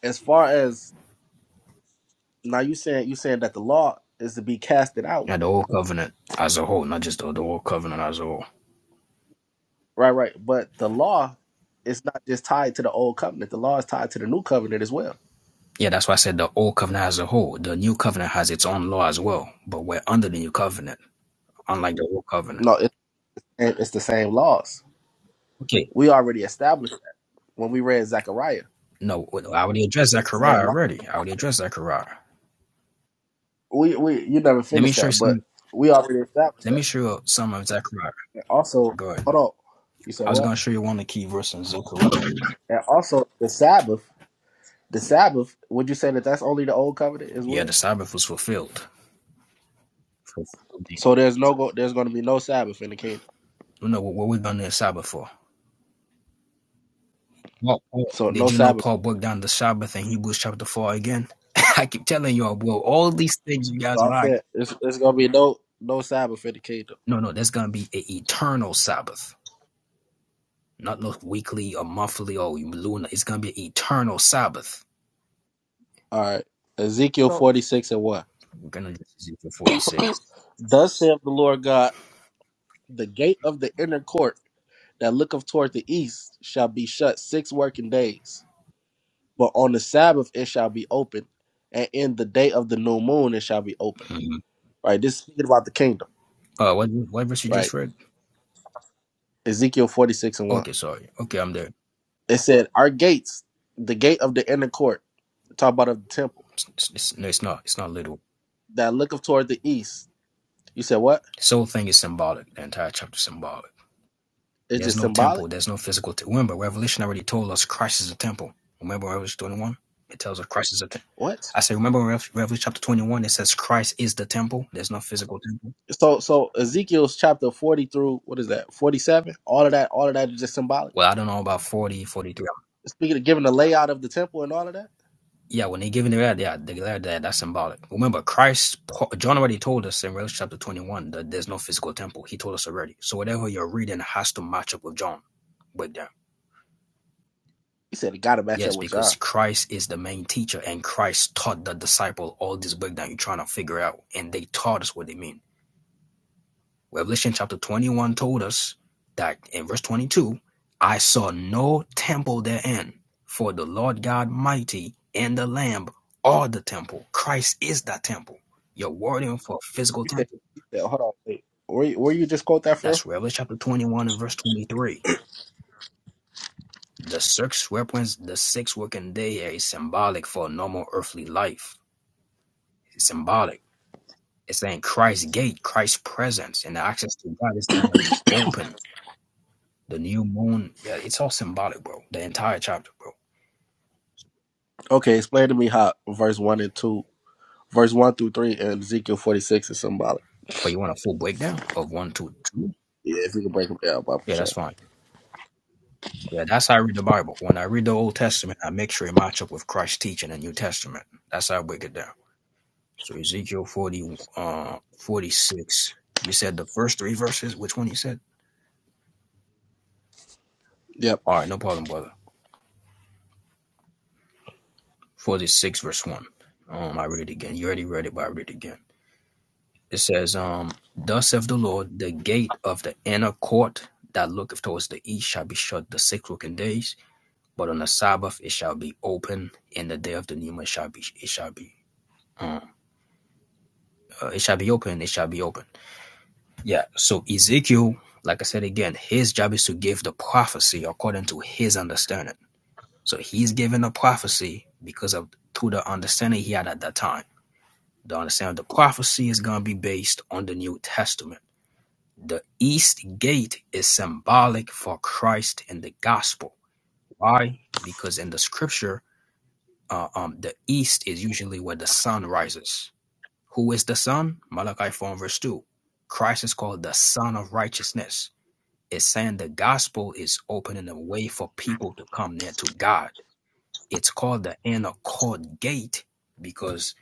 B: as far as now, you saying you saying that the law is to be casted out,
C: Yeah, the old covenant as a whole, not just the, the old covenant as a whole.
B: right? Right. But the law is not just tied to the old covenant. The law is tied to the new covenant as well.
C: Yeah, that's why I said the old covenant as a whole. The new covenant has its own law as well, but we're under the new covenant, unlike the old covenant.
B: No, it's it's the same laws.
C: Okay,
B: We already established that when we read Zechariah.
C: no, I already addressed
B: It's the
C: Zechariah
B: same line.
C: already. I already addressed Zechariah.
B: We we you never
C: Let me
B: finished
C: show you
B: that,
C: some.
B: but we already established
C: Let me
B: that.
C: show you some of Zechariah.
B: And also,
C: Go ahead.
B: hold on. You said
C: I was going
B: what?
C: to show you one of the key verses in Zechariah.
B: And also, the Sabbath. The Sabbath. Would you say that that's only the old covenant as
C: Yeah, the
B: well?
C: Sabbath was fulfilled. Fulfilled. You
B: So there's no go. There's going to be no Sabbath in the kingdom.
C: know what, what we done the Sabbath for? Well,
B: So
C: did
B: no
C: you know
B: Sabbath.
C: Paul broke down the Sabbath in Hebrews chapter four again? *laughs* I keep telling y'all, bro, all these things you guys
B: So I
C: are like,
B: said it's it's going to be no no Sabbath in the kingdom.
C: no, no, there's going to be an eternal Sabbath, not no weekly or monthly or lunar. It's going to be an eternal Sabbath.
B: All right. Ezekiel
A: So
B: forty six and what?
C: We're gonna do Ezekiel forty six.
B: *clears throat* Thus saith the Lord God, the gate of the inner court. that looketh toward the east shall be shut six working days, but on the Sabbath it shall be open, and in the day of the new moon it shall be open. Right? This is speaking about the kingdom,
C: Uh, what what verse you just
B: right?
C: read?
B: Ezekiel 46 and 1.
C: Okay, sorry. Okay, I'm there.
B: It said, Our gates, the gate of the inner court, talk about of the temple,
C: It's, it's, no, it's not. It's not literal.
B: that looketh toward the east. You said what?
C: This whole thing is symbolic. The entire chapter is symbolic.
B: It's
C: There's
B: just
C: no
B: symbolic?
C: temple. There's no physical. temple. Remember, Revelation already told us Christ is a temple. Remember Revelation 21? It tells us Christ is a temple.
B: What?
C: I say, remember Revelation chapter 21? It says Christ is the temple. There's no physical temple.
B: So so Ezekiel's chapter 40 through what is that? 47? All of that, all of that is just symbolic.
C: Well, I don't know about 40, 43.
B: Speaking of giving the layout of the temple and all of that,
C: Yeah, when they give in the red, yeah, the declare that that's symbolic. Remember, Christ, John already told us in Revelation chapter 21 that there's no physical temple. He told us already. So whatever you're reading has to match up with John. But
B: he said it gotta match
C: Yes,
B: up with
C: because
B: John.
C: Christ is the main teacher, and Christ taught the disciple all this breakdown you're trying to figure out, and they taught us what they mean. Revelation chapter 21 told us that in verse 22, I saw no temple therein, for the Lord God mighty and the Lamb are the temple. Christ is that temple. You're wording for a physical
B: You said,
C: temple.
B: you said, hold on, wait. Where, you- where you just quote that from?
C: That's Revelation chapter 21 and verse 23. The six represents the sixth working day is symbolic for a normal earthly life. It's symbolic It's saying Christ's gate, Christ's presence, and the access to God is gonna be open. The new moon, yeah, it's all symbolic, bro. The entire chapter, bro.
B: Okay, explain to me how verse 1 and 2, verse 1 through 3 and Ezekiel 46 is symbolic.
C: But you want a full breakdown of one, two, two?
B: Yeah, if you can break them down, but for
C: Yeah, that's
B: sure.
C: fine. Yeah, that's how I read the Bible. When I read the Old Testament, I make sure it match up with Christ's teaching in the New Testament. That's how I break it down. So Ezekiel 40, uh, 46. You said the first three verses. Which one you said?
B: Yep.
C: All right, no problem, brother. 46 verse 1. Um, I read it again. You already read it, but I read it again. it says, um, Thus saith the Lord, the gate of the inner court that looketh towards the east shall be shut the six working days, but on the Sabbath it shall be open, In the day of the new moon it shall be it shall be um, uh, it shall be open, it shall be open. Yeah. So Ezekiel, like I said again, his job is to give the prophecy according to his understanding. So he's giving a prophecy because of through the understanding he had at that time. The understanding of the prophecy is gonna be based on the New Testament The east gate is symbolic for Christ in the gospel. Why? Because in the scripture, uh, um, the east is usually where the sun rises. Who is the sun? Malachi 4 and verse 2. Christ is called the Son of Righteousness. It's saying the gospel is opening a way for people to come near to God. It's called the inner court gate because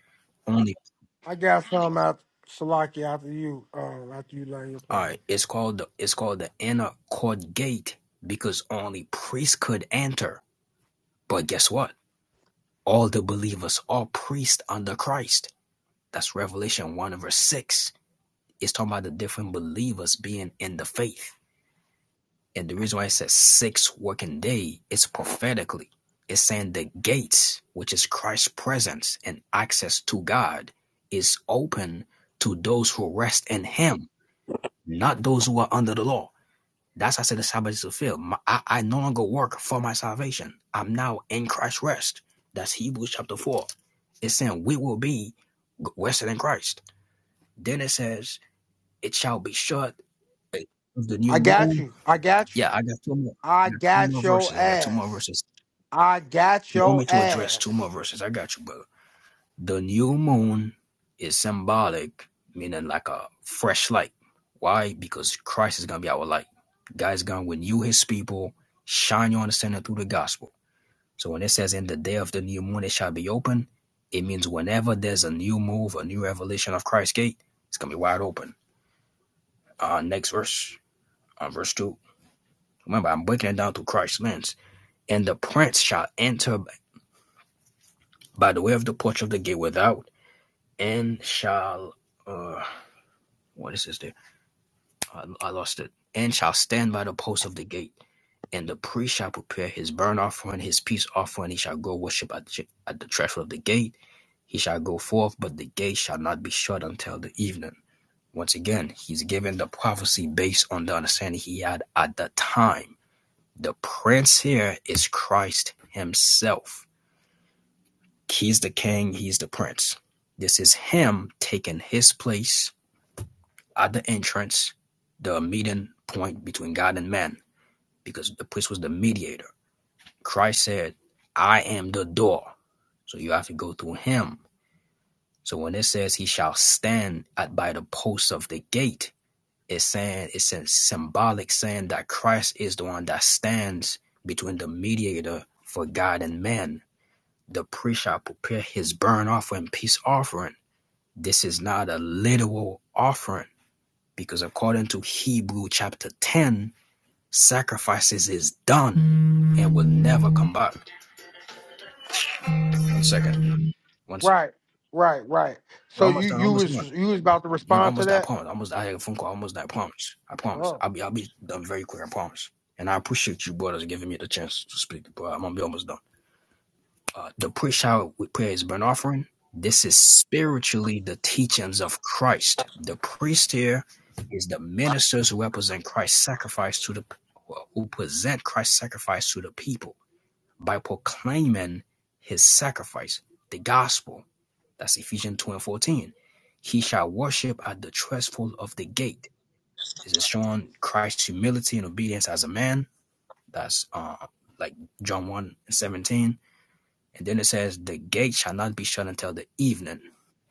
C: only
A: I got some out Salaki after you um after you learn your
C: all
A: plan.
C: right, it's called the it's called the inner court gate because only priests could enter. But guess what? All the believers, all priests under Christ. That's Revelation 1 verse 6. It's talking about the different believers being in the faith. And the reason why it says six working day is prophetically. It's saying the gates, which is Christ's presence and access to God, is open to those who rest in him, not those who are under the law. That's how I said the Sabbath is fulfilled. My, I, I no longer work for my salvation. I'm now in Christ's rest. That's Hebrews chapter 4. It's saying we will be rested in Christ. Then it says, it shall be shut of the new
A: I got
C: moon.
A: you. I got you.
C: Yeah, I got two more. I
A: I
C: got two
A: got
C: more
A: your
C: verses. I got two more
A: ass.
C: verses.
A: I got
C: You want
A: your
C: me to address two
A: ass.
C: more verses? I got you, brother. The new moon is symbolic, meaning like a fresh light. Why? Because Christ is gonna be our light. God is gonna renew his people, shine your understanding through the gospel. So when it says in the day of the new moon it shall be open, it means whenever there's a new move, a new revelation of Christ's gate, it's gonna be wide open. Uh next verse, uh, verse two. Remember, I'm breaking it down through Christ's lens. And the prince shall enter by the way of the porch of the gate without, and shall uh what is this there? I, I lost it. And shall stand by the post of the gate, and the priest shall prepare his burnt offering and his peace offering. He shall go worship at the, at the threshold of the gate. He shall go forth, but the gate shall not be shut until the evening. Once again, he's given the prophecy based on the understanding he had at the time. The prince here is Christ himself. He's the king, he's the prince. This is him taking his place at the entrance, the meeting point between God and man because the priest was the mediator. Christ said, I am the door. So you have to go through him. So when it says he shall stand at by the posts of the gate, it's saying it's a symbolic saying that Christ is the one that stands between the mediator for God and man. The priest shall prepare his burnt offering, peace offering. This is not a literal offering because according to Hebrew chapter 10, sacrifices is done and will never come back. second. One second.
A: Right, right, right.
C: We're
A: So you
C: almost done.
A: you
C: Almost
A: was
C: done.
A: you was about to
C: No, no,
A: respond to
C: almost. done, I
A: that?
C: promise. Almost. I had a phone call. Almost. done, I promise. I promise.
A: Bro.
C: I'll be. I'll be done very quick. I promise. And I appreciate you brothers giving me the chance to speak. But I'm gonna be almost done. Uh, the push out with prayer is burnt offering. This is spiritually the teachings of Christ. The priest here is the ministers who represent Christ's sacrifice to the who present Christ's sacrifice to the people by proclaiming his sacrifice, the gospel That's Ephesians 2 and 14. He shall worship at the threshold of the gate. This is showing Christ's humility and obedience as a man. That's uh, like John 1 and 17. And then it says, The gate shall not be shut until the evening.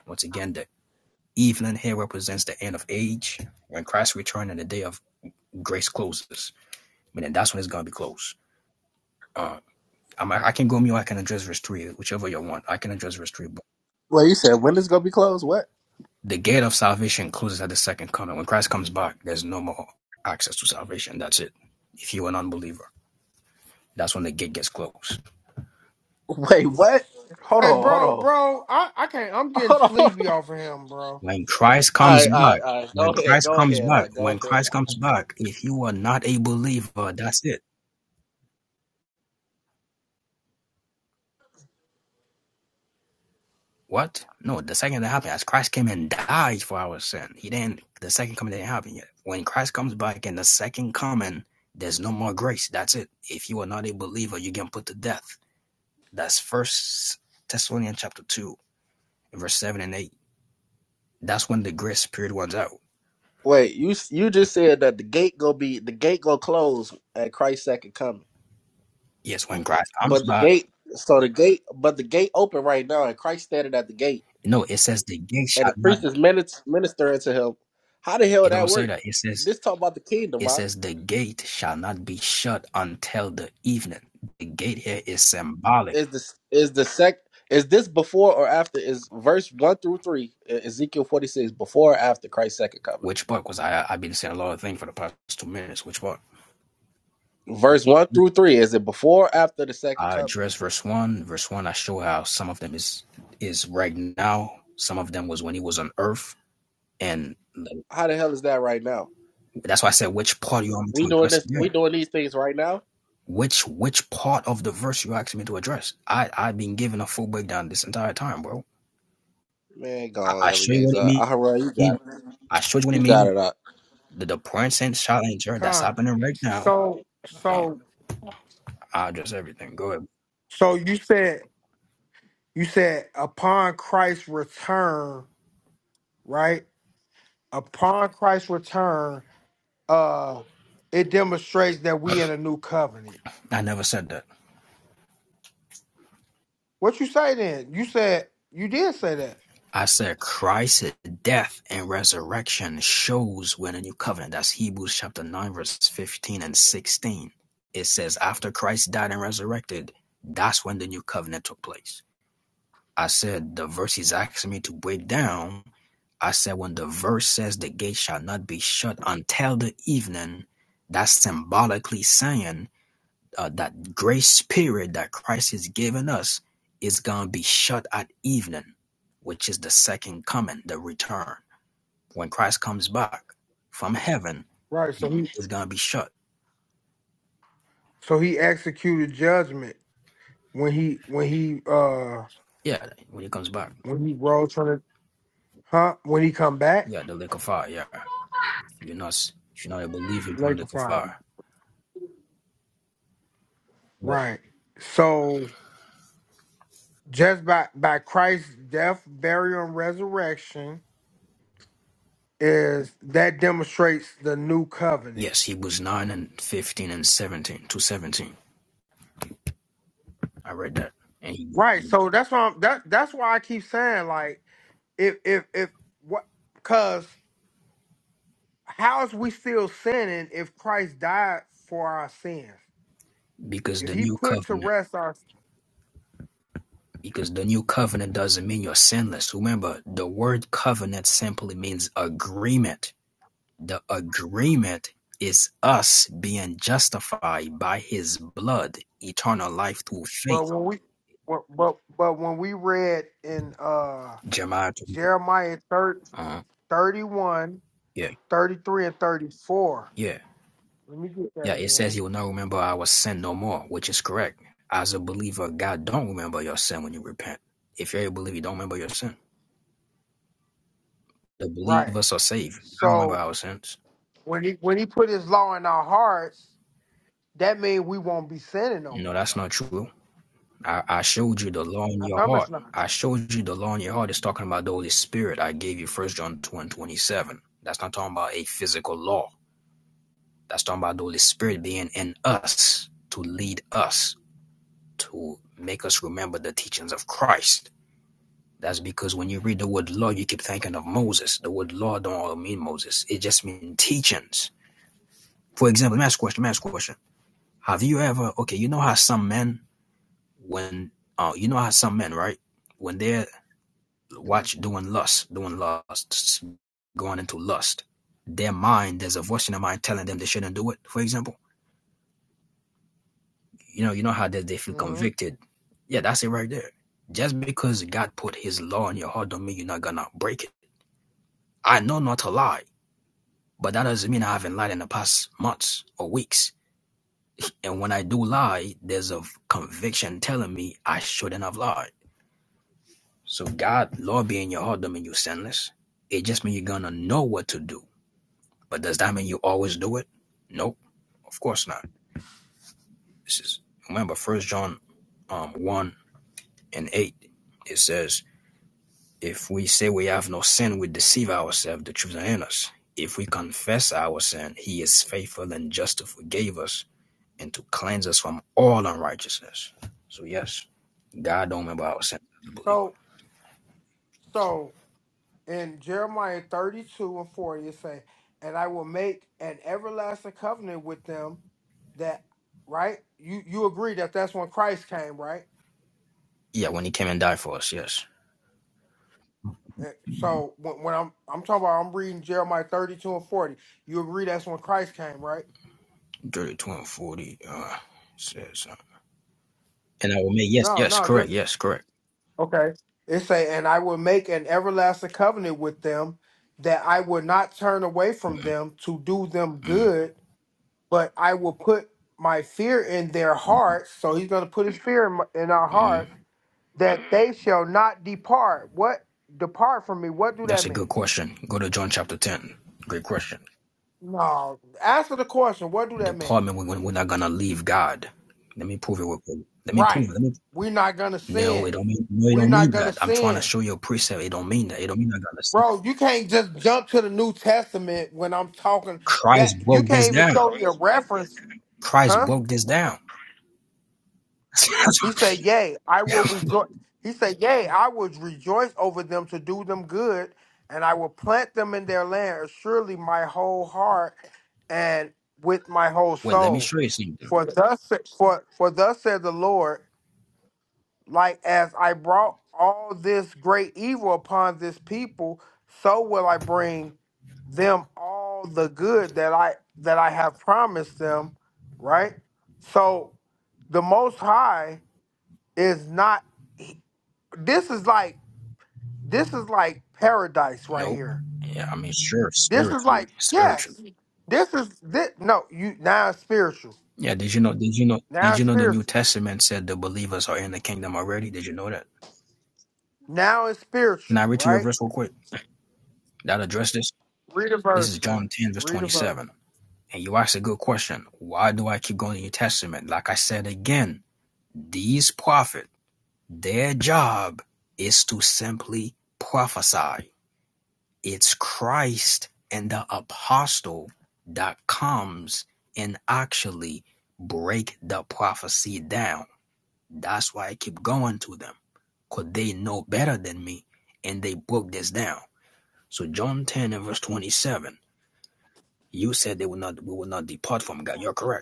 C: Once again, the evening here represents the end of age when Christ returns and the day of grace closes. I mean, that's when it's going to be closed. Uh, I'm, I can go mute. I can address verse 3, whichever you want. I can address verse 3,
B: Well, you said, when is going to be closed? What?
C: The gate of salvation closes at the second coming. When Christ comes back, there's no more access to salvation. That's it. If you're an unbeliever, that's when the gate gets closed.
B: *laughs* Wait, what? Hold
A: Hey
B: on, hold
A: bro,
B: on.
A: bro, I, I can't I'm getting
B: Hold on.
A: sleepy off of him, bro.
C: When Christ
B: *laughs* All
C: comes
B: right, all right,
C: back,
B: all right. Go
C: when
B: ahead,
C: Christ
B: go
C: comes
B: ahead, all
C: back,
B: right, go
C: when
B: ahead.
C: Christ comes back, if you are not a believer, that's it. What? No, the second that happened, as Christ came and died for our sin, he didn't, the second coming didn't happen yet. When Christ comes back in the second coming, there's no more grace. That's it. If you are not a believer, you get put to death. That's First Thessalonians chapter 2, verse 7 and 8. That's when the grace period runs out.
B: Wait, you s- you just said that the gate gonna be the gate gonna close at Christ's second coming,
C: Yes, when Christ comes
B: but the
C: back.
B: gate so the gate but the gate open right now and Christ standing at the gate.
C: No, it says the gate
B: and
C: shall
B: the
C: not,
B: priest is min- ministering to him. How the hell
C: it
B: that
C: don't say
B: work?
C: that. It says,
B: This talk about the kingdom.
C: it
B: Right?
C: says the gate shall not be shut until the evening. The gate here is symbolic.
B: Is this is the sec? Is this before or after? Is verse one through three E- Ezekiel forty six before or after Christ's second coming?
C: Which part? Because I I've been saying a lot of things for the past two minutes. Which part?
B: Verse one through three is it before or after the second
C: I
B: coming?
C: address verse one. Verse one, I show how some of them is is right now. Some of them was when he was on earth, and
B: How the hell is that right now?
C: that's why I said which part you want me
B: We
C: to
B: doing
C: address
B: this.
C: again.
B: We doing these things right now.
C: Which which part of the verse you asking me to address? I I've been giving a full breakdown this entire time, bro.
B: Man,
C: I,
B: gone
C: I show you what it
B: Eliezer. Ahura, you got
C: mean.
B: it.
C: I show you what it
B: You got
C: mean.
B: it. Up.
C: The the present challenger that's
A: Con.
C: happening right now.
A: So
C: I mean,
A: so
C: I address everything. Go ahead.
A: so you said you said upon Christ's return, right? Upon Christ's return, uh it demonstrates that we in a new covenant.
C: I never said that.
A: What you say then? You said you did say that.
C: I said Christ's death and resurrection shows when the new covenant. That's Hebrews chapter nine, verses fifteen and sixteen. It's after Christ died and resurrected. That's when the new covenant took place. I said the verse he's asking me to break down I said when the verse says the gate shall not be shut until the evening, that's symbolically saying uh, that grace period that Christ is giving us is going to be shut at evening, which is the second coming, the return. When Christ comes back from heaven,
A: Right.
C: the
A: So
C: gate
A: he
C: is going to be shut.
A: so he executed judgment when he when he uh
C: Yeah, when he comes back.
A: when he Raw trying to huh when he come back
C: Yeah, the lake of fire. Yeah, you're not, you're not a believer you're going to
A: Laker
C: the lake of
A: fire,
C: fire. But
A: Right. So just by by Christ's death, burial, and resurrection is that demonstrates the new covenant.
C: yes, he was 9 and 15 and 17, to 17. I read that. and he.
A: Right. So that's why I'm, that that's why I keep saying like if if if what because how is we still sinning if Christ died for our sins?
C: because
A: If
C: the
A: he
C: new
A: put to
C: covenant
A: rest our
C: because the new covenant doesn't mean you're sinless remember the word covenant simply means agreement the agreement is us being justified by his blood eternal life through
A: well
C: faith
A: when we well but, but when we read in uh
C: jeremiah
A: Jeremiah 30,
C: uh,
A: 31,
C: yeah
A: thirty-three, and 34.
C: yeah
A: Let me get that
C: yeah it says
A: again.
C: he will not remember our sin no more which is correct as a believer god don't remember your sin when you repent if you're a believer you don't remember your sin the
A: Right.
C: believers are saved i remember
A: So
C: our sins
A: when he when he put his law in our hearts, that means we won't be sinning no
C: no
A: more
C: that's not
A: though.
C: true I, I showed you the law in
A: I
C: your
A: promise
C: heart.
A: not.
C: I showed you the law in your heart. It's talking about the Holy Spirit. I gave you First John 2 and 27. That's not talking about a physical law. That's talking about the Holy Spirit being in us to lead us, to make us remember the teachings of Christ. That's because when you read the word law, you keep thinking of Moses. The word law don't all mean Moses. It just means teachings. For example, let me ask a question. Let me ask a question. Have you ever okay, you know how some men when uh you know how some men, right? when they're
A: Yeah.
C: watch doing lust, doing lusts, going into lust. Their mind, there's a voice in their mind telling them they shouldn't do it. For example, you know, you know how they, they feel
A: hmm
C: convicted. Yeah, that's it right there. Just because God put His law in your heart, don't mean you're not gonna break it. I know not to lie, but that doesn't mean I haven't lied in the past months or weeks. And when I do lie, there's a conviction telling me I shouldn't have lied. So God, law being in your heart, don't mean you're sinless. It just means you know what to do. But does that mean you always do it? Nope Of course not. This is remember on um one and eight. It says, "If we say we have no sin, we deceive ourselves. The truth is not in us. If we confess our sin, He is faithful and just to forgive us and to cleanse us from all unrighteousness." So yes, God don't remember our sin as a believer.
A: So so in Jeremiah 32 and 40, it say, and I will make an everlasting covenant with them that, right? You you agree that that's when Christ came, right?
C: Yeah, when He came and died for us. Yes,
A: Eh, So when, when I'm I'm talking about I'm reading Jeremiah 32 and 40, you agree that's when Christ came, right?
C: thirty-two and forty uh, says, uh, "And I will make yes,
A: No,
C: yes,
A: no,
C: correct,
A: just
C: yes, correct."
A: okay. It say, and I will make an everlasting covenant with them that I will not turn away from them to do them good but I will put my fear in their hearts. So he's going to put his fear in, my, in our
C: Mm-hmm.
A: hearts that they shall not depart. What depart from me? What do that
C: That's a good
A: mean?
C: question. Go to John chapter ten. Great question.
A: No, answer the question. What do that mean?
C: department when, when we're not gonna leave God. Let me prove it real quick. Let me prove
A: Right.
C: it. Let me
A: We're not going to
C: no, it
A: sin.
C: don't mean no, it
A: We're
C: don't
A: not
C: mean
A: going to
C: that. I'm trying to
A: sin.
C: show you a precept. It don't mean that. It don't mean I gotta sin.
A: Bro, you can't just jump to the New Testament when I'm talking that
C: Christ
A: you
C: broke
A: can't
C: this
A: even
C: down.
A: show me a reference,
C: Christ
A: huh?
C: broke this down. *laughs*
A: He said, Yea, I will rejoice. He said, Yea, I would rejoice over them to do them good, and I will plant them in their land, surely my whole heart and with my whole
C: Wait, let me
A: soul.
C: show you something.
A: For thus sa- for for thus said the Lord, like as I brought all this great evil upon this people, so will I bring them all the good that I that I have promised them, right? So the most high is not this is like this is like paradise right
C: Nope.
A: here.
C: Yeah, I mean sure,
A: This is
C: spiritually.
A: like
C: Spiritually.
A: yes. This is this no, you now it's spiritual.
C: Yeah, did you know did you know
A: Now
C: did
A: it's
C: you know the New
A: spiritual.
C: Testament said the believers are in the kingdom already? Did you know that?
A: Now it's
C: Can I
A: spiritual,
C: read to you a
A: right?
C: verse real quick? That address this?
A: Read a
C: This
A: verse,
C: is
A: man.
C: John 10, verse
A: Read a verse.
C: 27. And you asked a good question. Why do I keep going to the New Testament? Like I said again, these prophet, their job is to simply prophesy. It's Christ and the apostle that comes and actually break the prophecy down. That's why I keep going to them, because they know better than me and they broke this down. So John 10 and verse 27, you said they will not we will not depart from God. You're correct.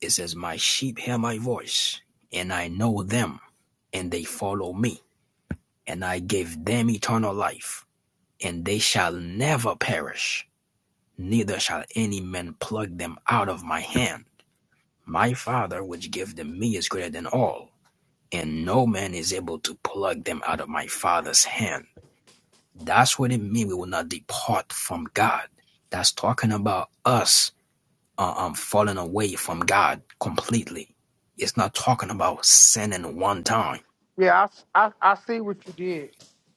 C: It says, My sheep hear my voice, and I know them, and they follow me. And I give them eternal life, and they shall never perish, neither shall any man pluck them out of my hand. My Father, which gave them me, is greater than all, and no man is able to pluck them out of my Father's hand. That's what it means we will not depart from God. That's talking about us uh, um, falling away from God completely. It's not talking about sinning one time.
A: Yeah, I, I I see what you did.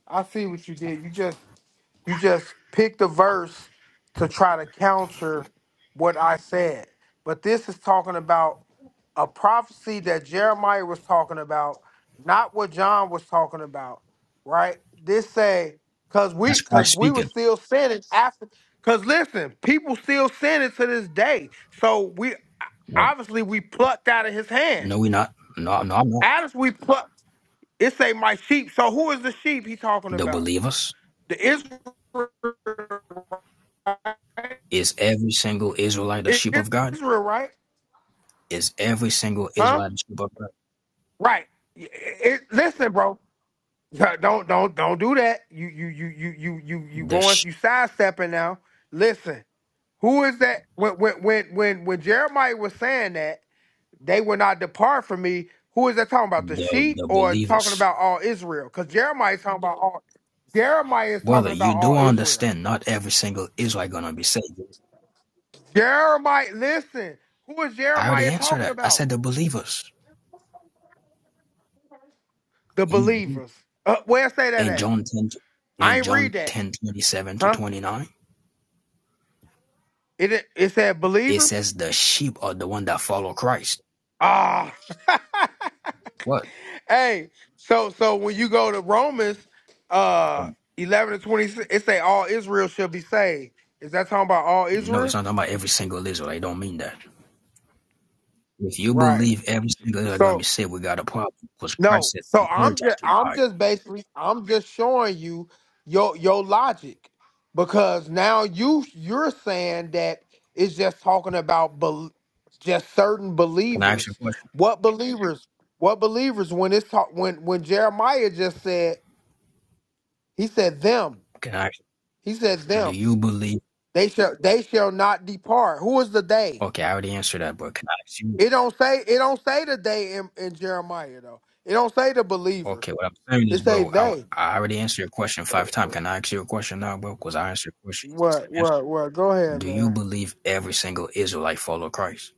A: I see what you did. You just You just picked a verse to try to counter what I said. But this is talking about a prophecy that Jeremiah was talking about, not what John was talking about, right? This say, cause we
C: That's
A: cause
C: Christ
A: we were
C: speaking.
A: still sinning after cause listen, people still sinning to this day. So we
C: Well,
A: obviously we plucked out of his hand.
C: no, we're not. No, no, I'm not.
A: As we plucked, it say my sheep. So who is the sheep he talking
C: The
A: about?
C: believers
A: The Israel,
C: is every single Israelite the sheep of God.
A: Israel, right?
C: Is every single
A: Huh?
C: Israelite the sheep of God?
A: Right. It, it- listen, bro. Don't don't don't do that. You you you you you you you
C: The
A: going
C: sh-
A: you sidestepping now. Listen, who is that? When when when when when Jeremiah was saying that they will not depart from me. Who is that talking about? The
C: the
A: sheep
C: the
A: or talking
C: believers,
A: about all Israel? Because Jeremiah is talking about all. Jeremiah is
C: brother.
A: talking about
C: You do
A: all Israel.
C: understand? Not every single Israelite gonna be saved.
A: Jeremiah, listen. Who is
C: I already
A: Jeremiah
C: answered
A: talking
C: that. I
A: about?
C: said the believers.
A: The
C: You do.
A: believers. Uh, where it say that
C: In
A: at?
C: John ten,
A: I
C: in
A: ain't read
C: John
A: that.
C: ten twenty seven to
A: Huh?
C: twenty nine.
A: It it it said
C: It
A: believers.
C: says the sheep are the one that follow Christ.
A: Ah. *laughs*
C: What?
A: hey. So so when you go to Romans, uh,
C: Well,
A: eleven and twenty six, it say all Israel shall be saved. Is that talking about all
C: no,
A: Israel?
C: it's not talking about every single Israelite. I don't mean that. If you
A: Right.
C: believe every single Israel gonna
A: So.
C: be saved, we got a problem because Christ
A: No,
C: said
A: so
C: the thirds
A: I'm just
C: after to
A: I'm
C: die.
A: just basically I'm just showing you your your logic because now you you're saying that it's just talking about bel just certain
C: Can I ask you
A: believers.
C: a question?
A: What believers? What believers? When it's talk when when Jeremiah just said he said them
C: Can I? Ask,
A: he said
C: do
A: them
C: you believe?
A: they shall they shall not depart. Who is the they?
C: Okay, I already answered that, but can I ask you?
A: It don't say it don't say the they in, in Jeremiah though. It don't say the believers.
C: Okay, what I'm saying
A: It
C: is,
A: say
C: bro, I,
A: they.
C: I already answered your question five times. Can I ask you a question now, bro? Because I answered your question. It's the
A: What,
C: same answer.
A: what, what? Go ahead,
C: Do you
A: man.
C: believe every single Israelite follow Christ?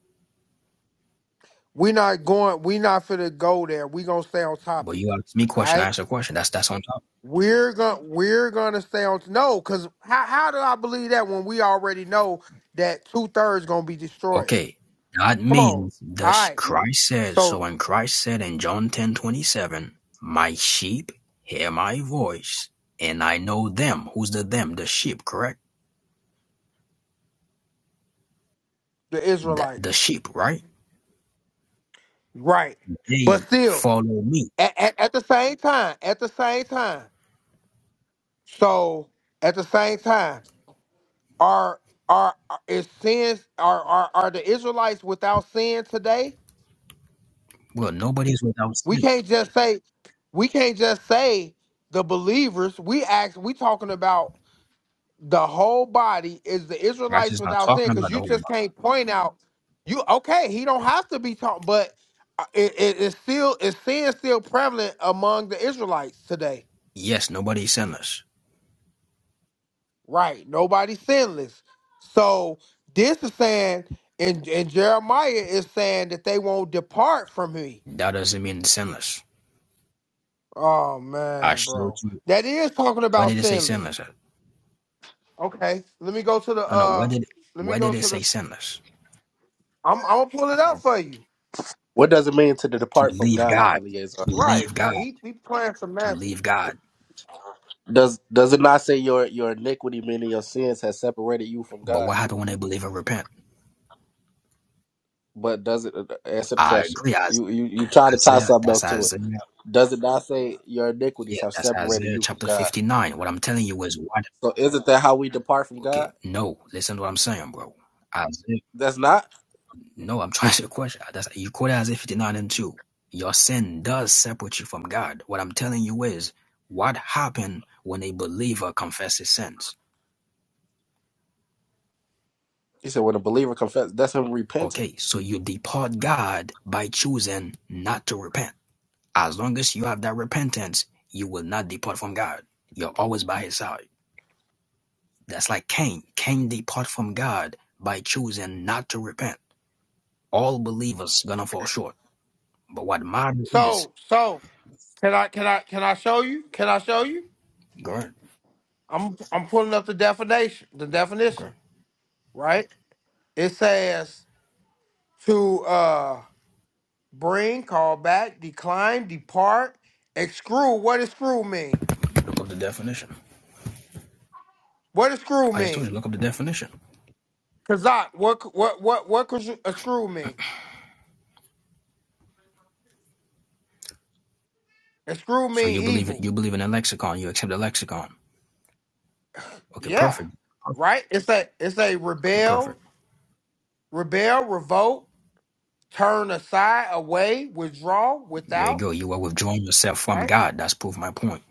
A: We not going. We not finna go there. We gonna stay on
C: But
A: topic.
C: you asked me a
A: All
C: question, I
A: right.
C: answered a question. That's that's on top.
A: We're gonna we're gonna stay on. No, cause how how do I believe that when we already know that two thirds gonna be destroyed?
C: Okay, that
A: Come on. All
C: means the sh-
A: right.
C: Christ said. So
A: So
C: when Christ said in John ten twenty seven, "My sheep hear my voice, and I know them." Who's the them? The sheep, correct?
A: the
C: The
A: Israelites,
C: the sheep, right?
A: right? But
C: They
A: still,
C: follow me.
A: at, at, at the same time, at the same time. So at the same time, are are are- is sins are are are the Israelites without sin today?
C: Well, nobody's without
A: We
C: sin.
A: can't just say we can't just say the believers. We act we talking about the whole body is the
C: Christ
A: Israelites
C: is not
A: without sin
C: talking
A: because
C: about the
A: you
C: whole
A: just
C: body.
A: can't point out you okay. He don't have to be taught, but uh, it, it, it's still is sin still prevalent among the Israelites today,
C: Yes, nobody's sinless.
A: right? Nobody's sinless. So this is saying, and, and Jeremiah is saying that they won't depart from me.
C: That doesn't mean sinless.
A: Oh
C: I
A: man,
C: showed
A: bro,
C: you.
A: that is talking
C: Where did
A: about
C: it say
A: sinless.
C: sinless? at?
A: Okay, let me go to the
C: No, no. Where
A: uh,
C: did
A: let me
C: where
A: go
C: did it
A: to the.
C: say sinless?
A: I'm I'm gonna pull it up
C: To
A: for you.
B: What does it mean to depart from
C: leave
B: God,
C: God.
B: Eliezer?
C: To
A: Right,
C: leave God.
A: man. He he playing some
C: To
A: magic.
C: leave God
B: Does does it not say your your iniquity, meaning your sins, has separated you from
C: But
B: God?
C: what happened when they believe and repent?
B: But does it uh, answer the
C: I
B: question?
C: agree. Isaiah.
B: You you you
C: That's
B: try to tie
C: Isaiah.
B: something else
C: That's
B: to it.
C: Isaiah.
B: Does it not say your iniquities
C: Yeah,
B: have
C: that's
B: separated
C: Isaiah
B: you from
C: chapter
B: God?
C: 59. What I'm telling you is what
B: So isn't that how we depart from
C: okay,
B: God?
C: no, listen to what I'm saying, bro. Isaiah,
B: That's not.
C: no, I'm *laughs* trying to question. That's you quote Isaiah 59 and 2. Your sin does separate you from God. What I'm telling you is what happened when a believer confesses sins.
B: He said when a believer confesses, that's him repenting.
C: Okay, so you depart God by choosing not to repent. As long as you have that repentance, you will not depart from God. You're always by his side. That's like Cain. Cain depart from God by choosing not to repent. All believers gonna fall short. But what matter is
A: So so can I can I can I show you? Can I show you?
C: Great.
A: I'm I'm pulling up the definition. The
C: Okay.
A: definition. Right. It says to uh bring, call back, decline, depart, exclude. What does screw mean?
C: Look up the definition.
A: What does screw
C: I just told
A: mean?
C: you look up the definition.
A: Kazak. What c- what what what could a screw mean? A screw
C: So
A: mean
C: you believe
A: evil.
C: it you believe in a lexicon, you accept the lexicon. Okay,
A: Yeah,
C: perfect.
A: right. It's a it's a
C: Okay,
A: rebel,
C: perfect.
A: rebel, revolt, turn aside, away, withdraw,
C: There you
A: without.
C: go. You are withdrawing yourself from
A: Right.
C: God. That's proved my point.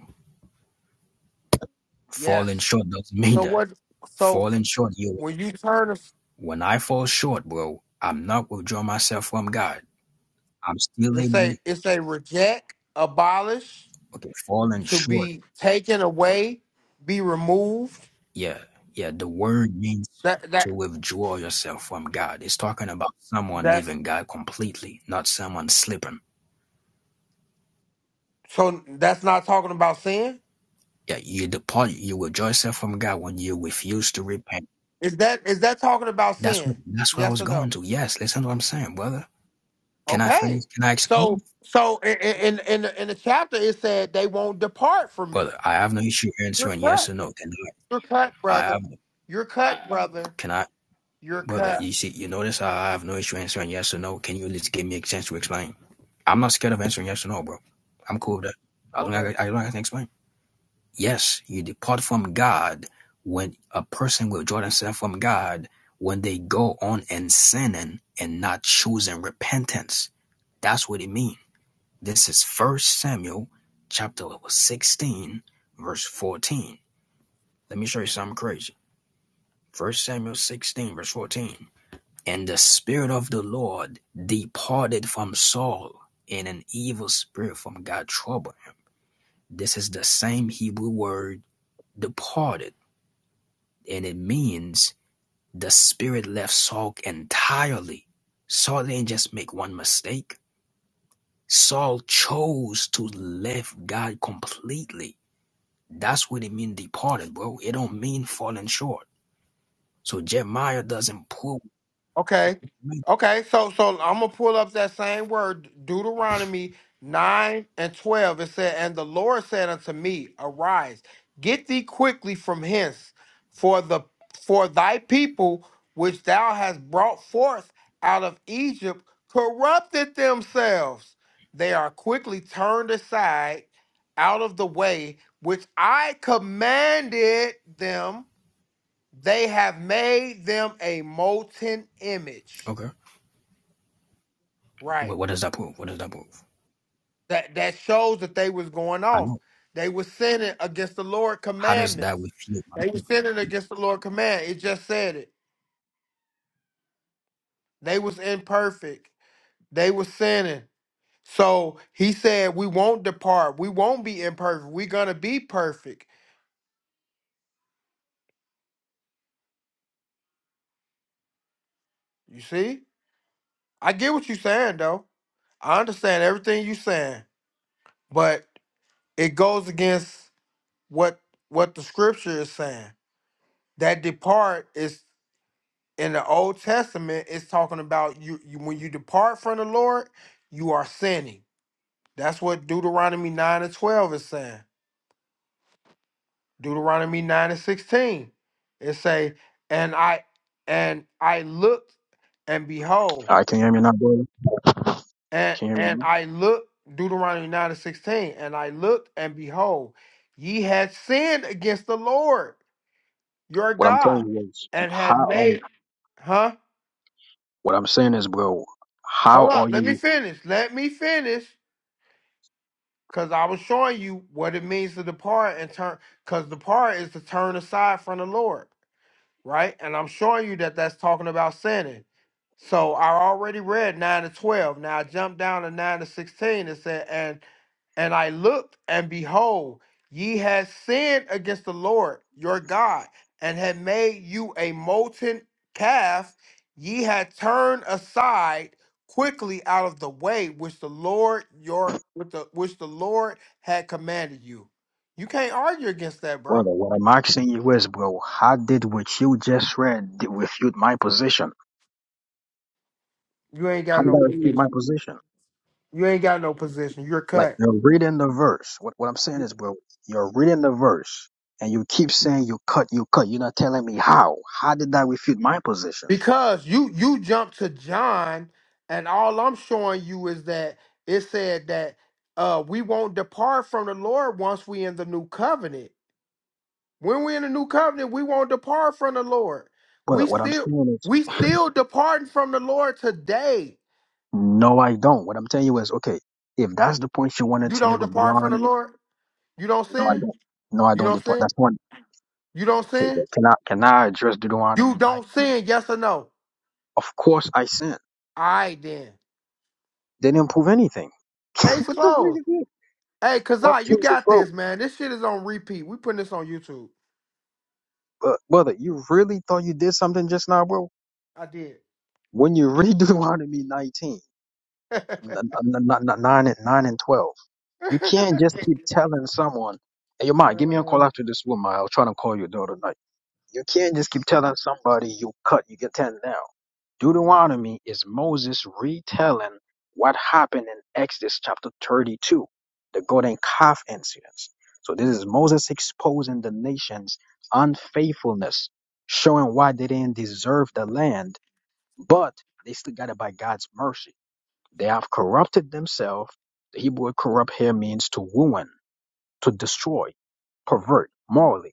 A: Yes.
C: Falling short doesn't mean
A: So
C: that.
A: what? So
C: Falling short, you
A: when you turn, as-
C: when I fall short, bro, I'm not withdrawing myself from God. I'm still
A: it's
C: able.
A: a
C: to,
A: it's a reject, abolish,
C: Okay, falling
A: to
C: short.
A: be taken away, be removed.
C: Yeah, yeah. The word means
A: That that
C: to withdraw yourself from God. It's talking about someone
A: that's
C: leaving God completely, not someone slipping.
A: so that's not talking about sin.
C: Yeah, you depart. You withdraw yourself from God when you refuse to repent.
A: Is that is that talking about
C: That's
A: sin?
C: what. That's what I
A: Yes
C: was
A: or no?
C: going to. Yes, listen to what I'm saying, brother. Can I finish?
A: Okay.
C: Can I
A: So
C: explain?
A: so i- i- in in the- in the chapter it said they won't depart from me.
C: Brother, I have no issue
A: You're
C: answering yes
A: cut.
C: or no. Can
A: You're cut,
C: I? I
A: brother.
C: have.
A: You're cut, brother.
C: Can I?
A: You're
C: Brother,
A: cut.
C: you see, you notice how I have no issue answering yes or no. Can you at least give me a chance to explain? I'm not scared of answering yes or no, bro. I'm cool with that. As long
A: Okay.
C: as I, as long as I can explain. Yes, you depart from God when a person withdraw themselves from God when they go on and sinning and not choosing repentance. That's what it means. This is First Samuel chapter 16, verse 14. Let me show you something crazy. First Samuel 16, verse 14. And the Spirit of the Lord departed from Saul, and an evil spirit from God troubled him. This is the same Hebrew word departed, and it means the spirit left Saul entirely. Saul didn't just make one mistake. Saul chose to left God completely. That's what it means departed, bro. It don't mean falling short. So Jeremiah doesn't prove.
A: Okay. Okay. So so I'm gonna pull up that same word, Deuteronomy nine and twelve. It said, And the Lord said unto me, Arise, get thee quickly from hence, for the for thy people which thou hast brought forth out of Egypt corrupted themselves. They are quickly turned aside out of the way which I commanded them they have made them a molten image.
C: Okay.
A: Right.
C: What, what does that prove? What does that prove?
A: That that shows that they was going
C: I
A: off.
C: know.
A: They was sinning against the Lord
C: How does that
A: commandments.
C: refute?
A: They was sinning against the Lord command. It just said it. They was imperfect. They was sinning. So he said, We won't depart. We won't be imperfect. We're gonna be perfect. You see? I get what you're saying though. I understand everything you're saying, but it goes against what what the scripture is saying. that depart is in the Old Testament. It's talking about you, you when you depart from the Lord, you are sinning. That's what Deuteronomy nine and twelve is saying. Deuteronomy nine and sixteen, it say, and I and I looked and behold,
C: I can you hear me now, bro.
A: and
C: Can you hear me
A: and
C: now?
A: I looked Deuteronomy nine and sixteen, and I looked and behold, ye had sinned against the Lord your
C: What I'm telling
A: God,
C: you is,
A: and
C: how
A: had
C: are,
A: made, huh?
C: what I'm saying is, bro, how
A: Hold up,
C: are
A: let me
C: you,
A: finish. Let me finish. Cause I was showing you what it means to depart and turn because depart is to turn aside from the Lord. Right? And I'm showing you that that's talking about sinning. So I already read 9 to 12. Now I jumped down to 9 to 16 and said, and and I looked, and behold, ye had sinned against the Lord your God, and had made you a molten calf. Ye had turned aside quickly out of the way which the Lord your with the which the Lord had commanded you. You can't argue against that, bro.
C: brother? What I'm asking you is, bro, how did what you just read did refute my position?
A: You ain't
C: How
A: got
C: did
A: no
C: that refute my
A: position.
C: position?
A: You ain't got no position. You're
C: Like,
A: cut.
C: you're reading the verse. What, what I'm saying is, bro, you're reading the verse and you keep saying you cut, you cut. You're not telling me how. How did that refute my position?
A: Because you you jump to John, and all I'm showing you is that it said that uh we won't depart from the Lord once we in the new covenant. When we in the new covenant, we won't depart from the Lord.
C: Well,
A: We
C: what I'm
A: still
C: saying is,
A: we still departing from the Lord today.
C: no, I don't. What I'm telling you is, okay, if that's the point you wanted
A: You
C: to make
A: don't
C: with
A: depart from the
C: Deuteronomy,
A: Lord. You don't
C: no, I
A: sin.
C: don't. No, I
A: You
C: don't
A: don't
C: depart.
A: sin.
C: That's one.
A: You don't
C: Okay,
A: sin.
C: but can I can I address
A: You
C: Deuteronomy
A: don't
C: 19?
A: sin. Yes or no?
C: Of course, I sin.
A: All right then.
C: They didn't prove anything. *laughs*
A: Case
C: what the freak
A: closed.
C: is this?
A: Hey,
C: What
A: Kazai, you
C: case is
A: got
C: broke?
A: this, man. This shit is on repeat. We putting this on YouTube.
C: uh, brother, you really thought you did something just now, bro?
A: I did.
C: When you read *laughs* Deuteronomy 19,
A: *laughs*
C: n- n- n- n- 9, and 9 and 12, you can't just keep telling someone, hey, your mom, give me a call after this woman. I was trying to call your daughter tonight. You can't just keep telling somebody you cut, you get 10 down. Deuteronomy is Moses retelling what happened in Exodus chapter 32, the golden calf incidents. So this is Moses exposing the nation's unfaithfulness, showing why they didn't deserve the land, but they still got it by God's mercy. They have corrupted themselves. The Hebrew word corrupt here means to ruin, to destroy, pervert morally.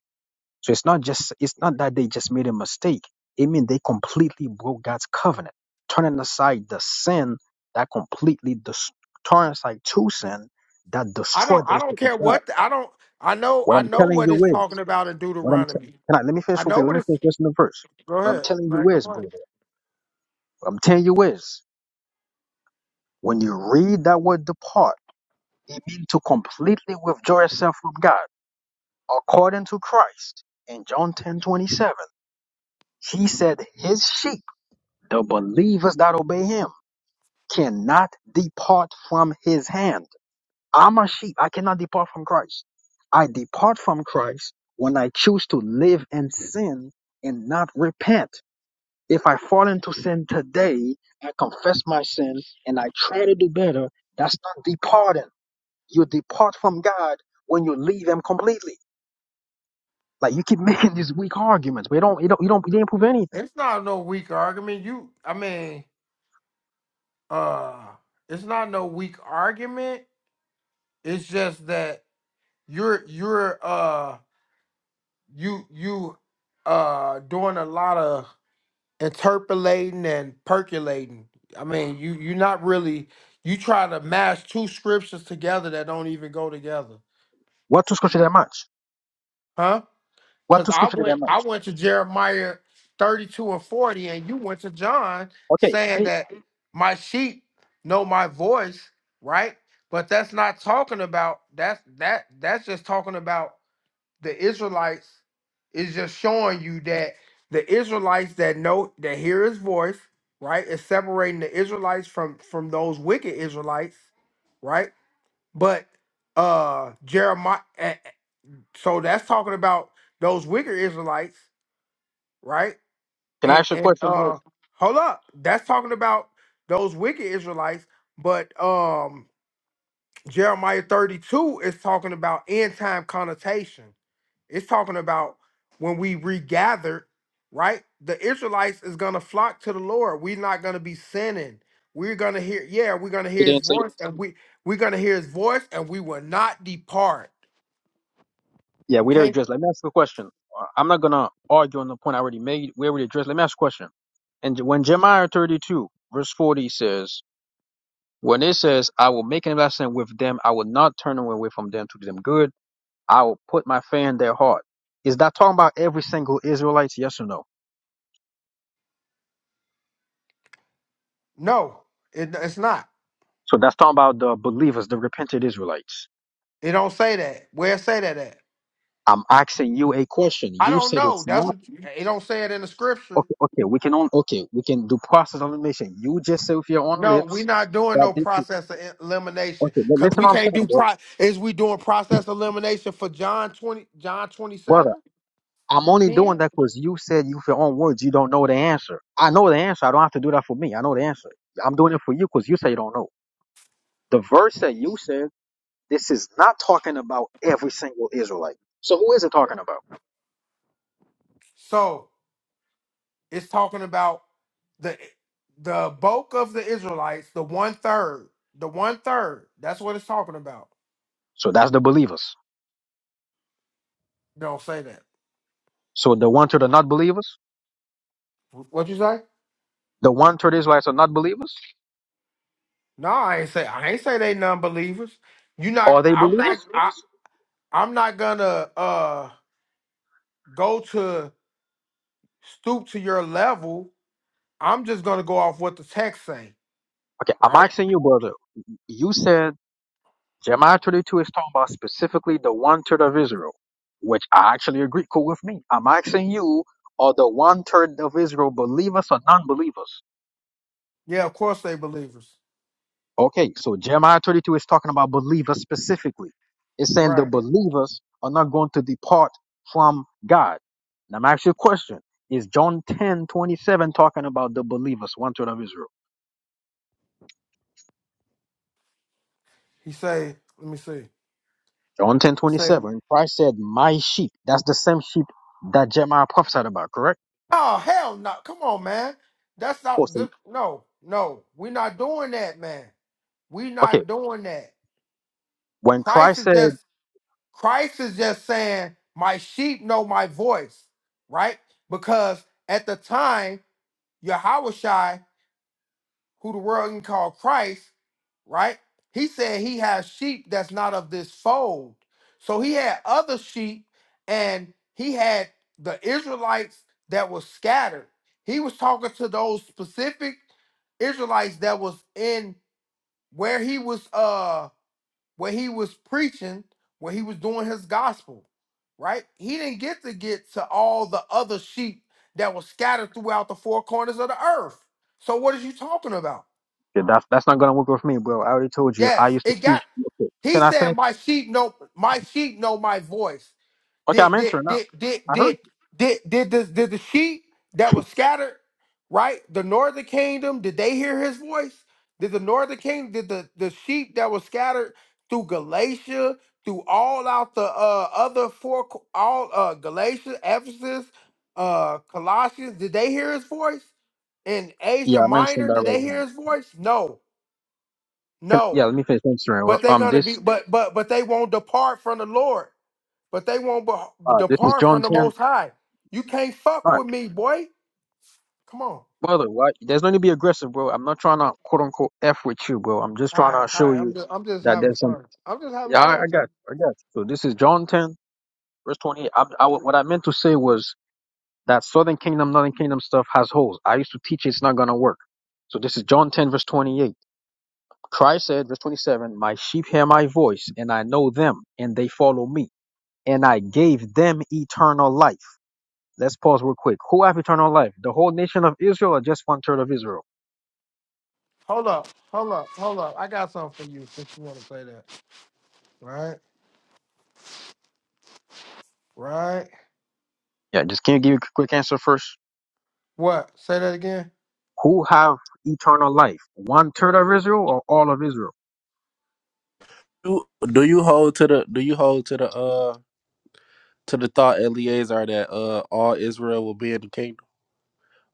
C: So it's not just it's not that they just made a mistake. It means they completely broke God's covenant, turning aside the sin that completely dis- turning aside to sin that
A: I don't.
C: destroyed
A: I
C: those
A: don't
C: things of
A: care
C: God.
A: what. the- I don't. I know.
C: What
A: I
C: I'm
A: know
C: telling
A: what
C: you
A: it's talking
C: is
A: about in
C: what I'm te-
A: Deuteronomy.
C: can I let me
A: I
C: finish
A: know
C: okay, let
A: what
C: me
A: it's.
C: finish just in the verse.
A: Go
C: What I'm
A: ahead.
C: telling you
A: Like, your
C: is, brother,
A: point.
C: what I'm telling you is when you read that word depart, it means to completely withdraw yourself from God according to Christ in John ten twenty seven. He said his sheep The believers that obey him cannot depart from his hand. I'm a sheep. I cannot depart from Christ. I depart from Christ when I choose to live in sin and not repent. If I fall into sin today, I confess my sin and I try to do better, that's not departing. You depart from God when you leave him completely. Like you keep *laughs* making these weak arguments, but you don't, you don't, you don't, you didn't prove anything.
A: It's not no weak argument. You. I mean. Uh. It's not no weak argument. It's just that you're you're uh you you uh doing a lot of interpolating and percolating. I mean, you you're not really you try to mash two scriptures together that don't even go together.
C: What to scripture that much?
A: Huh?
C: What
A: Because
C: to
A: I
C: scripture that
A: went I
C: much?
A: went to Jeremiah 32 and 40, and you went to John
C: Okay,
A: saying
C: who?
A: that my sheep know my voice, right? But that's not talking about that's that that's just talking about the Israelites is just showing you that the Israelites that know that hear his voice, right? Is separating the Israelites from from those wicked Israelites, right? But uh Jeremiah so that's talking about those wicked Israelites, right? And and uh hold up. That's talking about those wicked Israelites, but um Jeremiah 32 is talking about end time connotation. It's talking about when we regather, right? The Israelites is gonna flock to the Lord. We're not gonna be sinning. We're gonna hear, yeah, we're gonna
C: You
A: hear his
C: didn't say
A: voice, and we we're gonna hear his voice, and we will not depart.
C: Yeah,
A: You
C: we already
A: can't
C: addressed. Let me ask you a question. Uh, I'm not gonna argue on the point I already made. We already addressed. Let me ask you a question. And when Jeremiah 32 verse 40 says, when it says, "I will make an investment with them, I will not turn away from them to do them good. I will put my fear in their heart." Is that talking about every single Israelite? Yes or no?
A: no, it, it's not.
C: So that's talking about the believers, the repentant Israelites.
A: It don't say that. Where it say that at?
C: I'm asking you a question.
A: I
C: You
A: don't
C: said
A: know.
C: it's
A: That's
C: not
A: what you, it don't say it in the scripture.
C: okay. Okay, we can on. Okay, we can do process of elimination. You just say with your own
A: No, we
C: lips
A: not doing
C: that
A: no
C: this.
A: process of elimination
C: Okay, li-
A: because
C: listen
A: we
C: what I'm
A: can't do
C: saying, bro.
A: pro. Is we doing process elimination for John twenty John twenty
C: brother.
A: seven
C: I'm only doing
A: ten?
C: that because you said you, with your own words, you don't know the answer. I know the answer. I don't have to do that for me. I know the answer. I'm doing it for you because you say you don't know. The verse that you said, this is not talking about every single Israelite. So who is it talking about?
A: So it's talking about the the bulk of the Israelites, the one third, the one third. That's what it's talking about.
C: So that's the believers.
A: Don't say that.
C: So the one third are not believers?
A: What you say?
C: The one third Israelites are not believers?
A: No, I ain't say I ain't say they non believers. You not.
C: Are they
A: I'm not.
C: believers?
A: I'm not gonna uh go to stoop to your level. I'm just gonna go off what the text say,
C: Okay, I'm
A: right?
C: asking you, brother. You said Jeremiah 32 is talking about specifically the one third of Israel, which I actually agree. Cool with me. I'm asking you, are the one third of Israel believers or non believers?
A: Yeah, of course they believers.
C: Okay, so Jeremiah 32 is talking about believers specifically. It's saying the
A: Right.
C: believers are not going to depart from God. Now, I'm asking you a question. Is John 10 27 talking about the believers, one third of Israel?
A: He say, let me see.
C: John 10 27, Christ said, My sheep. That's the same sheep that Jeremiah prophesied about, correct?
A: Oh hell no. Come on, man. That's
C: Oh,
A: not
C: so,
A: th- no, no. we are not doing that, man. we
C: okay.
A: not doing that.
C: When
A: Christ
C: Christ
A: is
C: said,
A: just Christ is just saying, My sheep know my voice, right? Because at the time, Yahweh who the world can call Christ, right? He said he has sheep that's not of this fold. So he had other sheep and he had the Israelites that was scattered. He was talking to those specific Israelites that was in where he was uh where he was preaching, where he was doing his gospel, right? He didn't get to get to all the other sheep that was scattered throughout the four corners of the earth. So what is you talking about?
C: "Yeah, that's, that's not going to work with me, bro, I already told you, I
A: Yes,
C: used to
A: it
C: teach.
A: got.
C: Okay,
A: He
C: can I
A: said,
C: finish?
A: "My sheep know. My sheep know my voice."
C: Okay, I'm
A: Did did
C: answering now.
A: did did
C: I heard.
A: did did did the, did the sheep that was scattered, right? The northern kingdom. Did they hear his voice? Did the northern kingdom? Did the the sheep that was scattered through Galatia, through all out the uh, other four, co- all uh, Galatia, Ephesus, uh, Colossians? Did they hear his voice? In
C: you.
A: Asia
C: Yeah, I'm answering
A: Minor,
C: that
A: did
C: right
A: they hear
C: now.
A: his voice? No,
C: Can
A: no.
C: Yeah, let me finish answering. Well,
A: But they're
C: um,
A: gonna be,
C: this,
A: but but but they won't depart from the Lord. But they won't be-
C: uh, this is
A: depart from
C: John
A: the
C: 10.
A: Most High. You can't fuck
C: All right.
A: with me, boy. Come on.
C: Brother, why? there's no need to be aggressive, bro. I'm not trying to quote unquote F with you, bro. I'm
A: All
C: just trying
A: right,
C: to
A: all
C: show
A: right.
C: you
A: I'm just, I'm just
C: that
A: having
C: there's some.
A: fun. I'm just having
C: Yeah, I,
A: fun,
C: I got
A: bro.
C: you. I got you. So this is John 10, verse 28. I, I, what I meant to say was that Southern Kingdom, Northern Kingdom stuff has holes. I used to teach it's not going to work. So this is John 10, verse 28. Christ said, verse 27, My sheep hear my voice, and I know them, and they follow me, and I gave them eternal life. Let's pause real quick. Who have eternal life? The whole nation of Israel or just one third of Israel?
A: Hold up, hold up, hold up. I got something for you since you want to say that. Right, right.
C: Yeah, just can you give a quick answer first?
A: What? Say that again.
C: Who have eternal life? One third of Israel or all of Israel?
B: Do do you hold to the do you hold to the uh to the thought Eliezer that uh all Israel will be in the kingdom,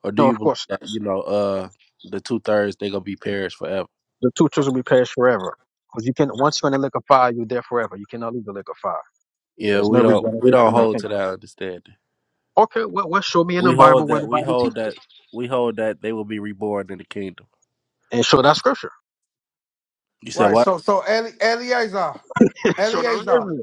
B: or do
C: No, of
B: you believe
C: course
B: that
C: not.
B: you know uh the two thirds they gonna be perished forever?
C: The two thirds will be perished forever. Because you can once you're in the lake of fire, you're there forever. You cannot leave the lake of fire.
B: Yeah,
C: There's no
B: we don't we
C: regeneration
B: don't
C: in the
B: hold to
C: kingdom.
B: that understanding.
C: Okay, well, well show me in the
B: We
C: Bible
B: hold
C: where
B: that
C: the
B: we
C: Bible
B: hold
C: teaches
B: that
C: this.
B: we hold that they will be reborn in the kingdom.
C: And show that scripture.
B: You said
A: Right.
B: what?
A: So, so Eli- Eliezer,
C: *laughs* show that
A: Eliezer,
C: scripture.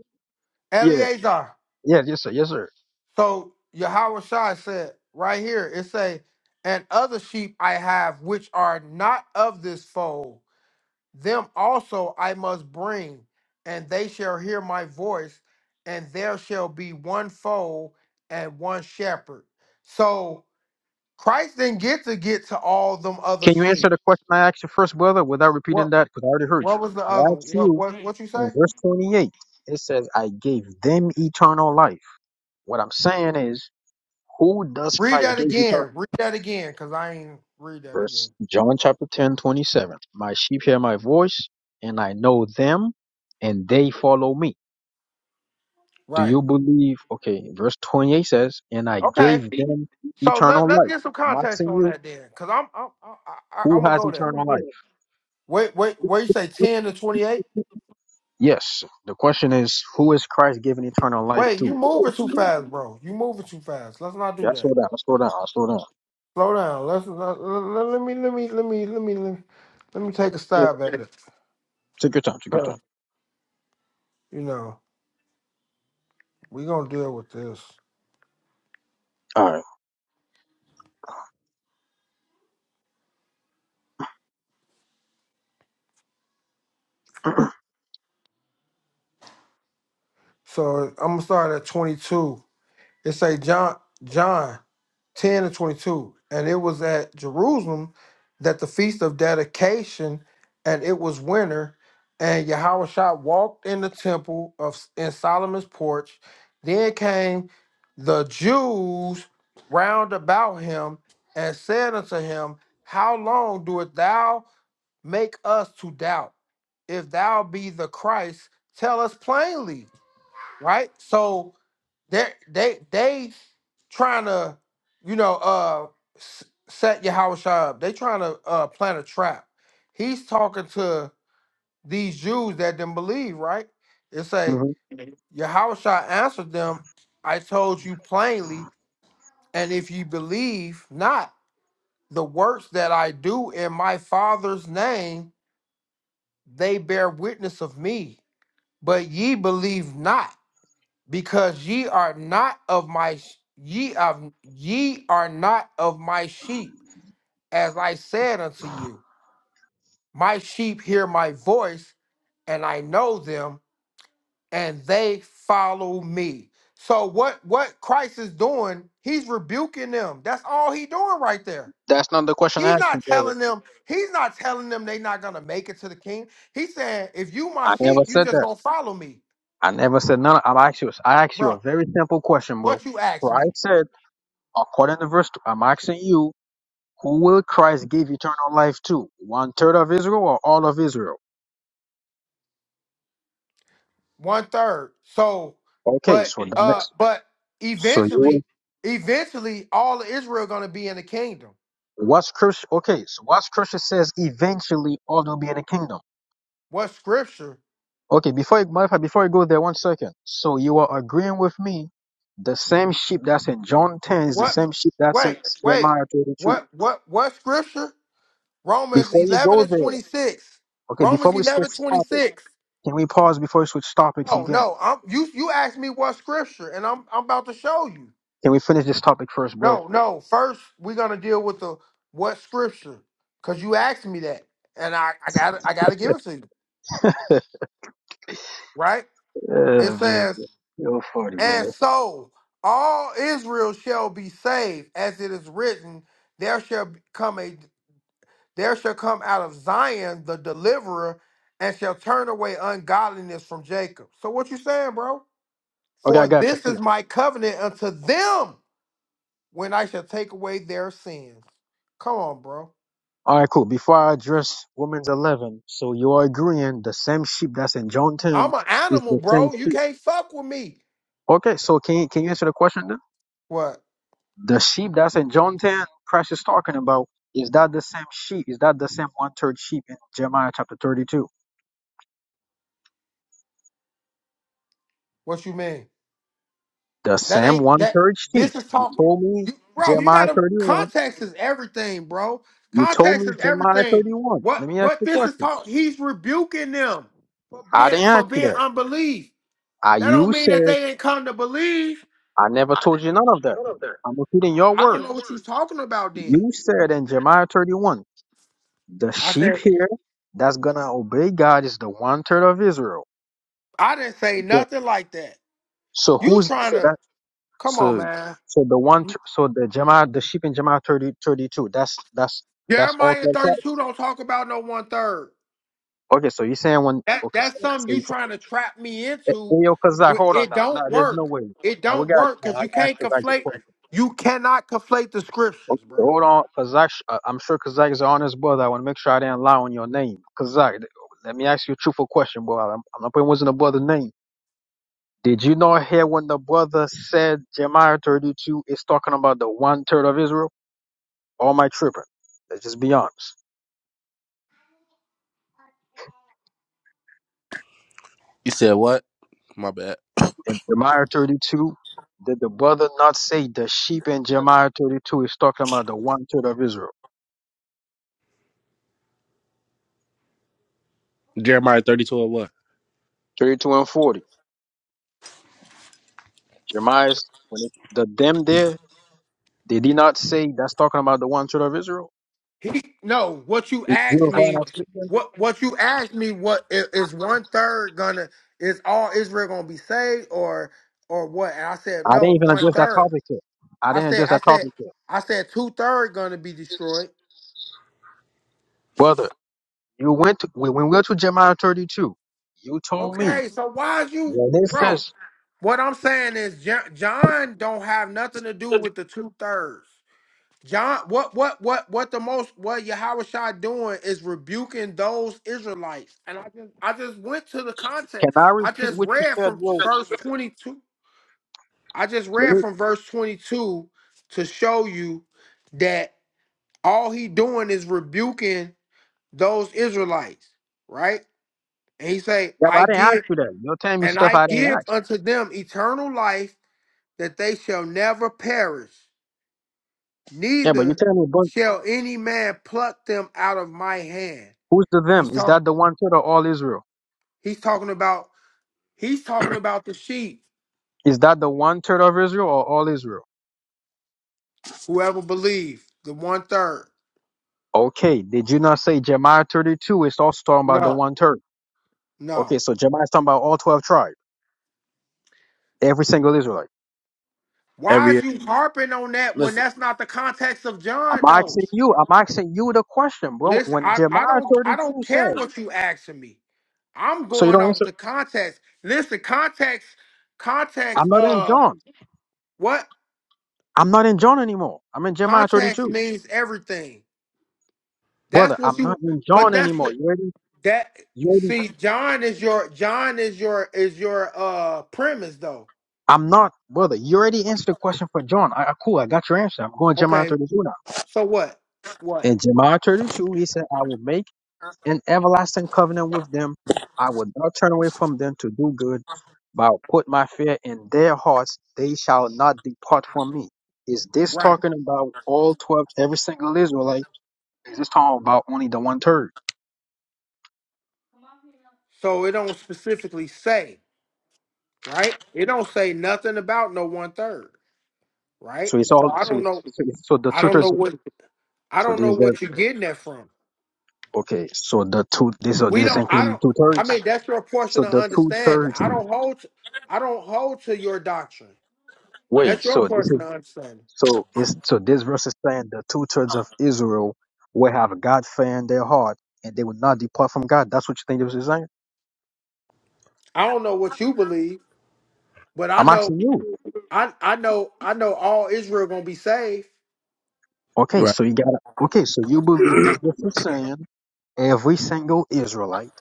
C: Yeah,
A: Eliezer.
C: yeah, yes, sir, yes, sir.
A: So Yahushua said, right here, it say, and other sheep I have which are not of this fold, them also I must bring, and they shall hear my voice, and there shall be one fold and one shepherd. So Christ didn't get to get to all them other
C: Can you answer
A: sheep.
C: the question I asked you first, brother, without
A: What
C: repeating that? Because I already heard
A: what was the
C: you. I
A: other?
C: asked
A: What
C: you
A: what what you
C: in
A: say?
C: verse 28, it says, I gave them eternal life. What I'm saying is, who does
A: Read
C: Christ
A: that
C: give eternal life?
A: again. Read that again, cause I ain't read that
C: Verse
A: again.
C: John chapter 10, 27. My sheep hear my voice, and I know them, and they follow me. Do
A: Right.
C: you believe? Okay, verse 28 says, and I
A: Okay.
C: gave them
A: So let
C: eternal
A: let's
C: life.
A: get some
C: I'm
A: context
C: asking
A: on
C: you,
A: that then, because I'm I'm I, I,
C: who
A: I'm gonna
C: has
A: go there.
C: eternal life?
A: Wait, wait, where you say ten to twenty eight?
C: Yes. The question is, who is Christ giving eternal life
A: Wait, you
C: to?
A: moving too fast, bro. You moving too fast. Let's not do
C: Yeah,
A: that.
C: slow down. I Slow down. I Slow down.
A: Slow down. Let's let, let, let me let me let me let me let, let me take a
C: Yeah.
A: stab at it.
C: Take your time. Take your
A: Uh,
C: time.
A: you know, we gonna deal with this. So I'm gonna start at twenty two. It say John John. 10 and 22. And it was at Jerusalem that the feast of dedication, and it was winter. And Yahushua walked in the temple of in Solomon's porch. Then came the Jews round about him and said unto him, How long doest thou make us to doubt? If thou be the Christ, tell us plainly. Right? So they they they trying to you know uh s- set Yahusha up. They trying to uh plant a trap. He's talking to these Jews that didn't believe, right? It say
C: hmm
A: Yahusha answered them, "I told you plainly, and if you believe not, the works that I do in my Father's name, they bear witness of me. But ye believe not." because ye are not of my sh- ye of ye are not of my sheep as i said unto you my sheep hear my voice and i know them and they follow me so what what christ is doing he's rebuking them that's all he doing right there
C: That's not the question I
A: he's
C: asked
A: not
C: you. brother.
A: telling them he's not telling them they not gonna make it to the king he's saying if you my
C: I
A: sheep
C: never
A: you
C: said
A: just
C: that.
A: gonna follow me
C: I never said none. I'm asked you. I asked you a
A: bro
C: very simple question, bro.
A: what you asked me
C: Christ said, according to verse, two, I'm asking you, who will Christ give eternal life to? One third of Israel or all of Israel?
A: one third so
C: Okay.
A: but
C: So the
A: Uh,
C: next.
A: but
C: So you.
A: eventually, eventually, all of Israel going to be in the kingdom.
C: What's Christ? Okay. So what's Christ says eventually all will be in the kingdom.
A: What scripture?
C: Okay, before you modify, before you go there, one second. So you are agreeing with me. The same sheep that's in John 10 is the
A: What?
C: same sheep that's in
A: Wait, wait.
C: Jeremiah 32.
A: What? What? What scripture? Romans
C: Before you
A: eleven
C: go
A: and
C: there,
A: twenty six.
C: okay,
A: Romans
C: before we switch
A: eleven twenty
C: topic,
A: six.
C: can we pause before we switch topics
A: Oh
C: again?
A: no. I'm, you you asked me what scripture, and I'm I'm about to show you.
C: Can we finish this topic first, bro?
A: No, no. First, we're gonna deal with the what scripture, cause you asked me that, and I I got I gotta give it to you,
C: *laughs*
A: right? It
C: Yeah, man.
A: says
C: You're funny,
A: And
C: man.
A: so all Israel shall be saved, as it is written, there shall come a there shall come out of Zion the deliverer, and shall turn away ungodliness from Jacob. So what you saying, bro?
C: Okay, I
A: For
C: got you.
A: this is
C: Cool.
A: my covenant unto them when I shall take away their sins. Come on, bro.
C: All right, cool. Before I address Women's 11, so you're agreeing the same sheep that's in John 10
A: I'm an
C: is
A: animal,
C: the same
A: bro. You
C: sheep.
A: can't fuck with me.
C: Okay, so can you, can you answer the question then?
A: What?
C: The sheep that's in John 10, Christ is talking about, is that the same sheep? Is that the same one third sheep in Jeremiah chapter 32?
A: What you mean?
C: The
A: That
C: same
A: ain't
C: one
A: that.
C: third
A: This
C: sheep.
A: is
C: You
A: talk,
C: told me
A: you, bro. You
C: Jeremiah
A: got to
C: 31.
A: context is everything, bro.
C: You told
A: Context
C: me
A: is
C: Jeremiah
A: everything.
C: 31.
A: What
C: Let me ask
A: what
C: you a
A: this is
C: question.
A: talk? He's rebuking them for
C: I
A: being
C: didn't
A: for
C: ask you
A: being
C: that.
A: unbelief.
C: I,
A: That don't
C: you
A: mean that
C: said,
A: they ain't come to believe.
C: I never told you none of that. I'm repeating your
A: I don't know
C: words.
A: what you're talking about. Then
C: You said in Jeremiah 31, the
A: I
C: sheep
A: said
C: here that's gonna obey God is the one third of Israel.
A: I didn't say
C: Yeah.
A: nothing like that.
C: So
A: You
C: who's
A: trying
C: so that?
A: to come on,
C: So
A: man?
C: so the one tr- so the Jama'ah the sheep in Jama'ah 30 32. that's that's that's all
A: Jeremiah
C: twelve tribes.
A: 32 don't talk about no one third.
C: Okay, so you're saying when
A: That
C: okay,
A: that's
C: so,
A: something
C: so
A: you
C: you
A: trying to trap me
C: eh, eh,
A: into.
C: yo Kazak,
A: But
C: hold on
A: It
C: now. No,
A: don't
C: there's
A: work.
C: no way.
A: It
C: Now we
A: don't
C: got
A: work
C: no, I
A: because you
C: gotta ask
A: can't
C: Kazak this
A: conflate.
C: question.
A: You cannot conflate the scriptures,
C: Okay,
A: bro.
C: hold on. Kazak sh- uh, I'm sure Kazak is an honest brother. I wanna make sure I didn't lie on your name. Kazak, th- let me ask you a truthful question, bro. I'm, I'm not putting words in the brother's name. Did you not hear when the brother said Jeremiah 32 is talking about the one third of Israel? Or am I tripping? Let's just be honest.
B: You said what? My bad.
C: in Jeremiah 32, did the brother not say the sheep in Jeremiah 32 is talking about the one third of Israel?
B: Jeremiah thirty two and what?
C: 32 and 40. Jeremiah, when it, the them there, did he not say that's talking about the one third of Israel?
A: He no. What you
C: Is
A: asked
C: Jeremiah
A: me,
C: not speaking?
A: what what you asked me, what i- is one third gonna is all Israel gonna be saved or or what? And I said
C: I
A: no,
C: didn't even
A: one
C: address that
A: third.
C: topic yet. I
A: I
C: didn't
A: said
C: address
A: I
C: that
A: said
C: topic yet.
A: I said two third gonna be destroyed.
C: Brother, you went to, when when we went to Jeremiah 32, you told me,
A: Okay, so why is you,
C: when it
A: bro?
C: says,
A: What I'm saying is Jo- John don't have nothing to do with the two thirds. John, what what what what the most what Yahushua doing is rebuking those Israelites. And I just I just went to the
C: can
A: context.
C: I
A: I
C: repeat
A: just
C: what you
A: read
C: said,
A: from
C: bro?
A: verse 22. I just
C: Let
A: read
C: me-
A: from verse 22 to show you that all he doing is rebuking those Israelites, right? And he say,
C: Yeah, but
A: I
C: I didn't ask
A: give
C: you that. You're telling me
A: and
C: stuff
A: I
C: I didn't
A: give
C: ask.
A: unto them eternal life that they shall never perish,
C: Yeah, but you're
A: neither
C: telling me, brother.
A: shall any man pluck them out of my hand.
C: Who's the
A: He's
C: them? Is
A: talking
C: that the one third of all Israel?
A: he's talking about he's talking about the sheep,
C: Is that the one third of Israel or all Israel?
A: whoever believe, the one third.
C: Okay, did you not say Jeremiah 32 is also talking about the
A: No,
C: one third?
A: no.
C: Okay, so Jeremiah is talking about all 12 tribes, every single Israelite.
A: Why
B: Every
A: is
B: year.
A: you harping on that when
B: Listen.
A: that's not the context of
C: I'm
A: John though?
C: asking you, I'm asking you the question, bro.
A: Listen,
C: When
A: I, I
C: Jeremiah
A: don't I
C: 32
A: don't
C: says,
A: care what you asking me. I'm
C: so you
A: going
C: don't
A: off
C: answer,
A: the context. Listen, context, context,
C: I'm not in
A: uh
C: John.
A: what?
C: I'm not in John anymore. I'm in Jeremiah
A: Context
C: 32.
A: means everything.
C: Brother,
A: That's what
C: I'm not
A: you.
C: in
A: But
C: John
A: that's
C: anymore.
A: what
C: You already,
A: that.
C: you already,
A: See, John is your John is your is your uh premise though.
C: I'm not, brother, you already answered the question for John. I, I- cool, I got your answer. I'm going Jeremiah
A: Okay,
C: 32 now.
A: so what? What?
C: In Jeremiah 32, he said, I will make an everlasting covenant with them. I will not turn away from them to do good, but I'll put my fear in their hearts. They shall not depart from me. Is this
A: Right.
C: talking about all 12, every single Israelite? Is this talking about only the one third?
A: So it don't specifically say right. It don't say nothing about no one third. Right.
C: So it's
A: So
C: all,
A: I
C: so
A: don't
C: it's,
A: know.
C: so, it's, so the
A: I
C: two
A: don't know
C: thirds,
A: what I
C: so
A: don't
C: this
A: know
C: is,
A: what you're getting that from.
C: okay, so the two, this, so
A: We
C: this
A: don't. I
C: including
A: don't.
C: two
A: I mean,
C: thirds.
A: that's your portion
C: So
A: of
C: the two
A: understanding.
C: thirds,
A: I don't hold. To, I don't hold to your doctrine.
C: wait,
A: That's your
C: so this is
A: portion of understanding.
C: So it's so this verse is saying the two thirds of Israel will have God fear in their heart and they will not depart from God. That's what you think this is saying?
A: I don't know what you believe, but I
C: I'm
A: know
C: asking you.
A: I I know I know all Israel gonna be saved.
C: Okay,
B: Right.
C: so you gotta okay, so you believe
B: *clears throat*
C: this verse is saying every single Israelite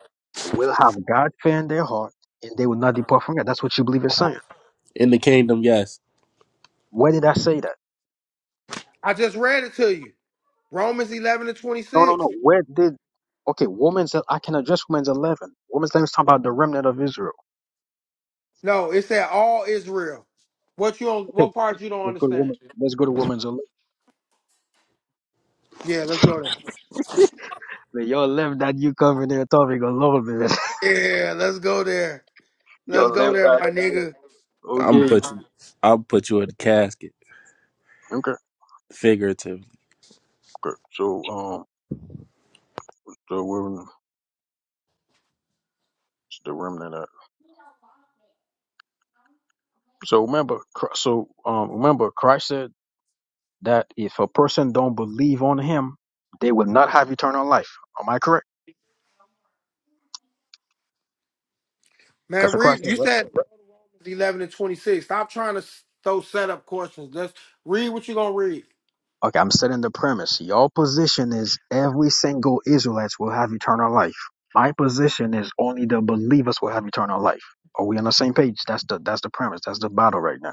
C: will have God fear in their heart and they will not depart from God. That's what you believe it's saying.
B: In the kingdom, yes.
C: Where did I say that?
A: I just read it to you. Romans eleven and twenty
C: No, no,
A: six.
C: no. Where did okay, Woman's I can address Woman's eleven. Woman's eleven is talking about the remnant of Israel.
A: No, it said all Israel. What you on?
C: Okay,
A: What part you don't
C: let's go to
A: understand?
C: woman let's go to Woman's eleven.
A: Yeah, let's go there.
C: Man, y'all left that you covenant topic alone, man.
A: Yeah, let's go there.
C: *laughs*
A: Let's
C: y'all
A: go
C: left
A: there,
C: that
A: my
C: alone.
A: nigga.
B: I'm
C: Okay.
B: put you I'll put you in the casket,
C: Okay.
B: figuratively.
C: okay. Um, so we're the remnant. Of, so remember, Chr- so um, remember, Christ said that if a person don't believe on Him, they will not have eternal life. Am I correct?
A: Man,
C: That's what Christ
A: read.
C: said,
A: You
C: right?
A: said Romans eleven and twenty six. Stop trying to s- throw setup questions. Let's read what you gonna read.
C: Okay, I'm setting the premise. Your position is every single Israelites will have eternal life. My position is only the believers will have eternal life. Are we on the same page? That's the that's the premise. That's the battle right now.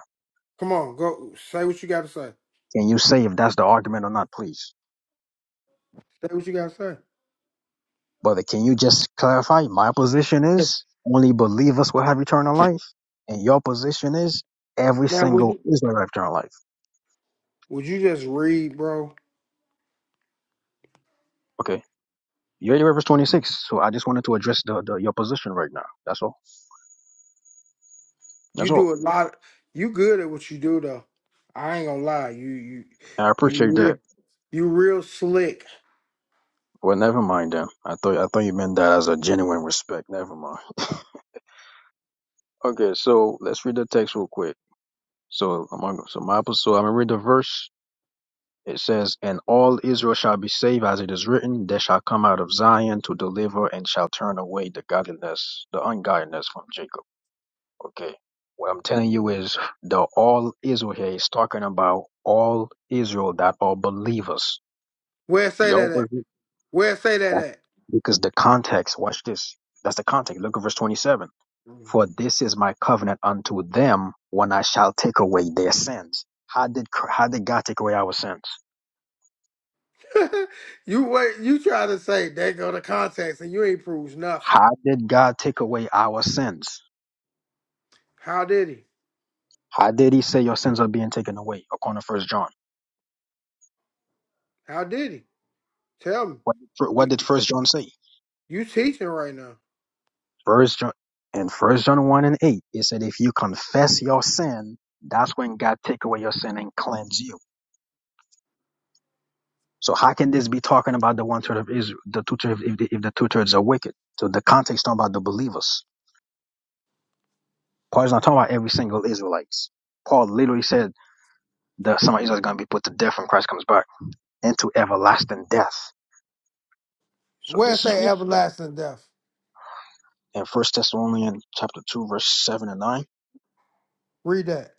A: Come on, go say what you gotta say.
C: Can you say if that's the argument or not, please?
A: Say what you gotta say.
C: Brother, can you just clarify? My position is only believers will have eternal life. And your position is every
A: Man, would
C: single
A: you
C: Israel have eternal life.
A: would you just read, bro?
C: Okay. You already read verse 26. So I just wanted to address the, the your position right now. That's all.
A: You
C: That's all.
A: do a lot. You good at what you do, though. I ain't gonna lie. You you
C: And I
A: you
C: appreciate that.
A: real you real slick.
C: Well, never mind then. I thought I thought you meant that as a genuine respect. Never mind. *laughs* Okay, so let's read the text real quick. So I'm gonna so my so I'm gonna read the verse It says, And all Israel shall be saved, as it is written, There shall come out of Zion to deliver and shall turn away the godliness, the ungodliness from Jacob. Okay. What I'm telling you is the all Israel here is talking about all Israel that are believers.
A: Where say
C: Your
A: that at?
C: position
A: Where say that at?
C: because the context, watch this. That's the context. Look at verse 27. For
A: Mm.
C: this is my covenant unto them when I shall take away their sins. How did, how did God take away our sins?
A: *laughs* you wait. You try to say they go to contacts and you ain't proves nothing.
C: How did God take away our sins?
A: How did he?
C: How did He say your sins are being taken away? According to First John,
A: How did he? Tell me.
C: what did, what
A: We,
C: did First John say?
A: you teaching right now.
C: First John in First John one and eight, it said if you confess your sin, that's when God take away your sin and cleanse you. So how can this be talking about the one third of Israel, the two thirds, if the, if the two thirds are wicked? So the context talking about the believers. Paul's not talking about every single Israelites. Paul literally said that some of Israel is going to be put to death when Christ comes back into everlasting death. So
A: Where
C: this is what
A: say everlasting death?
C: and First Thessalonians chapter two, verse seven and nine.
A: Read that.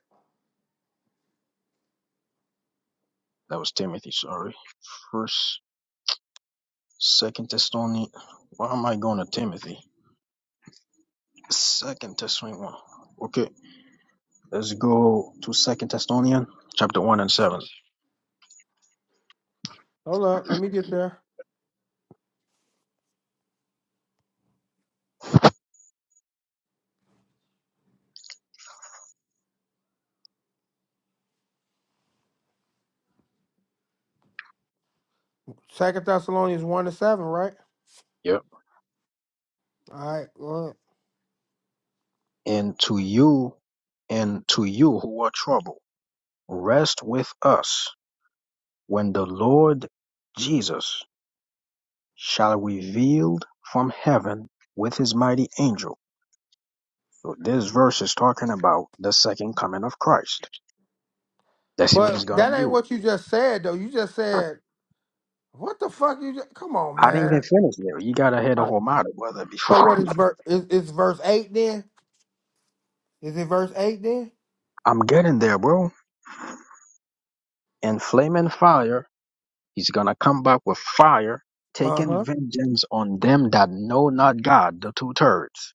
C: That was Timothy. Sorry, First, Second Thessalonians. Why am I going to Timothy? Second Thessalonians. one. Okay, let's go to Second Thessalonians chapter one and seven.
A: Hold up. Let me get there. Second Thessalonians one to seven, right?
C: Yep.
A: All right. Well,
C: And to you, and to you who are troubled, rest with us when the Lord Jesus shall revealed from heaven with his mighty angel. So this verse is talking about the second coming of Christ That's what
A: but
C: it's gonna
A: that ain't
C: do.
A: what you just said, though. You just said What the fuck you just, come on,
C: I didn't even
A: man.
C: finish there. You gotta hear
A: All
C: the
A: right.
C: whole matter, brother, before
A: So
C: *laughs*
A: what is verse is, is verse eight then? Is it verse eight then?
C: I'm getting there, bro. In flaming fire, he's gonna come back with fire, taking
A: Uh-huh.
C: vengeance on them that know not God, the two thirds,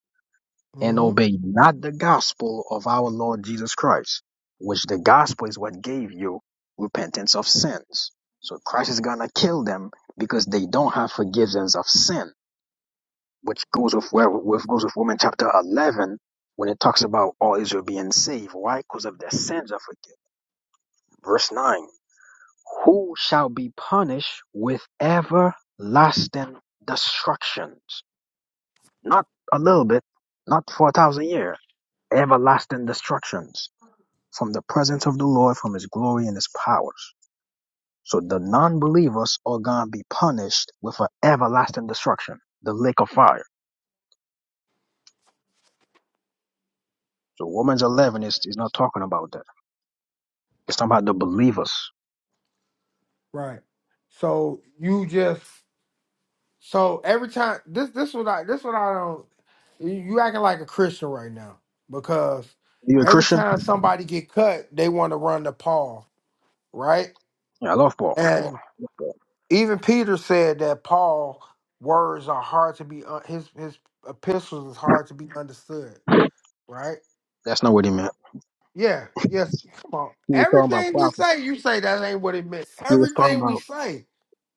C: and
A: Mm-hmm.
C: obey not the gospel of our Lord Jesus Christ, which the gospel is what gave you repentance of sins. So Christ is gonna kill them because they don't have forgiveness of sin. which goes with where with goes with Romans chapter eleven when it talks about all Israel being saved. Why? Because of their sins are forgiven. Verse nine: Who shall be punished with everlasting destructions? Not a little bit, not thousand years. Everlasting destructions from the way and his powers. So the non or with a F, the liar.
A: Right. So you just so every time this this what I this what I don't you you acting like a Christian right now because
C: You a
A: every
C: Christian?
A: time somebody get cut, they want to run to Paul, right?
C: Yeah, I love Paul.
A: and.
C: Yeah,
A: Even Peter said that Paul words are hard to be un- his his epistles is hard to be understood, right?
C: that's not what he meant.
A: Yeah, yes. Come on.
C: He was talking about
A: Everything we
C: prophecy.
A: say, you say that ain't what it meant.
C: He was talking
A: Everything we
C: about
A: say,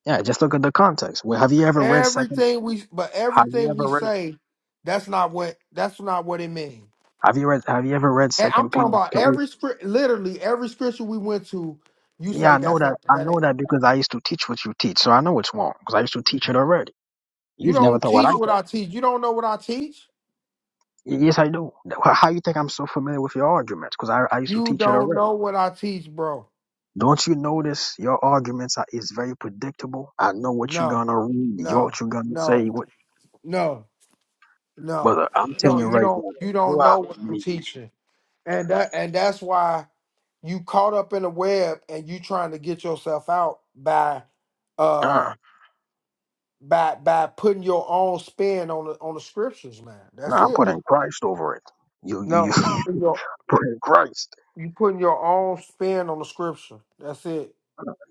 C: yeah. Just look at the context. Well, have you ever read Second?
A: everything we but
C: Have you
A: everything we
C: ever read?
A: say, that's not what that's not what it means.
C: Have you read have you ever read
A: And I'm
C: Second
A: talking
C: Peter
A: about
C: three?
A: every script, literally every scripture we went to. You
C: Yeah,
A: say
C: I know
A: that's not
C: that I
A: that
C: know
A: ain't.
C: that because I used to teach what you teach, so I know it's wrong because I used to teach it already.
A: You
C: You've never
A: don't
C: thought what I
A: teach
C: thought.
A: what I teach. You don't know what I teach.
C: Y- Yes, I do. Wh- How you think I'm so familiar with your arguments? Because I, I used to
A: You
C: teach it
A: don't
C: already.
A: know what I teach, bro.
C: Don't you notice your arguments are is very predictable? I know what you're
A: No.
C: gonna read, you
A: no,
C: what you're gonna say.
A: no,
C: What,
A: no, no,
C: brother, I'm telling
A: no.
C: you
A: You
C: right
A: don't.
C: now,
A: You
C: you
A: don't
C: have
A: know what I'm
C: me.
A: teaching, and that and that's why you caught up in the web and you trying to get yourself out by
C: Nah,
A: uh by by putting your own spin on the on the scriptures, man. That's
C: nah, I'm
A: it.
C: putting Christ over it. You, you, you
A: No, you
C: *laughs*
A: put your
C: putting Christ.
A: you putting your own spin on the scripture. That's it.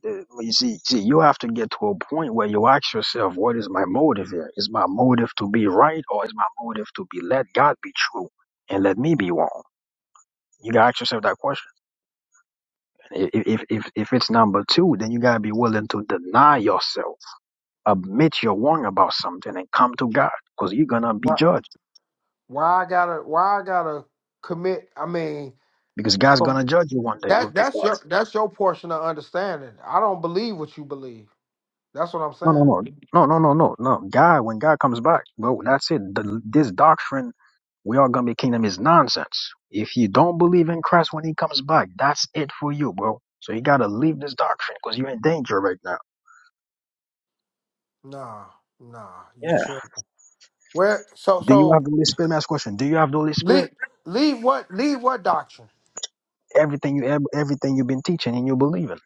C: the- you see, see, you have to get to a point where you ask yourself, what is my motive here? Is my motive to be right or is my motive to be let God be true and let me be wrong? You gotta ask yourself that question. I- i- If if if it's number two, then you gotta be willing to deny yourself, admit you're wrong about something, and come to God because you're gonna be
A: Why
C: judged.
A: why I gotta why I gotta commit? I mean,
C: Because God's gonna judge you one day
A: That
C: with this
A: that's your
C: doctrine.
A: that's your portion of understanding. I don't believe what you believe. That's what I'm
C: No, no,
A: saying.
C: no, no, no, no, no, no. God, when God comes back, well, that's it. The, this doctrine We are gonna be kingdom is nonsense. If you don't believe in Christ when he comes back, that's it for you, bro. So you gotta leave this doctrine because you're in danger right now.
A: Nah, nah, you
C: Yeah.
A: trick. Where so
C: Do you have
A: so
C: the Holy Spirit? Last question. Do you have the Holy
A: leave
C: Spirit?
A: leave what leave what doctrine?
C: Everything you ev- everything you've been teaching and you believe in.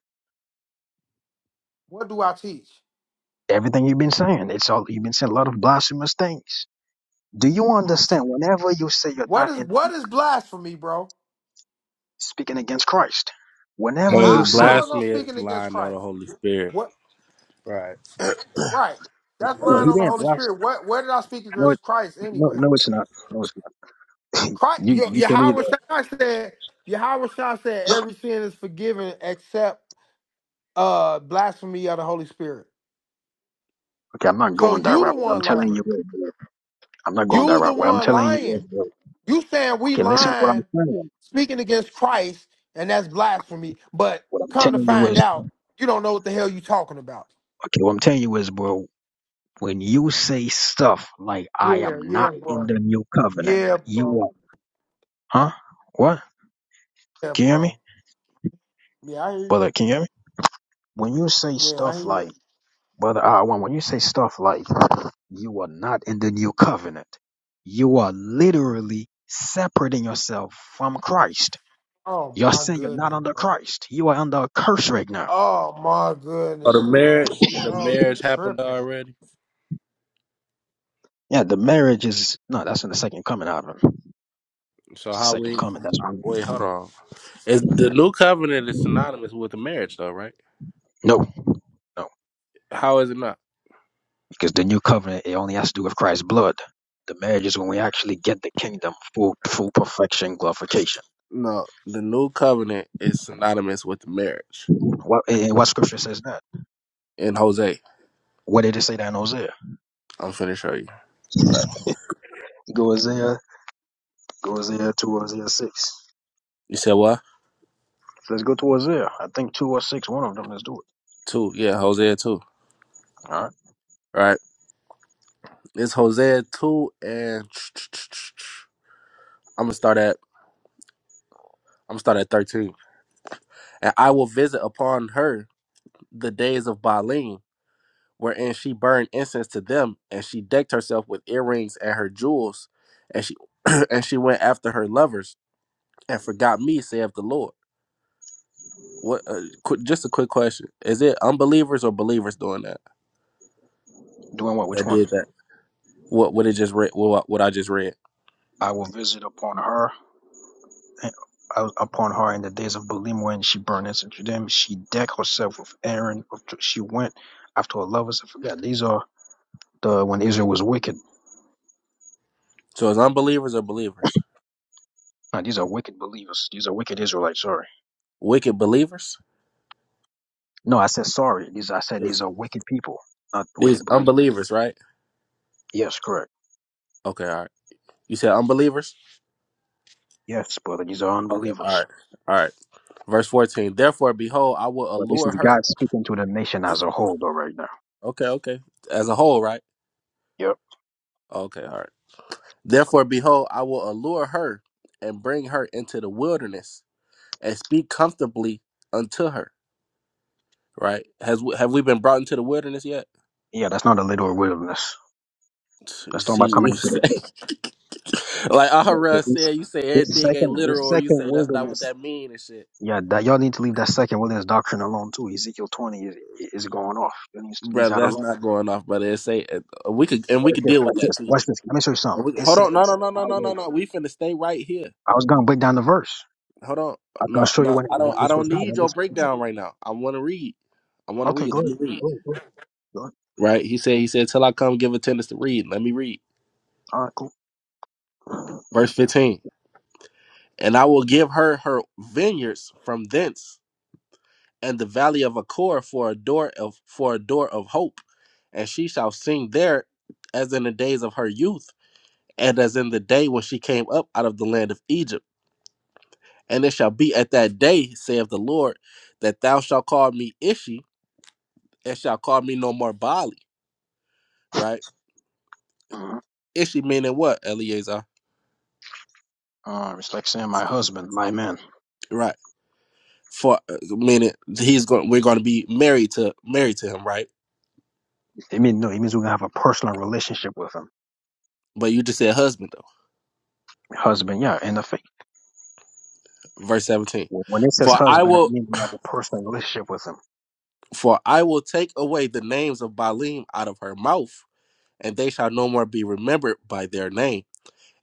A: What do I teach?
C: Everything you've been saying. It's all you've been saying a lot of blasphemous things. Do you understand
A: Actually.
C: whenever you say you're
A: What
C: not
A: is
C: in
A: what is blasphemy, bro?
C: speaking against Christ? Whenever
B: But
C: you
A: How how
C: say
A: is I
B: blasphemy is
A: speaking against
B: lying on the
A: Christ?
B: Holy Spirit.
A: What
B: Right.
A: right. That's
C: no,
B: Uh,
A: lying
C: he
B: so
A: on the
C: didn't
A: Holy
C: blast
A: Spirit. What where did I speak
C: no it,
A: against Christ
C: no
A: anyway?
C: no it's not. No it's not.
A: Christ
C: You
A: Ye-
C: you can either
A: Yahweh Shai said Yahweh Shai said every sin is forgiven except uh blasphemy of the Holy Spirit.
C: okay, I'm not
A: So
C: going that
A: you the
C: route, but I'm
A: one
C: telling you
A: lying.
C: what it is. I'm not going that
A: You the
C: route. What I'm
A: one
C: telling you
A: lying.
C: is, uh,
A: You saying we
C: okay, listen to what I'm
A: lying,
C: saying.
A: speaking against Christ, and that's blasphemy. But
C: What I'm
A: come to
C: doing
A: find
C: is,
A: out, you don't know what the hell you talking about.
C: okay, what I'm telling you, well, when you're
A: Yeah,
C: not
A: yeah, bro.
C: infinite,
A: Yeah,
C: you
A: bro.
C: are, huh? What?
A: Yeah,
C: Can you hear me?
A: bro. Yeah, I hear you.
C: Brother, can you hear me? When you,
A: Yeah, I hear you.
C: like, brother, I want, when you say stuff like, you are not in the new covenant, you are literally separating yourself from Christ.
A: Oh
C: You're
A: my
C: saying you're not
A: goodness,
C: under
A: bro.
C: Christ. You are under a curse right now.
A: Oh my goodness,
B: the marriage
A: bro.
B: the
A: Bro, you
B: marriage happened
A: tripping. man.
B: already.
C: Yeah, the marriage is, no, that's in the second coming out of him.
B: So
C: The
B: how
C: second
B: we
C: coming, that's when,
B: wait, hold on. Is the new covenant is synonymous with the marriage though, right?
C: no, no.
B: How is it not?
C: Because the new covenant, it only has to do with Christ's blood. The marriage,
B: No, the new covenant is synonymous with marriage
C: what, eh, eh, what scripture says that?
B: in Hosea.
C: What did it say that in Hosea?
B: I'm finna show you. Right.
C: Go Hosea, go Hosea 2, Hosea 6.
B: You said what?
C: Let's go to Hosea. I think 2 or 6, one of them. Let's do it.
B: Two. Yeah, Hosea two.
C: All right.
B: Right. It's Hosea two and *tsk* I'm gonna start at I'm gonna start at thirteen. And I will visit upon her the days of Baalim, wherein she burned incense to them, and she decked herself with earrings and her jewels, and she *clears throat* and she went after her lovers and forgot me, saith the Lord. What? Uh, qu- just a quick question: Is it unbelievers or believers doing that?
C: Doing what? Which
B: That
C: one?
B: did that. What? What it just read? What? What I just read.
C: I will visit upon her, eh, uh, upon her in the days of Belial when she burned incense to them. She decked herself with Aaron. with- She went after her lovers. I forgot. These are the when Israel was wicked.
B: So it's unbelievers or believers?
C: Now, these are wicked believers. These are wicked Israelites. Sorry.
B: Wicked believers.
C: No, I said sorry. These I said
B: These
C: these are wicked people, not
B: these
C: wicked believers.
B: unbelievers, right?
C: Yes, correct.
B: Okay, all right. You said unbelievers.
C: Yes, brother, these are
B: Okay, all
C: unbelievers.
B: right, all right. Verse fourteen. Therefore, behold, I will
C: But this
B: allure
C: is God
B: her.
C: speaking to the nation as a whole, though, right now.
B: Okay, okay. As a whole, right?
C: Yep.
B: Okay, all right. Therefore, behold, I will allure her and bring her into the wilderness and speak comfortably unto her right? Has we- have we been brought into the wilderness yet?
C: Yeah, that's not a little wilderness. That's talking
B: See, *laughs*
C: about coming into the faith.
B: like
C: Yeah, but
B: Ahura
C: this,
B: said, you say
C: this
B: everything ain't
C: second,
B: literal,
C: this
B: or you
C: second
B: say that's not what
C: wilderness.
B: that mean and shit,
C: Yeah, that y'all need to leave that second wilderness doctrine alone too. Ezekiel twenty is is going off. You need to leave
B: brother.
C: that
B: That's
C: alone.
B: not going off, brother. It say uh, uh, we could
C: And
B: and we
C: Watch
B: could
C: this.
B: deal with
C: Watch
B: that
C: this.
B: too.
C: Watch this. Let me show you
B: And
C: something.
B: we,
C: It
B: hold on, no, no,
C: says,
B: no,
C: "I
B: no, no, no,
C: will."
B: no. We finna stay right here.
C: I was gonna break down the verse.
B: Hold on,
C: I was gonna
B: no,
C: show you
B: no.
C: when
B: I
C: when
B: don't, I
C: this was
B: don't need your
C: happening.
B: breakdown right now. I want to read. I want to
C: Okay,
B: read.
C: go
B: Let
C: ahead.
B: me read.
C: Go ahead. Go ahead. Go ahead.
B: Right? He said. He said, "Till I come, give attendance to read." Let me read.
C: All right, cool.
B: Verse fifteen. And I will give her her vineyards from thence and the valley of Achor for a door of for a door of hope, and she shall sing there as in the days of her youth, and as in the day when she came up out of the land of Egypt. And it shall be at that day, saith the Lord, that thou shalt call me Ishi, and shalt call me no more Bali. Right?
C: Mhm.
B: Ishi meaning what, Eleazar?
C: And my husband, my man.
B: Right. For uh, meaning he's going we're gonna be married to married to him, right?
C: It means no. It means we can have a personal relationship with him.
B: But you just said husband
C: Husband, yeah. In the faith,
B: though. Verse seventeen.
C: when it says
B: For I
C: husband, it
B: will
C: means we have a personal relationship with him.
B: For I will take away the names of Baalim out of her mouth, and they shall no more be remembered by their name.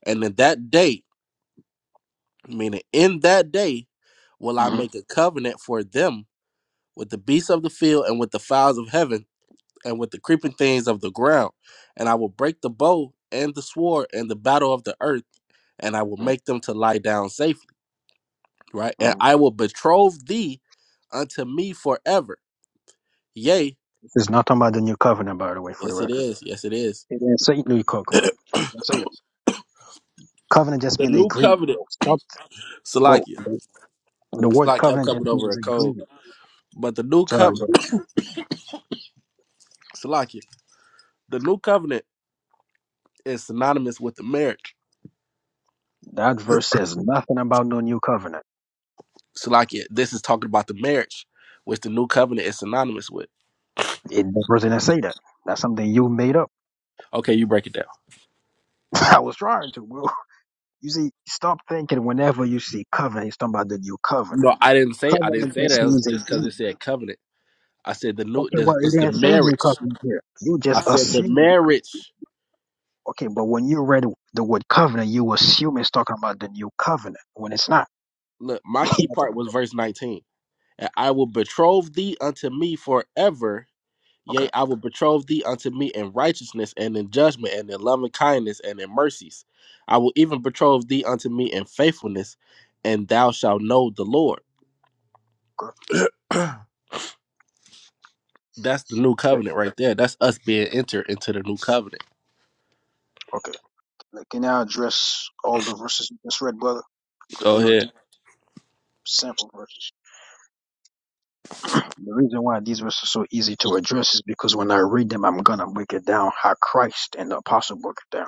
B: And in that day, meaning in that day, will I
C: Mm-hmm.
B: make a covenant for them with the beasts of the field and with the fowls of heaven and with the creeping things of the ground. And I will break the bow and the sword and the battle of the earth, and I will make them to lie down safely, right? And
C: Mm-hmm.
B: I will betroth thee unto me forever. Yea,
C: This is not talking about the new covenant, by the way, for the
B: yes it
C: record.
B: is, yes it is.
C: It didn't say new covenant. It didn't say that. Covenant just
B: The
C: means
B: new
C: agreement.
B: covenant.
C: Bro. Stop. Whoa.
B: Salakia.
C: The the word
B: Salakia, I'm
C: covenant
B: coming
C: just
B: over
C: means
B: a cold.
C: agreement.
B: But the new
C: Sorry, bro.
B: covenant, Salakia, the new covenant is synonymous with the marriage.
C: That verse says nothing about no new covenant.
B: Salakia, this is talking about the marriage, which the new covenant is synonymous with.
C: It the verse didn't say that. That's something you made up.
B: Okay, you break it down.
C: *laughs* I was trying to. You see, stop thinking whenever you see covenant, he's talking about the new covenant.
B: No, I didn't say I didn't
C: Covenant
B: say that.
C: just
B: It was
C: means a
B: just because it
C: deed.
B: said covenant. I said the new.
C: Okay,
B: This,
C: well, it
B: it's the
C: didn't say new
B: marriage.
C: covenant here. You
B: I
C: just
B: said the
C: assume.
B: marriage.
C: Okay, but when you read the word covenant, you assume it's talking about the new covenant when it's not.
B: Look,
C: *laughs*
B: my key part
C: okay,
B: was verse 19, and I will betroth thee unto me forever Yea, I will betroth thee unto me in righteousness and in judgment and in loving kindness and in mercies. I will even betroth thee unto me in faithfulness, and thou shalt know the Lord.
C: good.
B: *clears throat* That's the new
C: good,
B: covenant right there. That's us being entered into the new covenant.
C: Okay. Like, can I address all the verses you just read, brother? But
B: Go
C: they're not
B: ahead.
C: deep sample verses. The reason why these verses are so easy to address is because when I read them, I'm going to break it down how Christ and the apostle broke it down.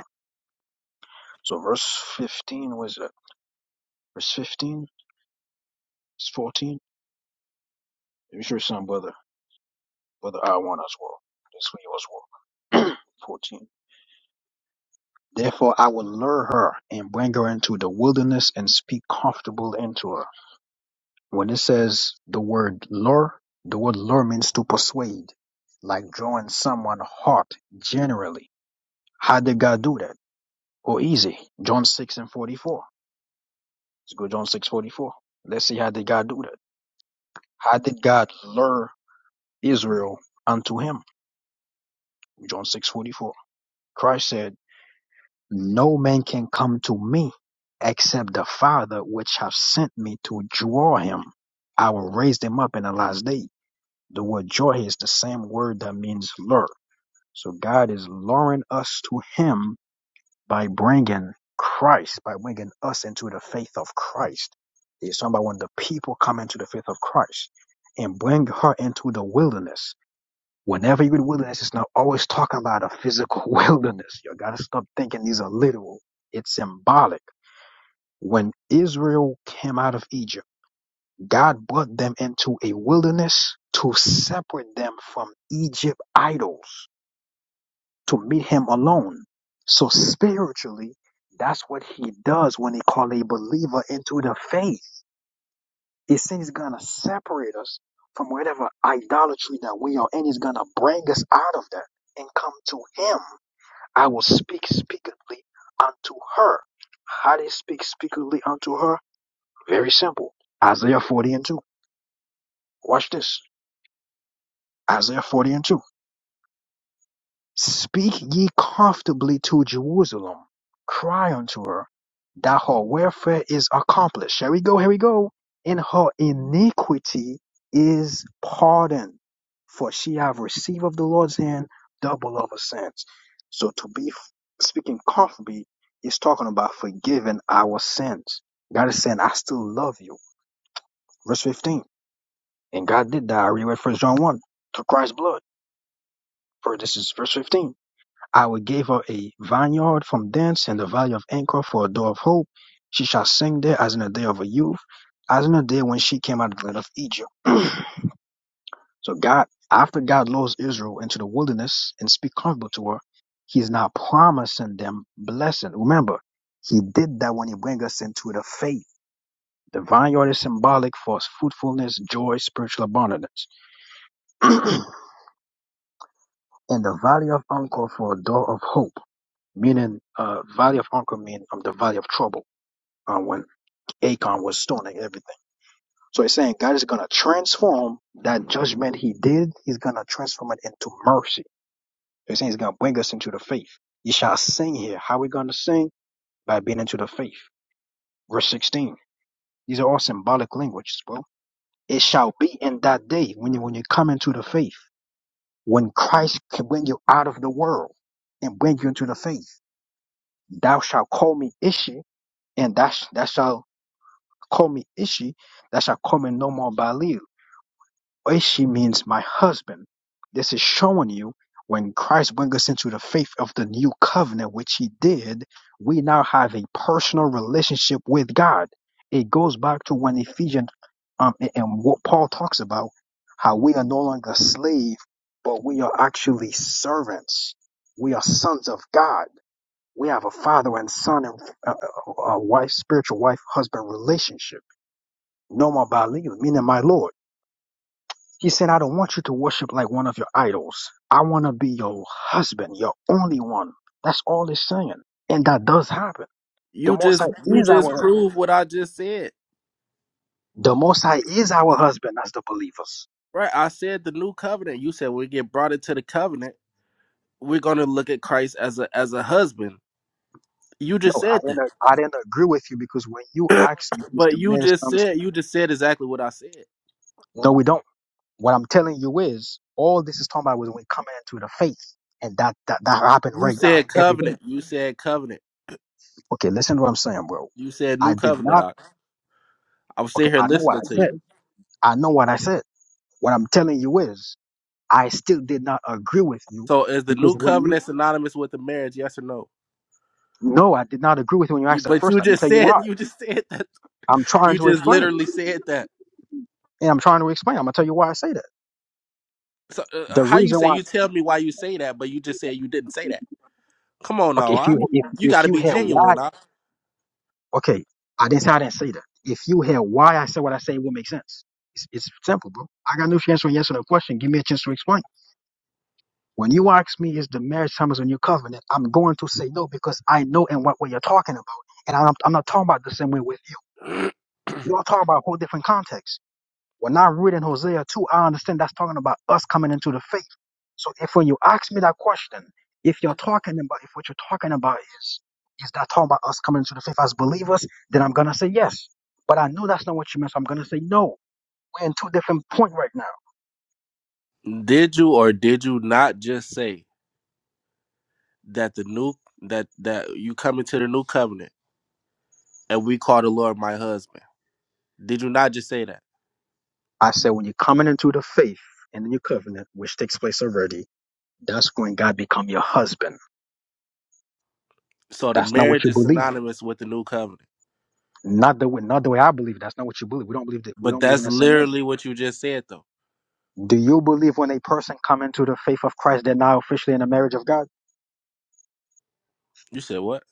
C: So verse 15 was it? verse 15, verse 14. Let me show you some, brother. Brother I want as well. This one you as well. *clears throat* 14. Therefore I will lure her and bring her into the wilderness and speak comfortable into her. When it says the word lure, the word lure means to persuade, like drawing someone heart generally. How did God do that? Oh, easy. John 6 and 44. Let's go John six forty-four. Let's see how did God do that. How did God lure Israel unto him? John 6 44. Christ said, No man can come to me except the Father which have sent me to draw him. I will raise them up in the last day. The word draw here is the same word that means lure. So God is luring us to him by bringing Christ, by bringing us into the faith of Christ. He's talking about when the people come into the faith of Christ and bring her into the wilderness Whenever you're in the wilderness, it's not always talking about a physical *laughs* wilderness. You gotta stop thinking these are literal. It's symbolic. When Israel came out of Egypt, God brought them into a wilderness to separate them from Egypt idols, to meet him alone. So spiritually, that's what he does when he called a believer into the faith. He said he's gonna separate us from whatever idolatry that we are in. He's gonna bring us out of that and come to him. I will speak speakingly unto her. How they speak speakingly unto her? Very simple. Isaiah 40 and 2. Watch this. Isaiah 40 and 2. Speak ye comfortably to Jerusalem, cry unto her that her welfare is accomplished. Here we go, here we go. And her iniquity is pardoned, for she have received of the Lord's hand double of her sins. So to be f- speaking comfortably is talking about forgiving our sins. God is saying, I still love you. Verse 15. And God did that. I read First John 1 to Christ's blood. For this is verse 15. I will give her a vineyard from thence and the valley of Anchor for a door of hope. She shall sing there as in the day of her youth, as in the day when she came out of the land of Egypt. *clears throat* so God, after God lures Israel into the wilderness and speak comfortable to her, He's now promising them blessing. Remember, He did that when He bring us into the faith. The vineyard is symbolic for fruitfulness, joy, spiritual abundance, *clears throat* and the valley of Anchor for a door of hope. meaning uh, valley of Uncle mean um, the valley of trouble uh, when Acon was stoning everything. So he's saying God is going to transform that judgment he did. He's going to transform it into mercy. So he's saying he's going to bring us into the faith. You shall sing here. How we going to sing? By being into the faith. Verse 16. These are all symbolic languages, bro. It shall be in that day when you, when you come into the faith, when Christ can bring you out of the world and bring you into the faith. Thou shalt call me Ishi, and that that shall. Call me Ishi, thou shalt call me no more Baalil. Ishi means my husband. This is showing you when Christ brings us into the faith of the new covenant, which he did, we now have a personal relationship with God. It goes back to when Ephesians um, a- and what Paul talks about, how we are no longer slave, but we are actually servants. We are sons of God. We have a father and son and uh, uh, uh, wife, spiritual wife, husband relationship no more Baalim, meaning my Lord. He said, I don't want you to worship like one of your idols. I want to be your husband, your only one. That's all it's saying. And that does happen. The
B: You
C: Most
B: just
C: High
B: you
C: is
B: just
C: our husband.
B: proved what I just said.
C: The Most High is our husband as the believers.
B: Right. I said the new covenant. You said we get brought into the covenant, we're gonna look at Christ as a as a husband. You
C: No,
B: just
C: I
B: said that.
C: didn't, I didn't agree with you because when you asked me, is
B: But
C: the
B: you
C: marriage
B: just
C: promise?
B: said you just said exactly what I said.
C: No, we don't. What I'm telling you is, all this is talking about was when coming into the faith. And that, that, that happened
B: You
C: right now,
B: said
C: every day.
B: covenant. You said covenant.
C: Okay, listen to what I'm saying, bro.
B: You said
C: I
B: new
C: did
B: covenant.
C: not.
B: I, I was
C: Okay,
B: sitting here
C: I know what
B: listening
C: I
B: to you.
C: said. I know what I said. What I'm telling you is, I still did not agree with you
B: So is the new
C: because when you,
B: covenant synonymous with the marriage? Yes or no?
C: no, I did not agree with you when you
B: You-
C: asked that
B: But
C: first.
B: you
C: time. Let me
B: just *laughs*
C: tell you
B: said
C: why.
B: you just said that.
C: I'm trying
B: You
C: to
B: just
C: explain,
B: literally said that.
C: and I'm trying to explain. I'm gonna tell you why I say that.
B: So uh, uh,
C: The
B: how you
C: reason
B: say
C: why,
B: you tell me why you say that, but you just said you didn't say that? Come on
C: okay,
B: now,
C: if
B: I,
C: you if
B: you got
C: if
B: to
C: you
B: be
C: had why,
B: genuine. I.
C: okay, I didn't say I didn't say that. If you had why I said what I say, it would make sense. It's, it's simple, bro. I got no chance for yes or no question. Give me a chance to explain. When you ask me, is the marriage time is a new covenant? I'm going to say no because I know in what way you're talking about, and I'm, I'm not talking about the same way with you. You all talking about a whole different context. When I read in Hosea 2, I understand that's talking about us coming into the faith. So if when you ask me that question, if you're talking about, if what you're talking about is, is that talking about us coming into the faith as believers, then I'm going to say yes. But I know that's not what you meant, so I'm going to say no. We're in two different point right now.
B: Did you or did you not just say that the new that that you come into the new covenant and we call the Lord my husband? Did you not just say that?
C: I said when you're coming into the faith in the new covenant, which takes place already, that's when God become your husband.
B: So the
C: That's not what
B: marriage
C: you
B: is
C: believe in.
B: synonymous with the new covenant.
C: Not the way, not the way I believe. That's not what you believe. We don't believe that. We
B: But
C: don't believe in
B: that's
C: the same way.
B: literally what you just said, though.
C: Do you believe when a person comes into the faith of Christ, they're now officially in the marriage of God?
B: You said what?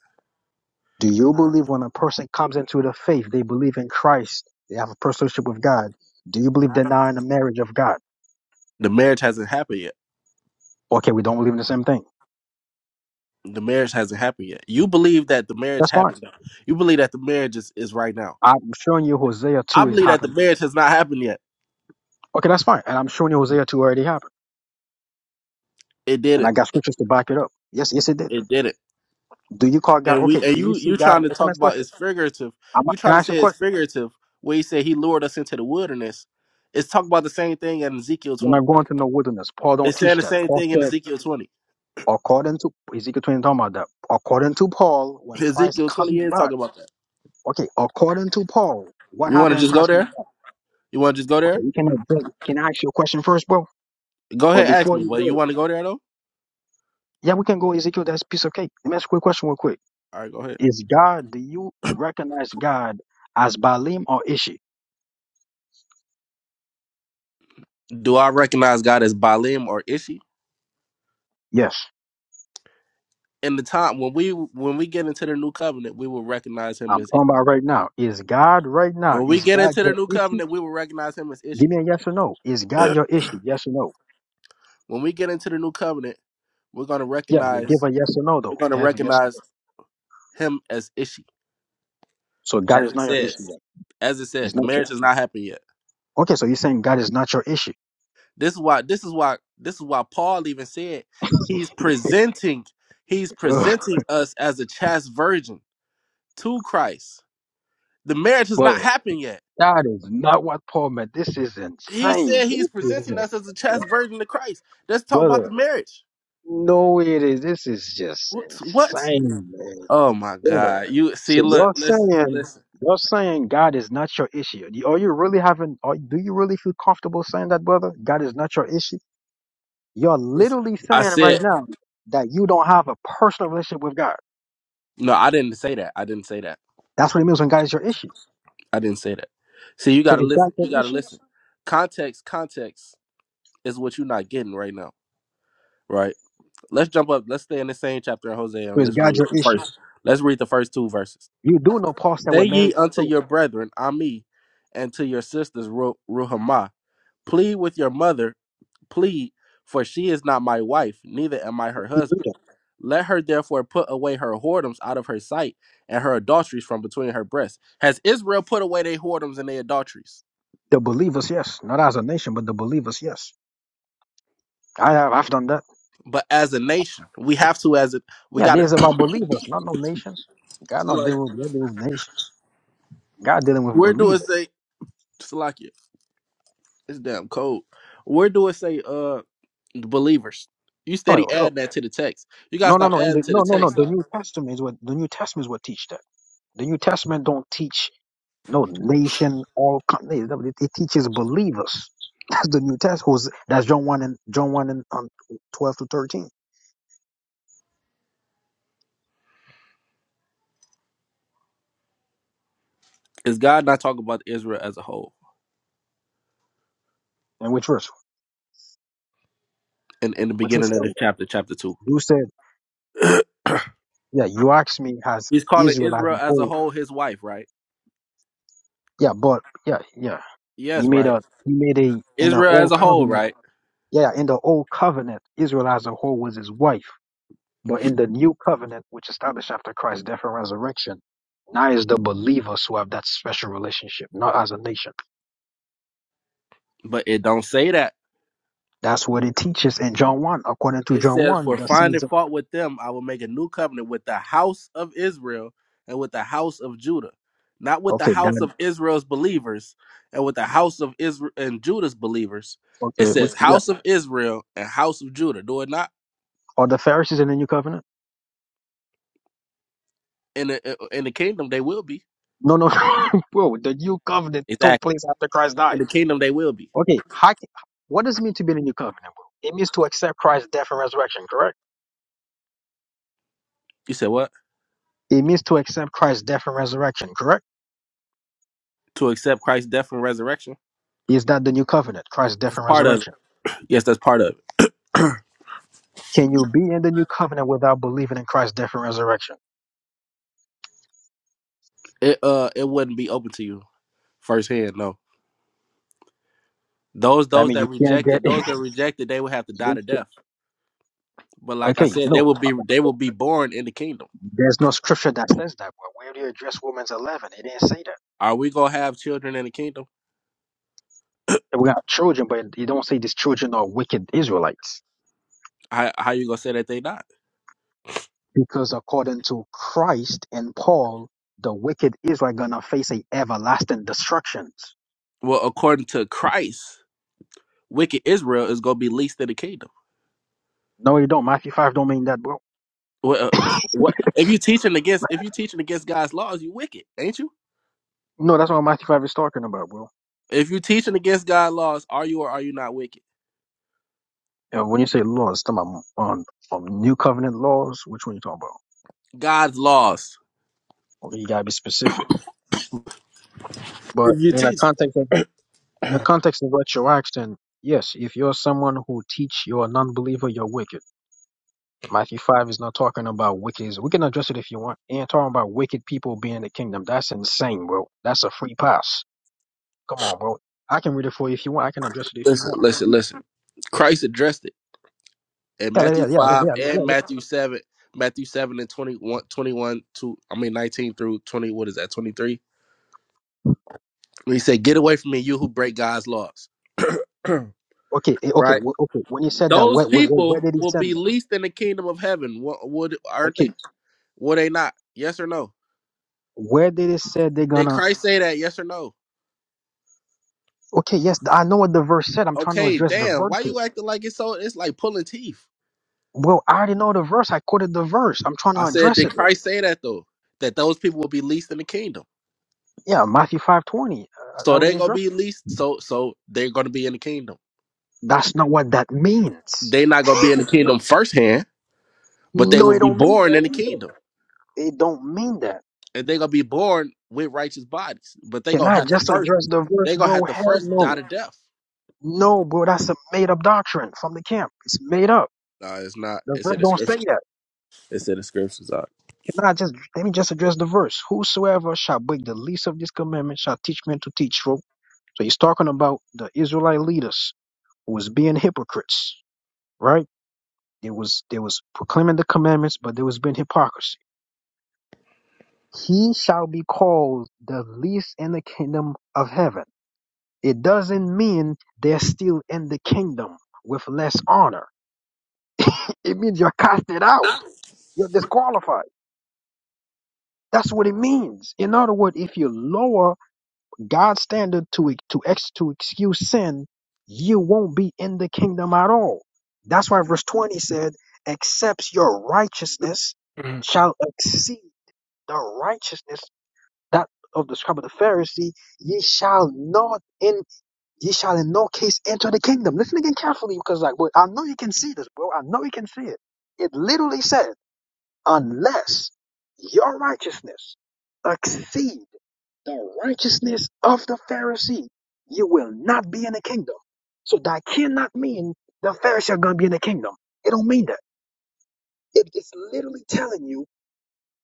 C: Do you believe when a person comes into the faith, they believe in Christ, they have a personship with God? Do you believe they're now in the marriage of God?
B: The marriage hasn't happened yet.
C: Okay, we don't believe in the same thing.
B: The marriage hasn't happened yet. You believe that the marriage
C: That's fine.
B: happened. Now. You believe that the marriage is, is right now.
C: I'm showing you Hosea
B: I
C: 2 is
B: believe that the
C: happening.
B: marriage has not happened yet.
C: Okay, that's fine. And I'm showing you Hosea 2 already happened.
B: It
C: And I
B: didn't.
C: got scriptures to back it up. Yes, yes, it did.
B: It didn't.
C: Do you call God?
B: And we
C: Okay,
B: and
C: do you
B: you
C: see
B: you
C: God?
B: trying to
C: Okay,
B: talk
C: next
B: about
C: question.
B: it's figurative.
C: I'm,
B: You
C: can
B: trying
C: I
B: to
C: ask you
B: say
C: a
B: it's
C: question?
B: figurative where he said he lured us into the wilderness. It's talking about the same thing in Ezekiel
C: We're
B: twenty.
C: not going to no wilderness. Paul don't
B: It's saying
C: teach
B: the
C: that.
B: same
C: Paul
B: thing in
C: said
B: Ezekiel twenty.
C: according to Ezekiel 20 talking about that. According to Paul, when Christ
B: Ezekiel twenty
C: comes
B: is
C: back,
B: talking about that.
C: okay, according to Paul, what
B: You want to
C: happened when
B: just go
C: Christ comes
B: there?
C: back?
B: You want to just go
C: Okay,
B: there?
C: we can address- can I ask you a question first, bro?
B: Go
C: But
B: ahead, ask
C: before
B: me.
C: you
B: But you
C: go,
B: want to go there though?
C: yeah, we can go Ezekiel, that's piece of cake. Let me ask you a quick question real quick.
B: All right, go ahead.
C: Is God, do you recognize God as Baalim or Ishi?
B: Do I recognize God as Baalim or Ishi?
C: Yes.
B: In the time when we when we get into the new covenant, we will recognize him
C: I'm
B: as.
C: talking about right now. Is God right now?
B: When we
C: Is
B: get
C: God
B: into the
C: your
B: new
C: Ishi?
B: covenant, we will recognize him as Ishi.
C: Give me a yes or no. Is
B: *clears throat*
C: God your
B: when
C: Ishi? Yes or no?
B: we get into the new covenant, we're gonna
C: Yeah, but give
B: recognize
C: a yes or no
B: we're
C: though.
B: gonna
C: Give a yes or
B: recognize
C: no.
B: him as Ishi,
C: So God
B: as
C: is
B: it
C: not your Ishi.
B: says,
C: Then.
B: as it says.
C: He's
B: The
C: not your
B: marriage has not happened yet.
C: Okay, so you're saying God is not your issue.
B: This is why this is why this is why Paul even said he's presenting he's
C: Ugh,
B: presenting us as a chaste virgin to Christ. The marriage has not
C: brother,
B: happened yet.
C: that is not what Paul meant. This is
B: He
C: insane.
B: said he's
C: This is,
B: presenting us as a chaste virgin to Christ. Let's talk about the
C: brother,
B: marriage.
C: no, it is. This is just
B: What? what?
C: insane, man.
B: Oh my
C: Brother,
B: God! You see,
C: so
B: look,
C: you're
B: listen,
C: saying,
B: listen,
C: you're saying God is not your issue. You- Are you really having, are, do you really feel comfortable saying that, brother? God is not your issue? You're
B: listen.
C: literally
B: I
C: saying right
B: said
C: now that you don't have a personal relationship with God.
B: no. I didn't say that. I didn't say that.
C: That's what it means when God is your issue.
B: I didn't say that. See, you
C: So
B: gotta
C: is God
B: listen.
C: your
B: You gotta
C: issue?
B: listen. Context, context is what you're not getting right now, right? Let's jump up. Let's stay in the same chapter in Hosea
C: Or
B: and
C: is
B: let's
C: God
B: read
C: your
B: the *laughs*
C: issue?
B: first. Let's read the first two verses.
C: You do know Paul said we're
B: Say ye
C: married.
B: unto
C: So
B: your brethren, Ami, and to your sisters, Ru- Ruhamah. Plead with your mother, plead, for she is not my wife, neither am I her
C: we read
B: husband.
C: it.
B: Let her therefore put away her whoredoms out of her sight and her adulteries from between her breasts. Has Israel put away their whoredoms and their adulteries?
C: the believers, yes, not as a nation, but the believers, yes. I have I've done that.
B: But as a nation, we have to, as a, we
C: Yeah,
B: got
C: this
B: to,
C: is about believers, not no nation.
B: *clears throat*
C: God not
B: like,
C: dealing with, God dealing with nation. God dealing with
B: where do it
C: believers.
B: say, Salakia? *coughs* It's damn cold. Where do it say uh believers? You
C: Oh,
B: steady
C: oh oh.
B: add that to the text. You gotta
C: no, no,
B: stop
C: no, and
B: adding
C: the,
B: to the
C: no, no, no.
B: text.
C: The New
B: Doc.
C: Testament is what the New Testament is what teach that. The New Testament don't teach no nation, all con- it, it teaches believers. *laughs* That's the New Testament. Who's that's John one and John one and um, twelve to thirteen.
B: Is God not talking about Israel as a whole?
C: And which verse?
B: In in the
C: Which verse?
B: beginning of this chapter, chapter two.
C: You said. Yeah, you asked me has
B: He's calling
C: Israel as a
B: Israel as a
C: whole.
B: whole his wife, right?
C: Yeah, but yeah, yeah. he
B: Yes,
C: made
B: right.
C: a he made a in the
B: Israel as
C: old
B: a whole,
C: covenant.
B: right?
C: Yeah, in the old covenant, Israel as a whole was his wife. But in the new covenant, which established after Christ's death and resurrection, now is the believers who have that special relationship, not as a nation.
B: But it don't say that.
C: That's what it teaches in John one. According to
B: It
C: John
B: says,
C: one,
B: For
C: the
B: finding
C: sons of
B: fault with them, I will make a new covenant with the house of Israel and with the house of Judah. Not with the
C: okay,
B: house
C: then
B: of Israel's believers and with the house of Israel and Judah's believers. It
C: okay, we,
B: says
C: yeah.
B: house of Israel and house of Judah. Do it not
C: Are the Pharisees in the new covenant?
B: in the in the kingdom they will be.
C: No, no, *laughs* bro. The new covenant took
B: Exactly.
C: place after Christ died.
B: In the kingdom they will be.
C: Okay, how, ca- what does it mean to be in the new covenant, bro? It means to accept Christ's death and resurrection, correct?
B: You said what?
C: It means to accept Christ's death and resurrection, correct?
B: To accept Christ's death and resurrection.
C: Is that the new covenant, Christ's death
B: That's
C: and
B: part of it.
C: resurrection?
B: Yes, that's part of it.
C: Can you be in the new covenant without believing in Christ's death and resurrection?
B: *clears throat* it uh it wouldn't be open to you firsthand, No. Those
C: That
B: those
C: means you
B: that
C: can't get
B: rejected, those
C: *laughs*
B: that rejected, they would have to die
C: you
B: to
C: can
B: death. But like I
C: Okay,
B: said, they
C: no,
B: will
C: uh,
B: be they will be born in the kingdom.
C: there's no scripture that says that. bro. where do you address Romans 11? It didn't say that.
B: Are we gonna have children in the kingdom?
C: We got children, but you don't say these children are wicked Israelites.
B: How how you gonna say that they not?
C: Because according to Christ and Paul, the wicked Israel gonna face a everlasting destructions.
B: Well, according to Christ, wicked Israel is gonna be least in the kingdom.
C: No, you don't. Matthew five don't mean that, bro.
B: Well, uh, what if you teaching against if you teaching against God's laws, you wicked, ain't you?
C: No, that's what Matthew five is talking about, bro.
B: If you teaching against God's laws, are you or are you not wicked?
C: And when you say laws, it's talking about on um, new covenant laws, which one you talking about?
B: God's laws.
C: Okay, you gotta be specific. But
B: If you
C: in the
B: teach,
C: context of in the context of what you're asking, yes, if you're someone who teach you're a non-believer, you're wicked. Matthew 5 is not talking about wicked. We can address it if you want. It ain't talking about wicked people being in the kingdom. That's insane, bro. That's a free pass. Come on, bro. I can read it for you if you want. I can address it if you
B: listen,
C: want.
B: listen, listen. Christ addressed it. and
C: Yeah, yeah,
B: Matthew
C: yeah, yeah,
B: five
C: yeah. yeah,
B: and
C: yeah.
B: Matthew seven, Matthew seven and 21, 21 to I mean nineteen through twenty. What is that? Twenty three. He said, "Get away from me, you who break God's laws." *clears throat*
C: Okay, eh, okay,
B: right.
C: wh- okay. When he said that,
B: Those
C: where, where, where where
B: people
C: did he
B: will
C: send
B: be
C: them?
B: least in the kingdom of heaven. What would aren't
C: Okay,
B: they? Were they not? Yes or no?
C: where did it say they're
B: Did
C: gonna?
B: Christ say that? Yes or no?
C: Okay, yes, I know what the verse said. I'm trying to
B: Okay,
C: address the
B: damn. Why you
C: verses.
B: acting like it's so? It's like pulling teeth.
C: Well, I already know the verse. I quoted the verse. I'm trying
B: I
C: to
B: said,
C: address
B: did
C: it.
B: Christ say that though? That those people will be least in the kingdom.
C: Yeah, Matthew 5:20. Uh, I I
B: So they're
C: already
B: gonna
C: addressed.
B: be least. So so they're gonna be in the kingdom.
C: That's not what that means.
B: they not gonna be in the
C: *laughs*
B: kingdom firsthand, but they
C: No,
B: will
C: it
B: be
C: don't mean
B: born
C: that
B: in the
C: either.
B: kingdom,
C: It don't mean that.
B: and they gonna be born with righteous bodies. But they
C: Can
B: gonna
C: I
B: have to
C: just
B: first,
C: address the verse,
B: they gonna
C: bro?
B: have to
C: Hell
B: first die
C: no.
B: to death.
C: No, bro, that's a made up doctrine from the camp. It's made up.
B: No, it's not.
C: The
B: It's
C: verse
B: in the
C: don't say
B: scriptures.
C: that.
B: It's in the scriptures. Doc.
C: Can I just let me just address the verse? Whosoever shall break the least of this commandment shall teach men to teach, bro. So he's talking about the Israelite leaders who was being hypocrites, right? They was they was proclaiming the commandments, but there was being hypocrisy. He shall be called the least in the kingdom of heaven It doesn't mean they're still in the kingdom with less honor. *laughs* It means you're casted out. You're disqualified. That's what it means. In other words, if you lower God's standard to ex- to ex, to excuse sin, you won't be in the kingdom at all. That's why verse 20 said, "Except your righteousness
B: Mhm.
C: shall exceed the righteousness that of the scribe of the Pharisee, ye shall not in." Ye shall in no case enter the kingdom. Listen again carefully because, like, boy, I know you can see this, bro. I know you can see it. It literally said, unless your righteousness exceed the righteousness of the Pharisee, you will not be in the kingdom. So that cannot mean the Pharisee are going to be in the kingdom. It don't mean that. It- it's literally telling you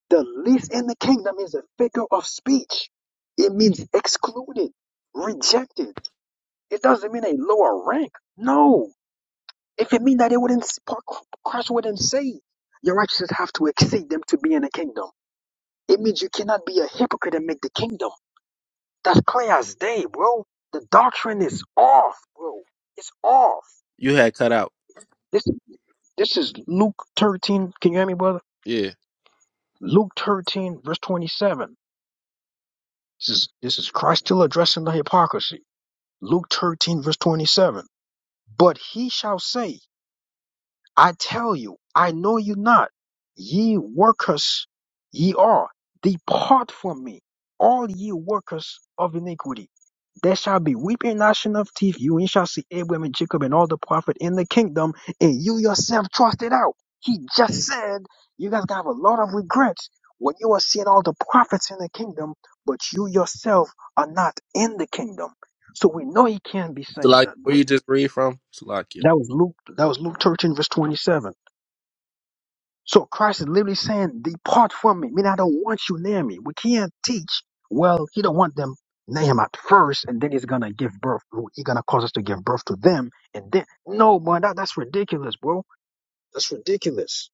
C: the least in the kingdom is a figure of speech. It means excluded, rejected. It doesn't mean a lower rank. No. If it mean that it wouldn't Christ wouldn't say your righteousness have to exceed them to be in the kingdom. It means you cannot be a hypocrite and make the kingdom. That's clear as day, bro. The doctrine is off, bro. It's off.
B: You had cut out.
C: This this is Luke thirteen. Can you hear me, brother?
B: Yeah.
C: Luke thirteen, verse twenty seven. This is this is Christ still addressing the hypocrisy. Luke thirteen, verse twenty seven. But he shall say. I tell you, I know you not. Ye workers ye are. Depart from me, all ye workers of iniquity. There shall be weeping and gnashing of teeth. You and shall see Abraham and Jacob and all the prophet in the kingdom, and you yourself trusted out. He just said, you guys gonna have a lot of regrets when you are seeing all the prophets in the kingdom, but you yourself are not in the kingdom. So we know he can't be
B: So
C: saying
B: like,
C: that,
B: where
C: bro.
B: you just read from? Salakia.
C: That was Luke. That was Luke 13, verse 27. So Christ is literally saying, Depart from me. Meaning I don't want you near me. We can't teach. Well, he don't want them near him at first, and then he's gonna give birth. He's gonna cause us to give birth to them, and then no man, that, that's ridiculous, bro. That's ridiculous.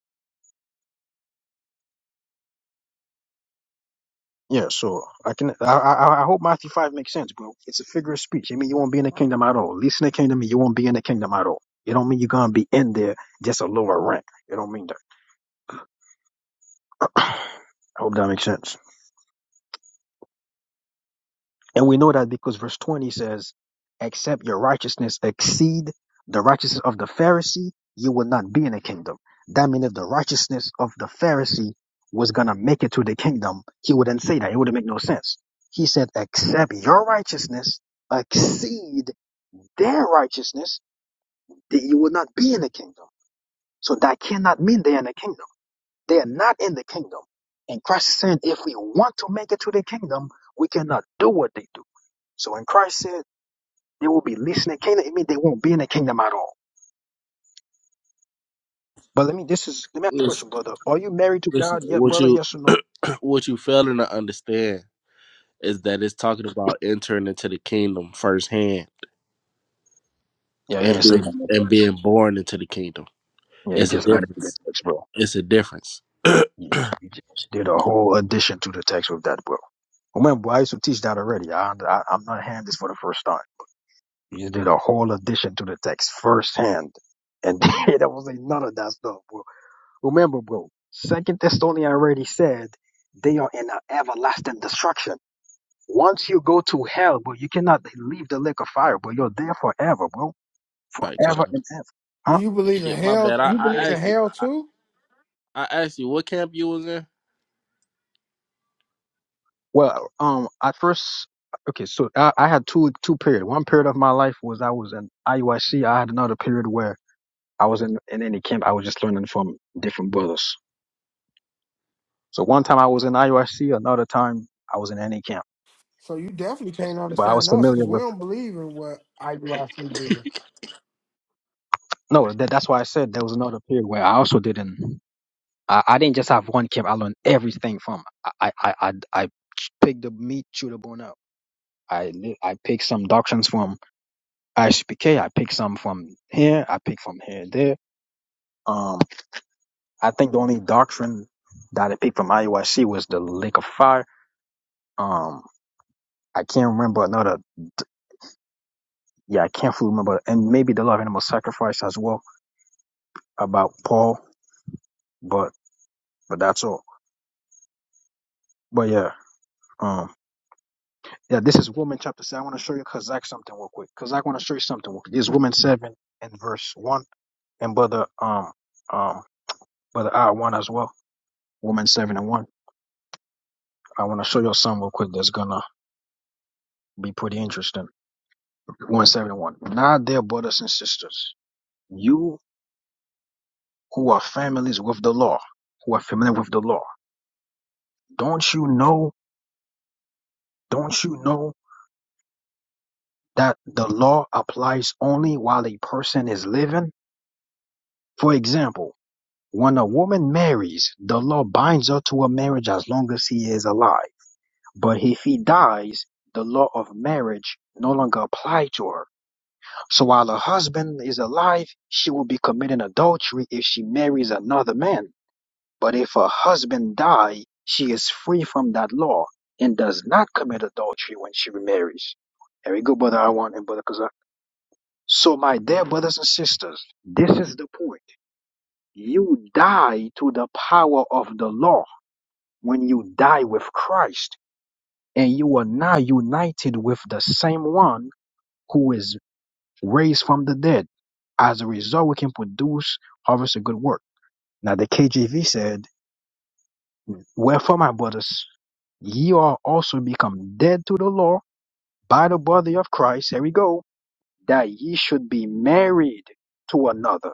C: Yeah, so I can I, I I hope Matthew five makes sense, bro. It's a figure of speech. I mean you won't be in the kingdom at all. least in the kingdom, you won't be in the kingdom at all. It don't mean you're gonna be in there just a lower rank. It don't mean that. *clears throat* I hope that makes sense. And we know that because verse 20 says, except your righteousness exceed the righteousness of the Pharisee, you will not be in the kingdom. That means if the righteousness of the Pharisee was going to make it to the kingdom, he wouldn't say that. It wouldn't make no sense. He said, except your righteousness exceed their righteousness, that you will not be in the kingdom. So that cannot mean they're in the kingdom. They are not in the kingdom. And Christ is saying, if we want to make it to the kingdom, we cannot do what they do. So when Christ said, they will be listening. Canaan, it mean, they won't be in the kingdom at all. But let me, this is, let me ask you a question,
B: Listen,
C: brother. Are you married to
B: listen,
C: God yet,
B: what
C: brother?
B: you
C: Yes or no?
B: *clears throat* what you failing to understand is that it's talking about entering into the kingdom firsthand
C: Yeah, I
B: and
C: didn't say that
B: being
C: in the
B: and
C: text.
B: being born into the kingdom.
C: Yeah, you
B: It's a
C: just added to the
B: difference.
C: text, bro.
B: It's a difference.
C: You, you just did a whole addition to the text with that, bro. Remember, I used to teach that already. I, I, I'm not hand this for the first time. You just did a whole addition to the text firsthand. And *laughs* there was like none of that stuff, bro. Remember, bro, Second Thessalonians already said they are in an everlasting destruction. Once you go to hell, bro, you cannot leave the lake of fire, bro. You're there forever, bro.
B: All right, cut
C: Forever
B: out.
C: and ever. Huh?
A: You believe
B: Okay,
A: in
B: my
A: hell?
B: bad. I,
A: You
B: I
A: believe in
B: asked you.
A: hell too?
B: I asked you what camp you was in.
C: Well, um, at first, okay, so I, I had two two period. One period of my life was I was in IUIC. I C. I had another period where I was in in any camp. I was just learning from different brothers. So one time I was in IUIC, another time I was in any camp.
A: So you definitely can't
C: But I was
A: understand us because
C: familiar
A: we
C: with
A: don't believe in what I do I see do.
C: no. That, that's why I said there was another period where I also didn't. I, I didn't just have one camp. I learned everything from. I I I, I pick the meat, chew the bone out. I li- I pick some doctrines from ISPK. I pick some from here. I pick from here and there. Um, I think the only doctrine that I picked from IUIC was the Lake of Fire. Um, I can't remember another. Yeah, I can't fully remember, and maybe the love animal sacrifice as well about Paul. But but that's all. But yeah, um, yeah, this is Woman chapter seven. I want to show you Kazakh something real quick. Kazakh want to show you something. Real quick. This is Woman seven and verse one. And brother, um, um. Brother I one as well. Woman seven and one. I want to show your son real quick. That's gonna be pretty interesting. One seven one. Now, dear brothers and sisters, you who are families with the law, who are familiar with the law, don't you know? Don't you know that the law applies only while a person is living? For example, when a woman marries, the law binds her to a marriage as long as he is alive. But if he dies, the law of marriage no longer applies to her So while her husband is alive, she will be committing adultery if she marries another man. But if her husband die, she is free from that law and does not commit adultery when she remarries. There we go, brother Awan and brother Kazak. So my dear brothers and sisters, this is the point. You die to the power of the law when you die with Christ and you are now united with the same one who is raised from the dead. As a result, we can produce, harvest a good work. Now, the KJV said, Wherefore, my brothers, ye are also become dead to the law by the body of Christ. Here we go. That ye should be married to another,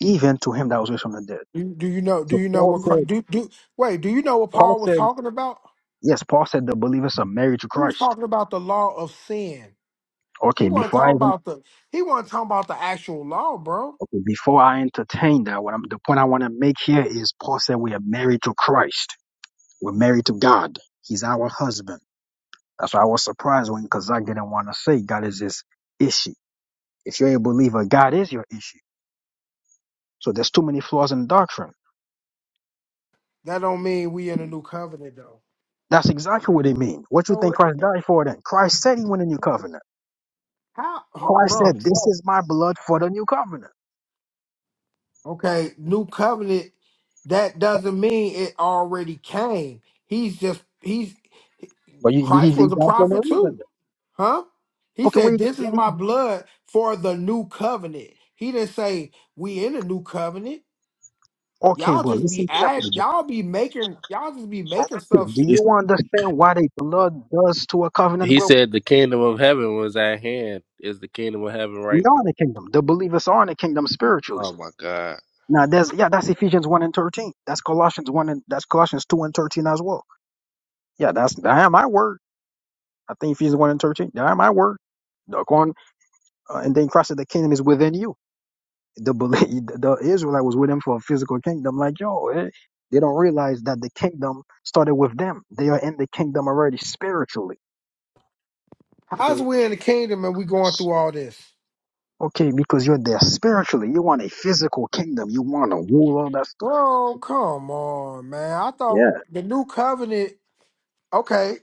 C: even to him that was raised from the dead.
A: Do do you know? Do
C: So
A: you know
C: Paul
A: what?
C: said,
A: Christ, do do wait? Do you know what
C: Paul
A: Paul was
C: said,
A: talking about?
C: yes, Paul said the believers are married to
A: He was
C: Christ.
A: talking about the law of sin. He
C: Okay,
A: wasn't
C: before I
A: talking
C: even,
A: about the. He wasn't talking about the actual law, bro.
C: okay, before I entertain that, what I'm, the point I want to make here is Paul said we are married to Christ. We're married to God. He's our husband. That's why I was surprised when Kazak didn't want to say God is his issue. If you're a believer, God is your issue. So there's too many flaws in doctrine.
A: That don't mean we in a new covenant though.
C: That's exactly what it means. What you
A: So
C: think
A: it's-
C: Christ died for then? Christ said he went a new covenant.
A: how, *laughs*
C: Christ
A: bro?
C: said, This is my blood for the new covenant.
A: Okay, new covenant. That doesn't mean it already came. He's just he's
C: But you, he, he
A: Christ was
C: died
A: a
C: for no
A: prophet
C: reason.
A: too.
C: then.
A: Huh? He
C: Okay, where
A: said,
C: you
A: This is my
C: go?
A: blood for the new covenant. He didn't say we in a new covenant.
C: Okay,
A: Y'all
C: but
A: just be
C: listen
A: add
C: carefully. bro.
A: y'all be making y'all just be making
C: Do
A: stuff.
B: He,
C: you understand what a blood does to a covenant?
B: he
C: Well,
B: said the kingdom of heaven was at hand. Is the kingdom of heaven
C: we
B: right now?
C: are in the kingdom. The believers are in the kingdom spiritually.
B: Oh my God!
C: Now that's yeah, that's Ephesians one and thirteen. That's Colossians one and that's Colossians two and thirteen as well. Yeah, that's I am my word. I think Ephesians one and thirteen. I am my word. The corn uh, and then Christ said the kingdom is within you. The belief, *laughs* the Israelite was with him for a physical kingdom. Like yo, eh, they don't realize that the kingdom started with them. They are in the kingdom already spiritually.
A: How's
C: Okay.
A: we in the kingdom and we going through all this?
C: Okay, because you're there spiritually. You want a physical kingdom. You want to rule all that stuff.
A: Oh, come on, man. I
C: Yeah.
A: thought the new covenant, okay.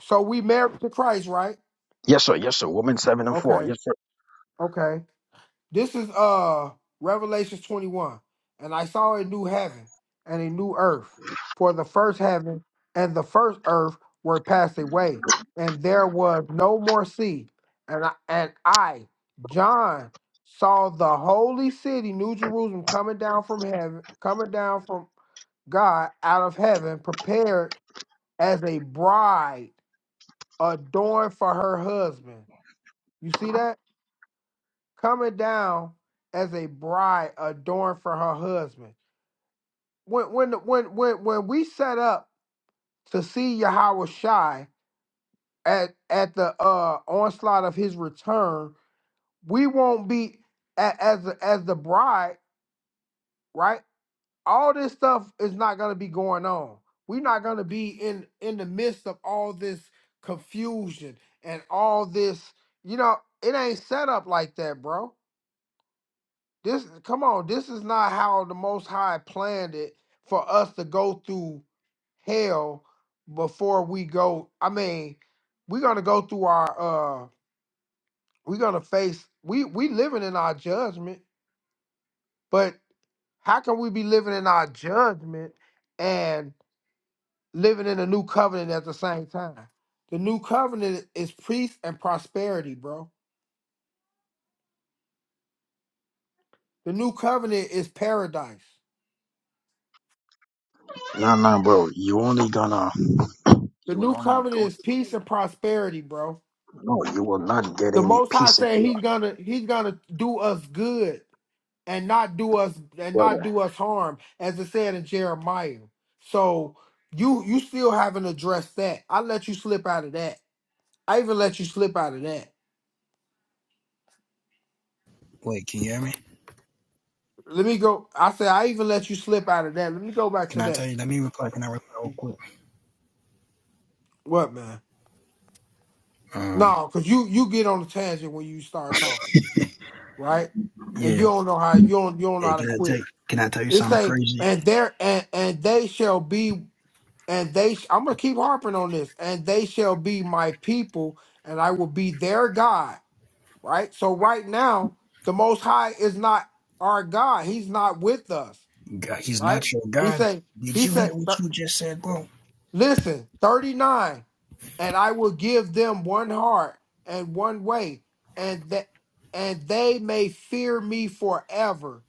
A: So we married to Christ, right?
C: Yes, sir. Yes, sir. Woman seven and four.
A: Okay.
C: Yes, sir.
A: Okay. This is uh Revelations 21. And I saw a new heaven and a new earth. For the first heaven and the first earth were passed away, and there was no more sea. And I, and I John saw the holy city New Jerusalem coming down from heaven, coming down from God out of heaven, prepared as a bride adorned for her husband. You see that? coming down as a bride adorned for her husband. When when when when when we set up to see Yahweh Shai at at the uh, onslaught of his return, we won't be a- as the- as the bride, right? All this stuff is not going to be going on. We're not going to be in in the midst of all this confusion and all this. You know, it ain't set up like that, bro This come on, this is not how the most high planned it for us to go through hell before we go. I mean, we're gonna go through our uh we're gonna face we we living in our judgment, but how can we be living in our judgment and living in a new covenant at the same time? The new covenant is peace and prosperity, bro. The new covenant is paradise.
C: Nah, nah, bro. You only gonna
A: The
C: You will
A: new
C: only
A: covenant
C: go.
A: is peace and prosperity, bro.
C: No, you will not get
A: The
C: any
A: Most High
C: peace if
A: said
C: you
A: He's
C: are
A: gonna He's gonna do us good and not do us and
C: sweating.
A: not do us harm, as it said in Jeremiah. So you you still haven't addressed that. I let you slip out of that. I even let you slip out of that.
C: Wait, can you hear me?
A: Let me go. I said I even let you slip out of that. Let me go back
C: Can
A: to
C: I tell
A: that.
C: you? Let me reply. Can I reply real quick?
A: What man?
C: Um,
A: No, because you you get on the tangent when you start talking, right? And you
C: yeah.
A: don't know how you don't you don't know
C: Hey,
A: how to
C: can I tell?
A: quit.
C: Can I tell you
A: It
C: something
A: say,
C: crazy?
A: and there and and they shall be. and they sh- i'm gonna keep harping on this and they shall be my people and i will be their god right so right now the most high is not our god he's not with us
C: God, he's
A: right
C: not your
A: he
C: God.
A: said
C: Did
A: he
C: you hear
A: said
C: what
A: th-
C: you just said, bro?
A: listen 39 and i will give them one heart and one way and that and they may fear me forever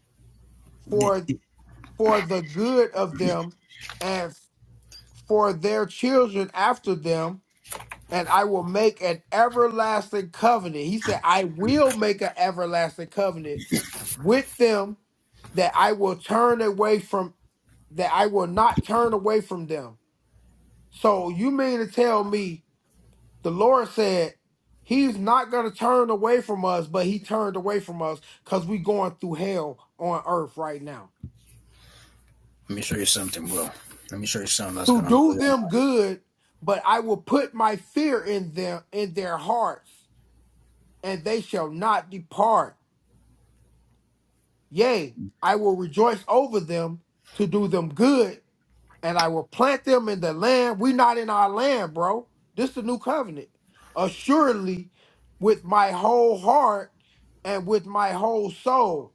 A: for for the good of them and for their children after them and I will make an everlasting covenant. He said, I will make an everlasting covenant with them that I will turn away from, that I will not turn away from them. So you mean to tell me the Lord said he's not going to turn away from us, but he turned away from us because we going through hell on earth right now.
C: Let me show you something, bro. Let me show you something that's
A: To
C: gonna blow
A: do
C: your mind.
A: them good, but I will put my fear in them, in their hearts, and they shall not depart. Yea, I will rejoice over them to do them good, and I will plant them in the land. We not in our land, bro. This the new covenant. Assuredly, with my whole heart and with my whole soul.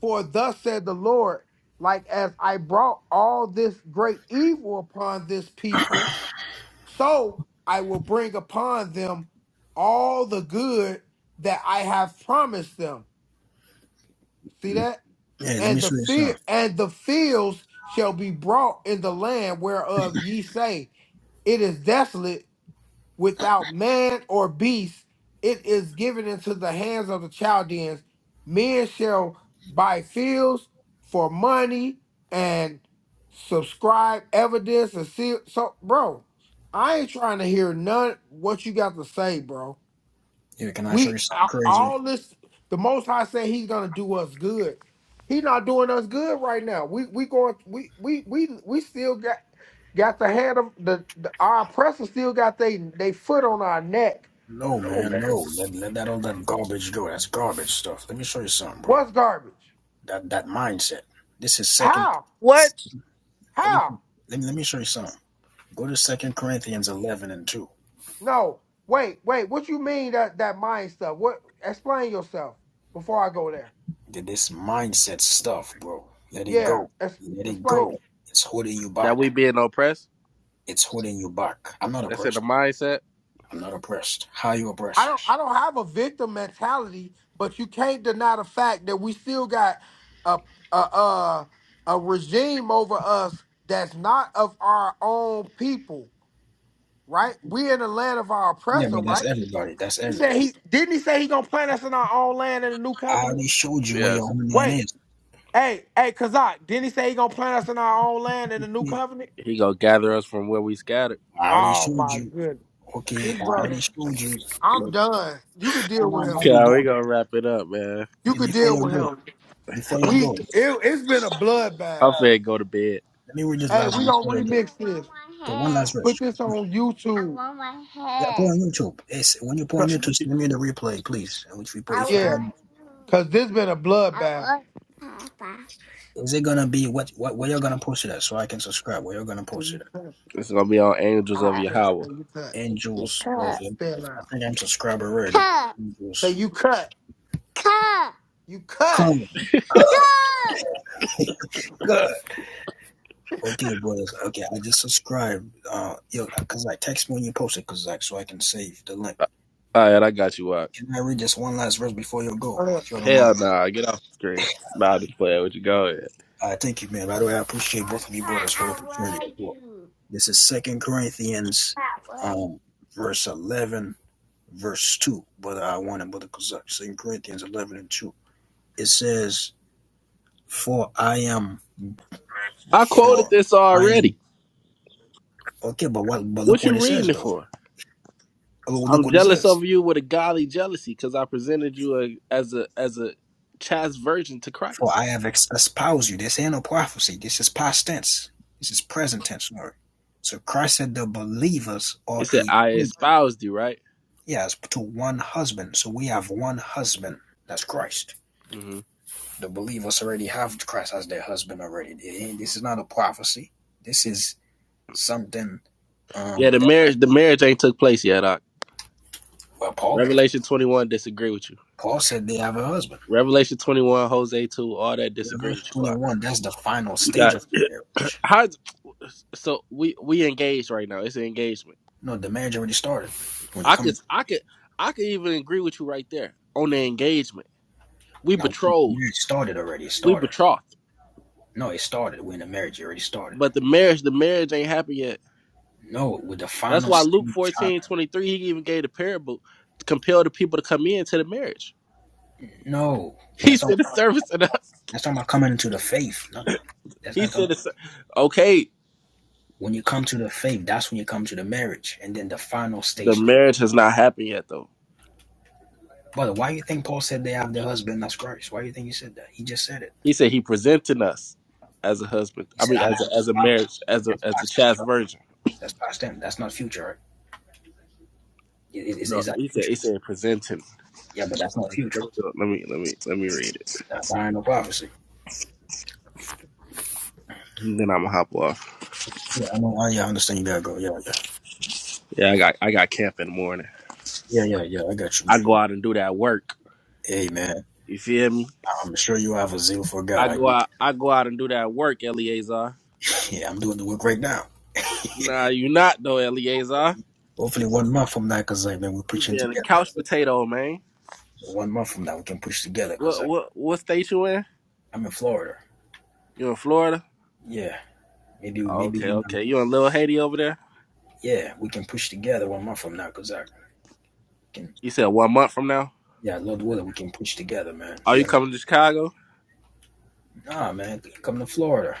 A: For thus said the Lord, like as I brought all this great evil upon this people, so I will bring upon them all the good that I have promised them. See that?
C: Yeah, let
A: and
C: me
A: the
C: show you
A: fear
C: something.
A: and the fields shall be brought in the land whereof ye say it is desolate without man or beast it is given into the hands of the chaldeans men shall buy fields for money and subscribe evidence and see so bro i ain't trying to hear none what you got to say bro
C: Yeah, can I show you
A: we
C: something
A: a-
C: crazy?
A: all this. The Most High say He's gonna do us good. He not doing us good right now. We we going we we we we still got got the hand of the, the our oppressor still got they they foot on our neck.
C: No, man, no. Let, let that all that garbage go. That's garbage stuff. Let me show you something, bro.
A: What's garbage?
C: That that mindset. This is second.
A: How?
B: What?
C: Let me
A: How?
C: let me let me show you something. Go to Second Corinthians eleven and two.
A: No. Wait, wait. What you mean that that mind stuff? What? Explain yourself before I go there.
C: Did this mindset stuff, bro. Let it
A: Yeah.
C: go.
A: ex-
C: Let it
A: explain.
C: go. It's holding you
B: That we
C: back.
B: being oppressed?
C: It's holding you back. I'm not
B: That's in the
C: oppressed.
B: mindset.
C: I'm not oppressed. How you
A: I
C: oppressed?
A: don't I don't have a victim mentality, but you can't deny the fact that we still got a a a, a regime over us that's not of our own people, right? We in the land of our
C: Yeah,
A: oppressor,
C: but that's
A: right?
C: everybody. That's
A: He said
C: everybody.
A: he didn't he say he gonna plant us in our own land in the new
C: I
A: covenant?
C: already showed you where your
B: Yes.
C: homeland
A: Wait,
C: is.
A: hey, hey, Kazak, didn't he say he gonna plant us in our own land in the new
C: Okay.
A: covenant?
B: He gonna gather us from where we scattered.
C: I already
A: Oh
C: showed
A: my
C: you.
A: goodness.
C: Okay,
A: This
C: I
A: brother,
C: already showed you.
A: I'm
C: Well,
A: done. You could deal
C: come
A: with
C: on,
A: him.
C: don't be
B: God, we
C: dumb.
B: gonna wrap it up, man.
A: You
C: Okay,
A: could
C: before
A: deal
C: you
A: with him.
C: go. Before you go.
A: We it, it's been a
B: I'm
A: bloodbath.
B: finna go to bed.
C: Let me read this
A: Hey,
C: last
A: we
C: one
A: don't
C: before you go.
A: remix I want this. My
C: Okay, one last
A: hair. Put
C: verse.
A: this on YouTube. I want
C: Yeah, put
A: my
C: on YouTube. It's when you put on
A: Co-
C: YouTube, send me the replay, please. Which we put, if you
A: yeah,
C: put,
A: want-
C: on,
A: cause this been a bloodbath.
C: is it gonna be what what where you're gonna post it at so I can subscribe? Where you're gonna
A: I
C: post it at?
A: want-
B: It's gonna be on Angels
A: Say
B: of
A: you cut.
B: Yahweh.
A: Say you cut.
C: And of it.
A: Spell out.
C: I think I'm subscribed already.
A: Say
C: Angels
A: you cut. You cut.
C: come, *laughs* good. Okay, boys. Okay, I just subscribed. Uh, yo, uh, cause like text me when you post it, cause like so I can save the link.
B: Uh, All right, I got you. Up.
C: Can I read just one last verse before you go,
A: Uh,
C: if you don't
B: Hell
C: mind?
B: nah, get off the screen. Nah, just play with you. Go ahead.
C: I thank you, man. By the way, I appreciate both of you brothers for the opportunity. as well. This is Second Corinthians, um, verse eleven, verse two. Brother, I want it, Brother Kazak. Second Corinthians eleven and two. It says, "For I am,
B: I quoted
C: for
B: this
C: I am."
B: already.
C: Okay, but what? But look
B: What
C: what
B: you
C: it
B: reading
C: says,
B: it
C: though.
B: for?
C: Oh, look
B: I'm
C: what it
B: jealous
C: says.
B: of you with a godly jealousy because I presented you a, as a as a chaste virgin to
C: For
B: Christ.
C: I have ex- espoused you. This ain't no prophecy. This is past tense. This is present tense, Lord. So Christ said the believers are
B: It said
C: a
B: I espoused you, right?
C: yes to one husband. So we have one husband. That's Christ.
B: hmm
C: The believers already have Christ as their husband already. This is not a prophecy. This is something
B: Yeah,
C: um,
B: the
C: that
B: marriage the marriage ain't took place yet. Doc.
C: well, Paul
B: Revelation 21 disagree with you.
C: Paul said they have a husband.
B: Revelation 21, Jose 2, all that
C: Yeah,
B: disagree
C: Verse
B: with you.
C: twenty
B: Doc.
C: one. That's the final
B: You
C: stage of
B: got
C: marriage.
B: *clears throat* how? So we we engaged right now. It's an engagement.
C: No, the marriage already started. When you're
B: I could
C: coming
B: I could I could even agree with you right there on the engagement. We
C: now, the
B: betrothed.
C: marriage started already. It
B: We
C: started.
B: betrothed.
C: No, it started when the marriage already started.
B: But the marriage the marriage ain't happened yet.
C: No, with the
B: That's
C: final
B: why Luke
C: stage.
B: 14 23 he even gave the parable to compel the people to come in to the marriage. *laughs*
C: No,
B: He
C: that's
B: said
C: all.
B: the service and us.
C: That's talking about coming into the faith. No, that's
B: He
C: not talking.
B: said
C: About,
B: it's okay.
C: when you come to the faith, that's when you come to the marriage, and then the final
B: The
C: stage
B: marriage has not happened yet though.
C: Brother, why do you think Paul said they have their husband? That's Christ. Why do you think he said that? He just said it.
B: He said he presenting us as a husband.
C: He
B: I
C: said,
B: mean
C: I have
B: as a
C: a
B: as a
C: spouse.
B: marriage, as a
C: That's
B: as a
C: past tense,
B: chaste
C: right?
B: virgin.
C: That's past tense. That's not future, right? Is, is,
B: No,
C: that
B: he said
C: future?
B: he said presenting.
C: Yeah, but that's not
B: Let me
C: future.
B: let me let me, let me read it.
C: That, that ain't no prophecy.
B: And then I'm gonna hop off.
C: Yeah, I know. I, yeah, I understand you gotta go. Yeah, yeah.
B: Yeah, I got I got camp in the morning.
C: Yeah, yeah, yeah. I got you, man.
B: I go out and do that work.
C: Hey, man.
B: You feel me?
C: I'm sure you have a zeal for
B: I
C: God. I,
B: go out I go out and do that work, Eleazar.
C: yeah, I'm doing the work right now.
B: Nah, you not though, Eleazar.
C: Hopefully, one month from now, because like, man, we're
B: You
C: preaching
B: been a
C: together.
B: couch
C: 'Cause, like,
B: potato, man.
C: one month from now, we can push together because
B: What
C: like,
B: what what state you in?
C: I'm in Florida.
B: You in Florida?
C: Yeah, maybe,
B: Oh,
C: maybe
B: okay,
C: you know.
B: okay. You in Little Haiti over there?
C: Yeah, we can push together one month from now because I. Can,
B: You said one month from now.
C: yeah, Lord willing, we can push together, man.
B: Are
C: Be
B: you
C: honest.
B: coming to Chicago?
C: Nah, man, come to Florida.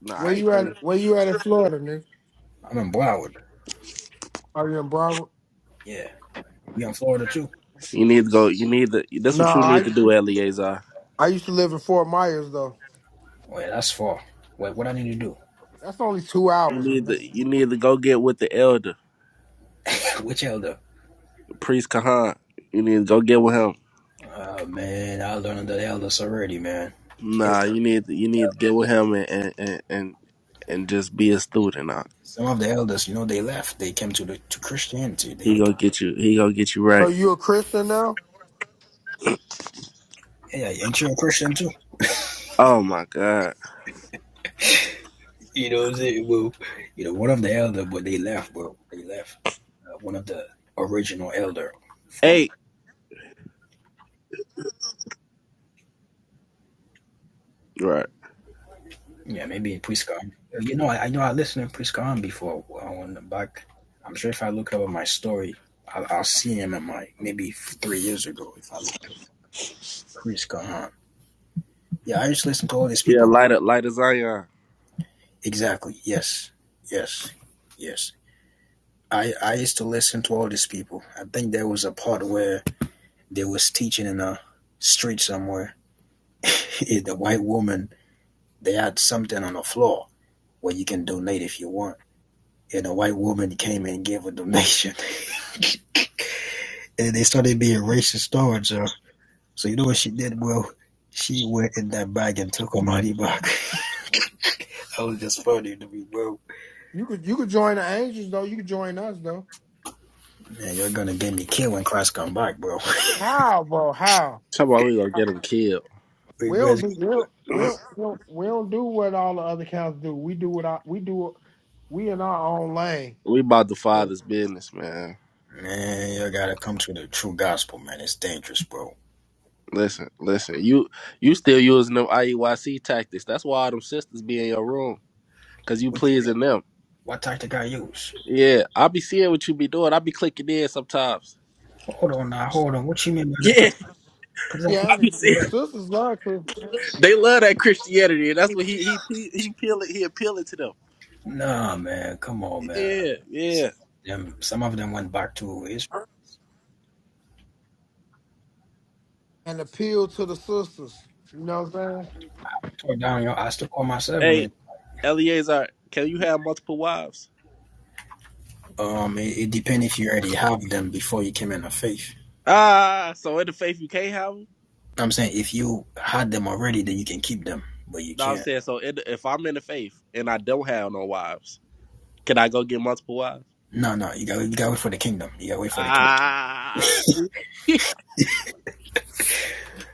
B: Nah, I
A: Where
B: ain't
A: you
B: coming.
A: at? Where you at in Florida, nigga?
C: I'm in Broward.
A: Are you in Bravo?
C: Yeah, you in Florida too?
B: You need to go. You need to. That's
A: No,
B: what you need
A: I
B: to do, Eleazar.
A: I used to live in Fort Myers though.
C: Wait, that's far. Wait, what I need to do?
A: That's only two
B: You
A: hours,
B: need
A: man.
B: to. You need to go get with the elder,
C: *laughs* Which elder?
B: priest Kahan. You need to go get with him.
C: Oh man, I learned the elders already, man. Hey,
B: Nah, you need to, you need to get with him and and and and, and just be a student. Nah.
C: some of the elders, you know, they left. They came to the to Christianity.
B: He
C: They
B: gonna get you. He gonna get you
A: So
B: right.
A: you a Christian now?
C: yeah, yeah, ain't you a Christian too?
B: Oh my god.
C: You know what I'm saying? Well, you know, one of the elder, but they left, bro. They left. Uh, one of the original elder
B: Hey.
C: from
B: Right.
C: Yeah, maybe in Priscon. You know, I, I know I listened to Priscon before uh, on the back. I'm sure if I look up in my story, I'll, I'll see him in my maybe three years ago. If I look at Priscon, yeah, I used to listen to all these
B: Yeah,
C: people.
B: light up, light as Zion.
C: Exactly. Yes. Yes. Yes. I I used to listen to all these people. I think there was a part where they was teaching in a street somewhere. *laughs* the white woman they had something on the floor where you can donate if you want. And a white woman came and gave a donation. and they started being racist towards her. So you know what she did, bro? She went in that bag and took her money back. *laughs* That was just funny to me, bro.
A: You could you could join the Angels though. You could join us though.
C: Man, you're gonna get me killed when Christ come back, bro.
A: How, bro? How?
B: Talk about we gonna get him killed.
C: *laughs* We
A: We don't do we don't, we
B: *laughs*
A: don't, we don't, we don't do what all the other cows do. We do what I, we do. it- We in our own lane.
B: We about the father's business, man.
C: man, you gotta come to the true gospel, man. It's dangerous, bro.
B: Listen, listen. You you still using them I E Y C tactics. That's why all them sisters be in your room. Cause you
C: What you mean?
B: pleasing them.
C: What tactic I use?
B: Yeah. I be seeing what you be doing. I be clicking in sometimes.
C: Hold on now, hold on. What you mean?
B: Yeah, *laughs*
A: Yeah,
B: I be
A: and the
B: seeing
A: sisters love Christianity
B: they love that Christianity. And that's what he he he he appealing he appealing to them.
C: Nah, man, come on, man.
B: Yeah, yeah.
C: Some of them, some of them went back to Israel.
A: and appeal to the sisters. You know what I'm saying?
C: Tore down your eyes to call myself in
B: Hey,
C: It,
B: Eleazar, can you have multiple wives?
C: um, it, it depends if you already have them before you came in the faith.
B: Ah, so in the faith you can't have 'em?
C: I'm saying if you had them already, then you can keep them, but you
B: No, I'm
C: can't.
B: saying so. It, if I'm in the faith and I don't have no wives, can I go get multiple wives?
C: No, no, you got you got to wait for the kingdom. You got to wait for the kingdom,
B: Ah, see,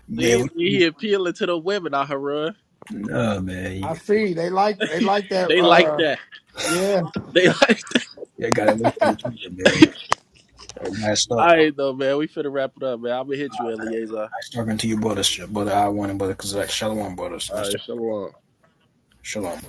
B: *laughs*
C: man.
B: see, he appealing to the women out here. Run.
C: No, man,
A: I
C: you,
A: see they like they like that.
B: They like
A: Uh,
B: that.
A: yeah,
B: They *laughs* like. That.
C: you got to wait for the kingdom, man. You got to
B: All
C: stop.
B: right, though, man. We finna wrap it up, man. I'm gonna hit you, Eliezer.
C: I was talking to your brothers, brother I one and brother because like Shalom brothers.
B: All
C: Nice
B: right, shalom.
C: Shalom.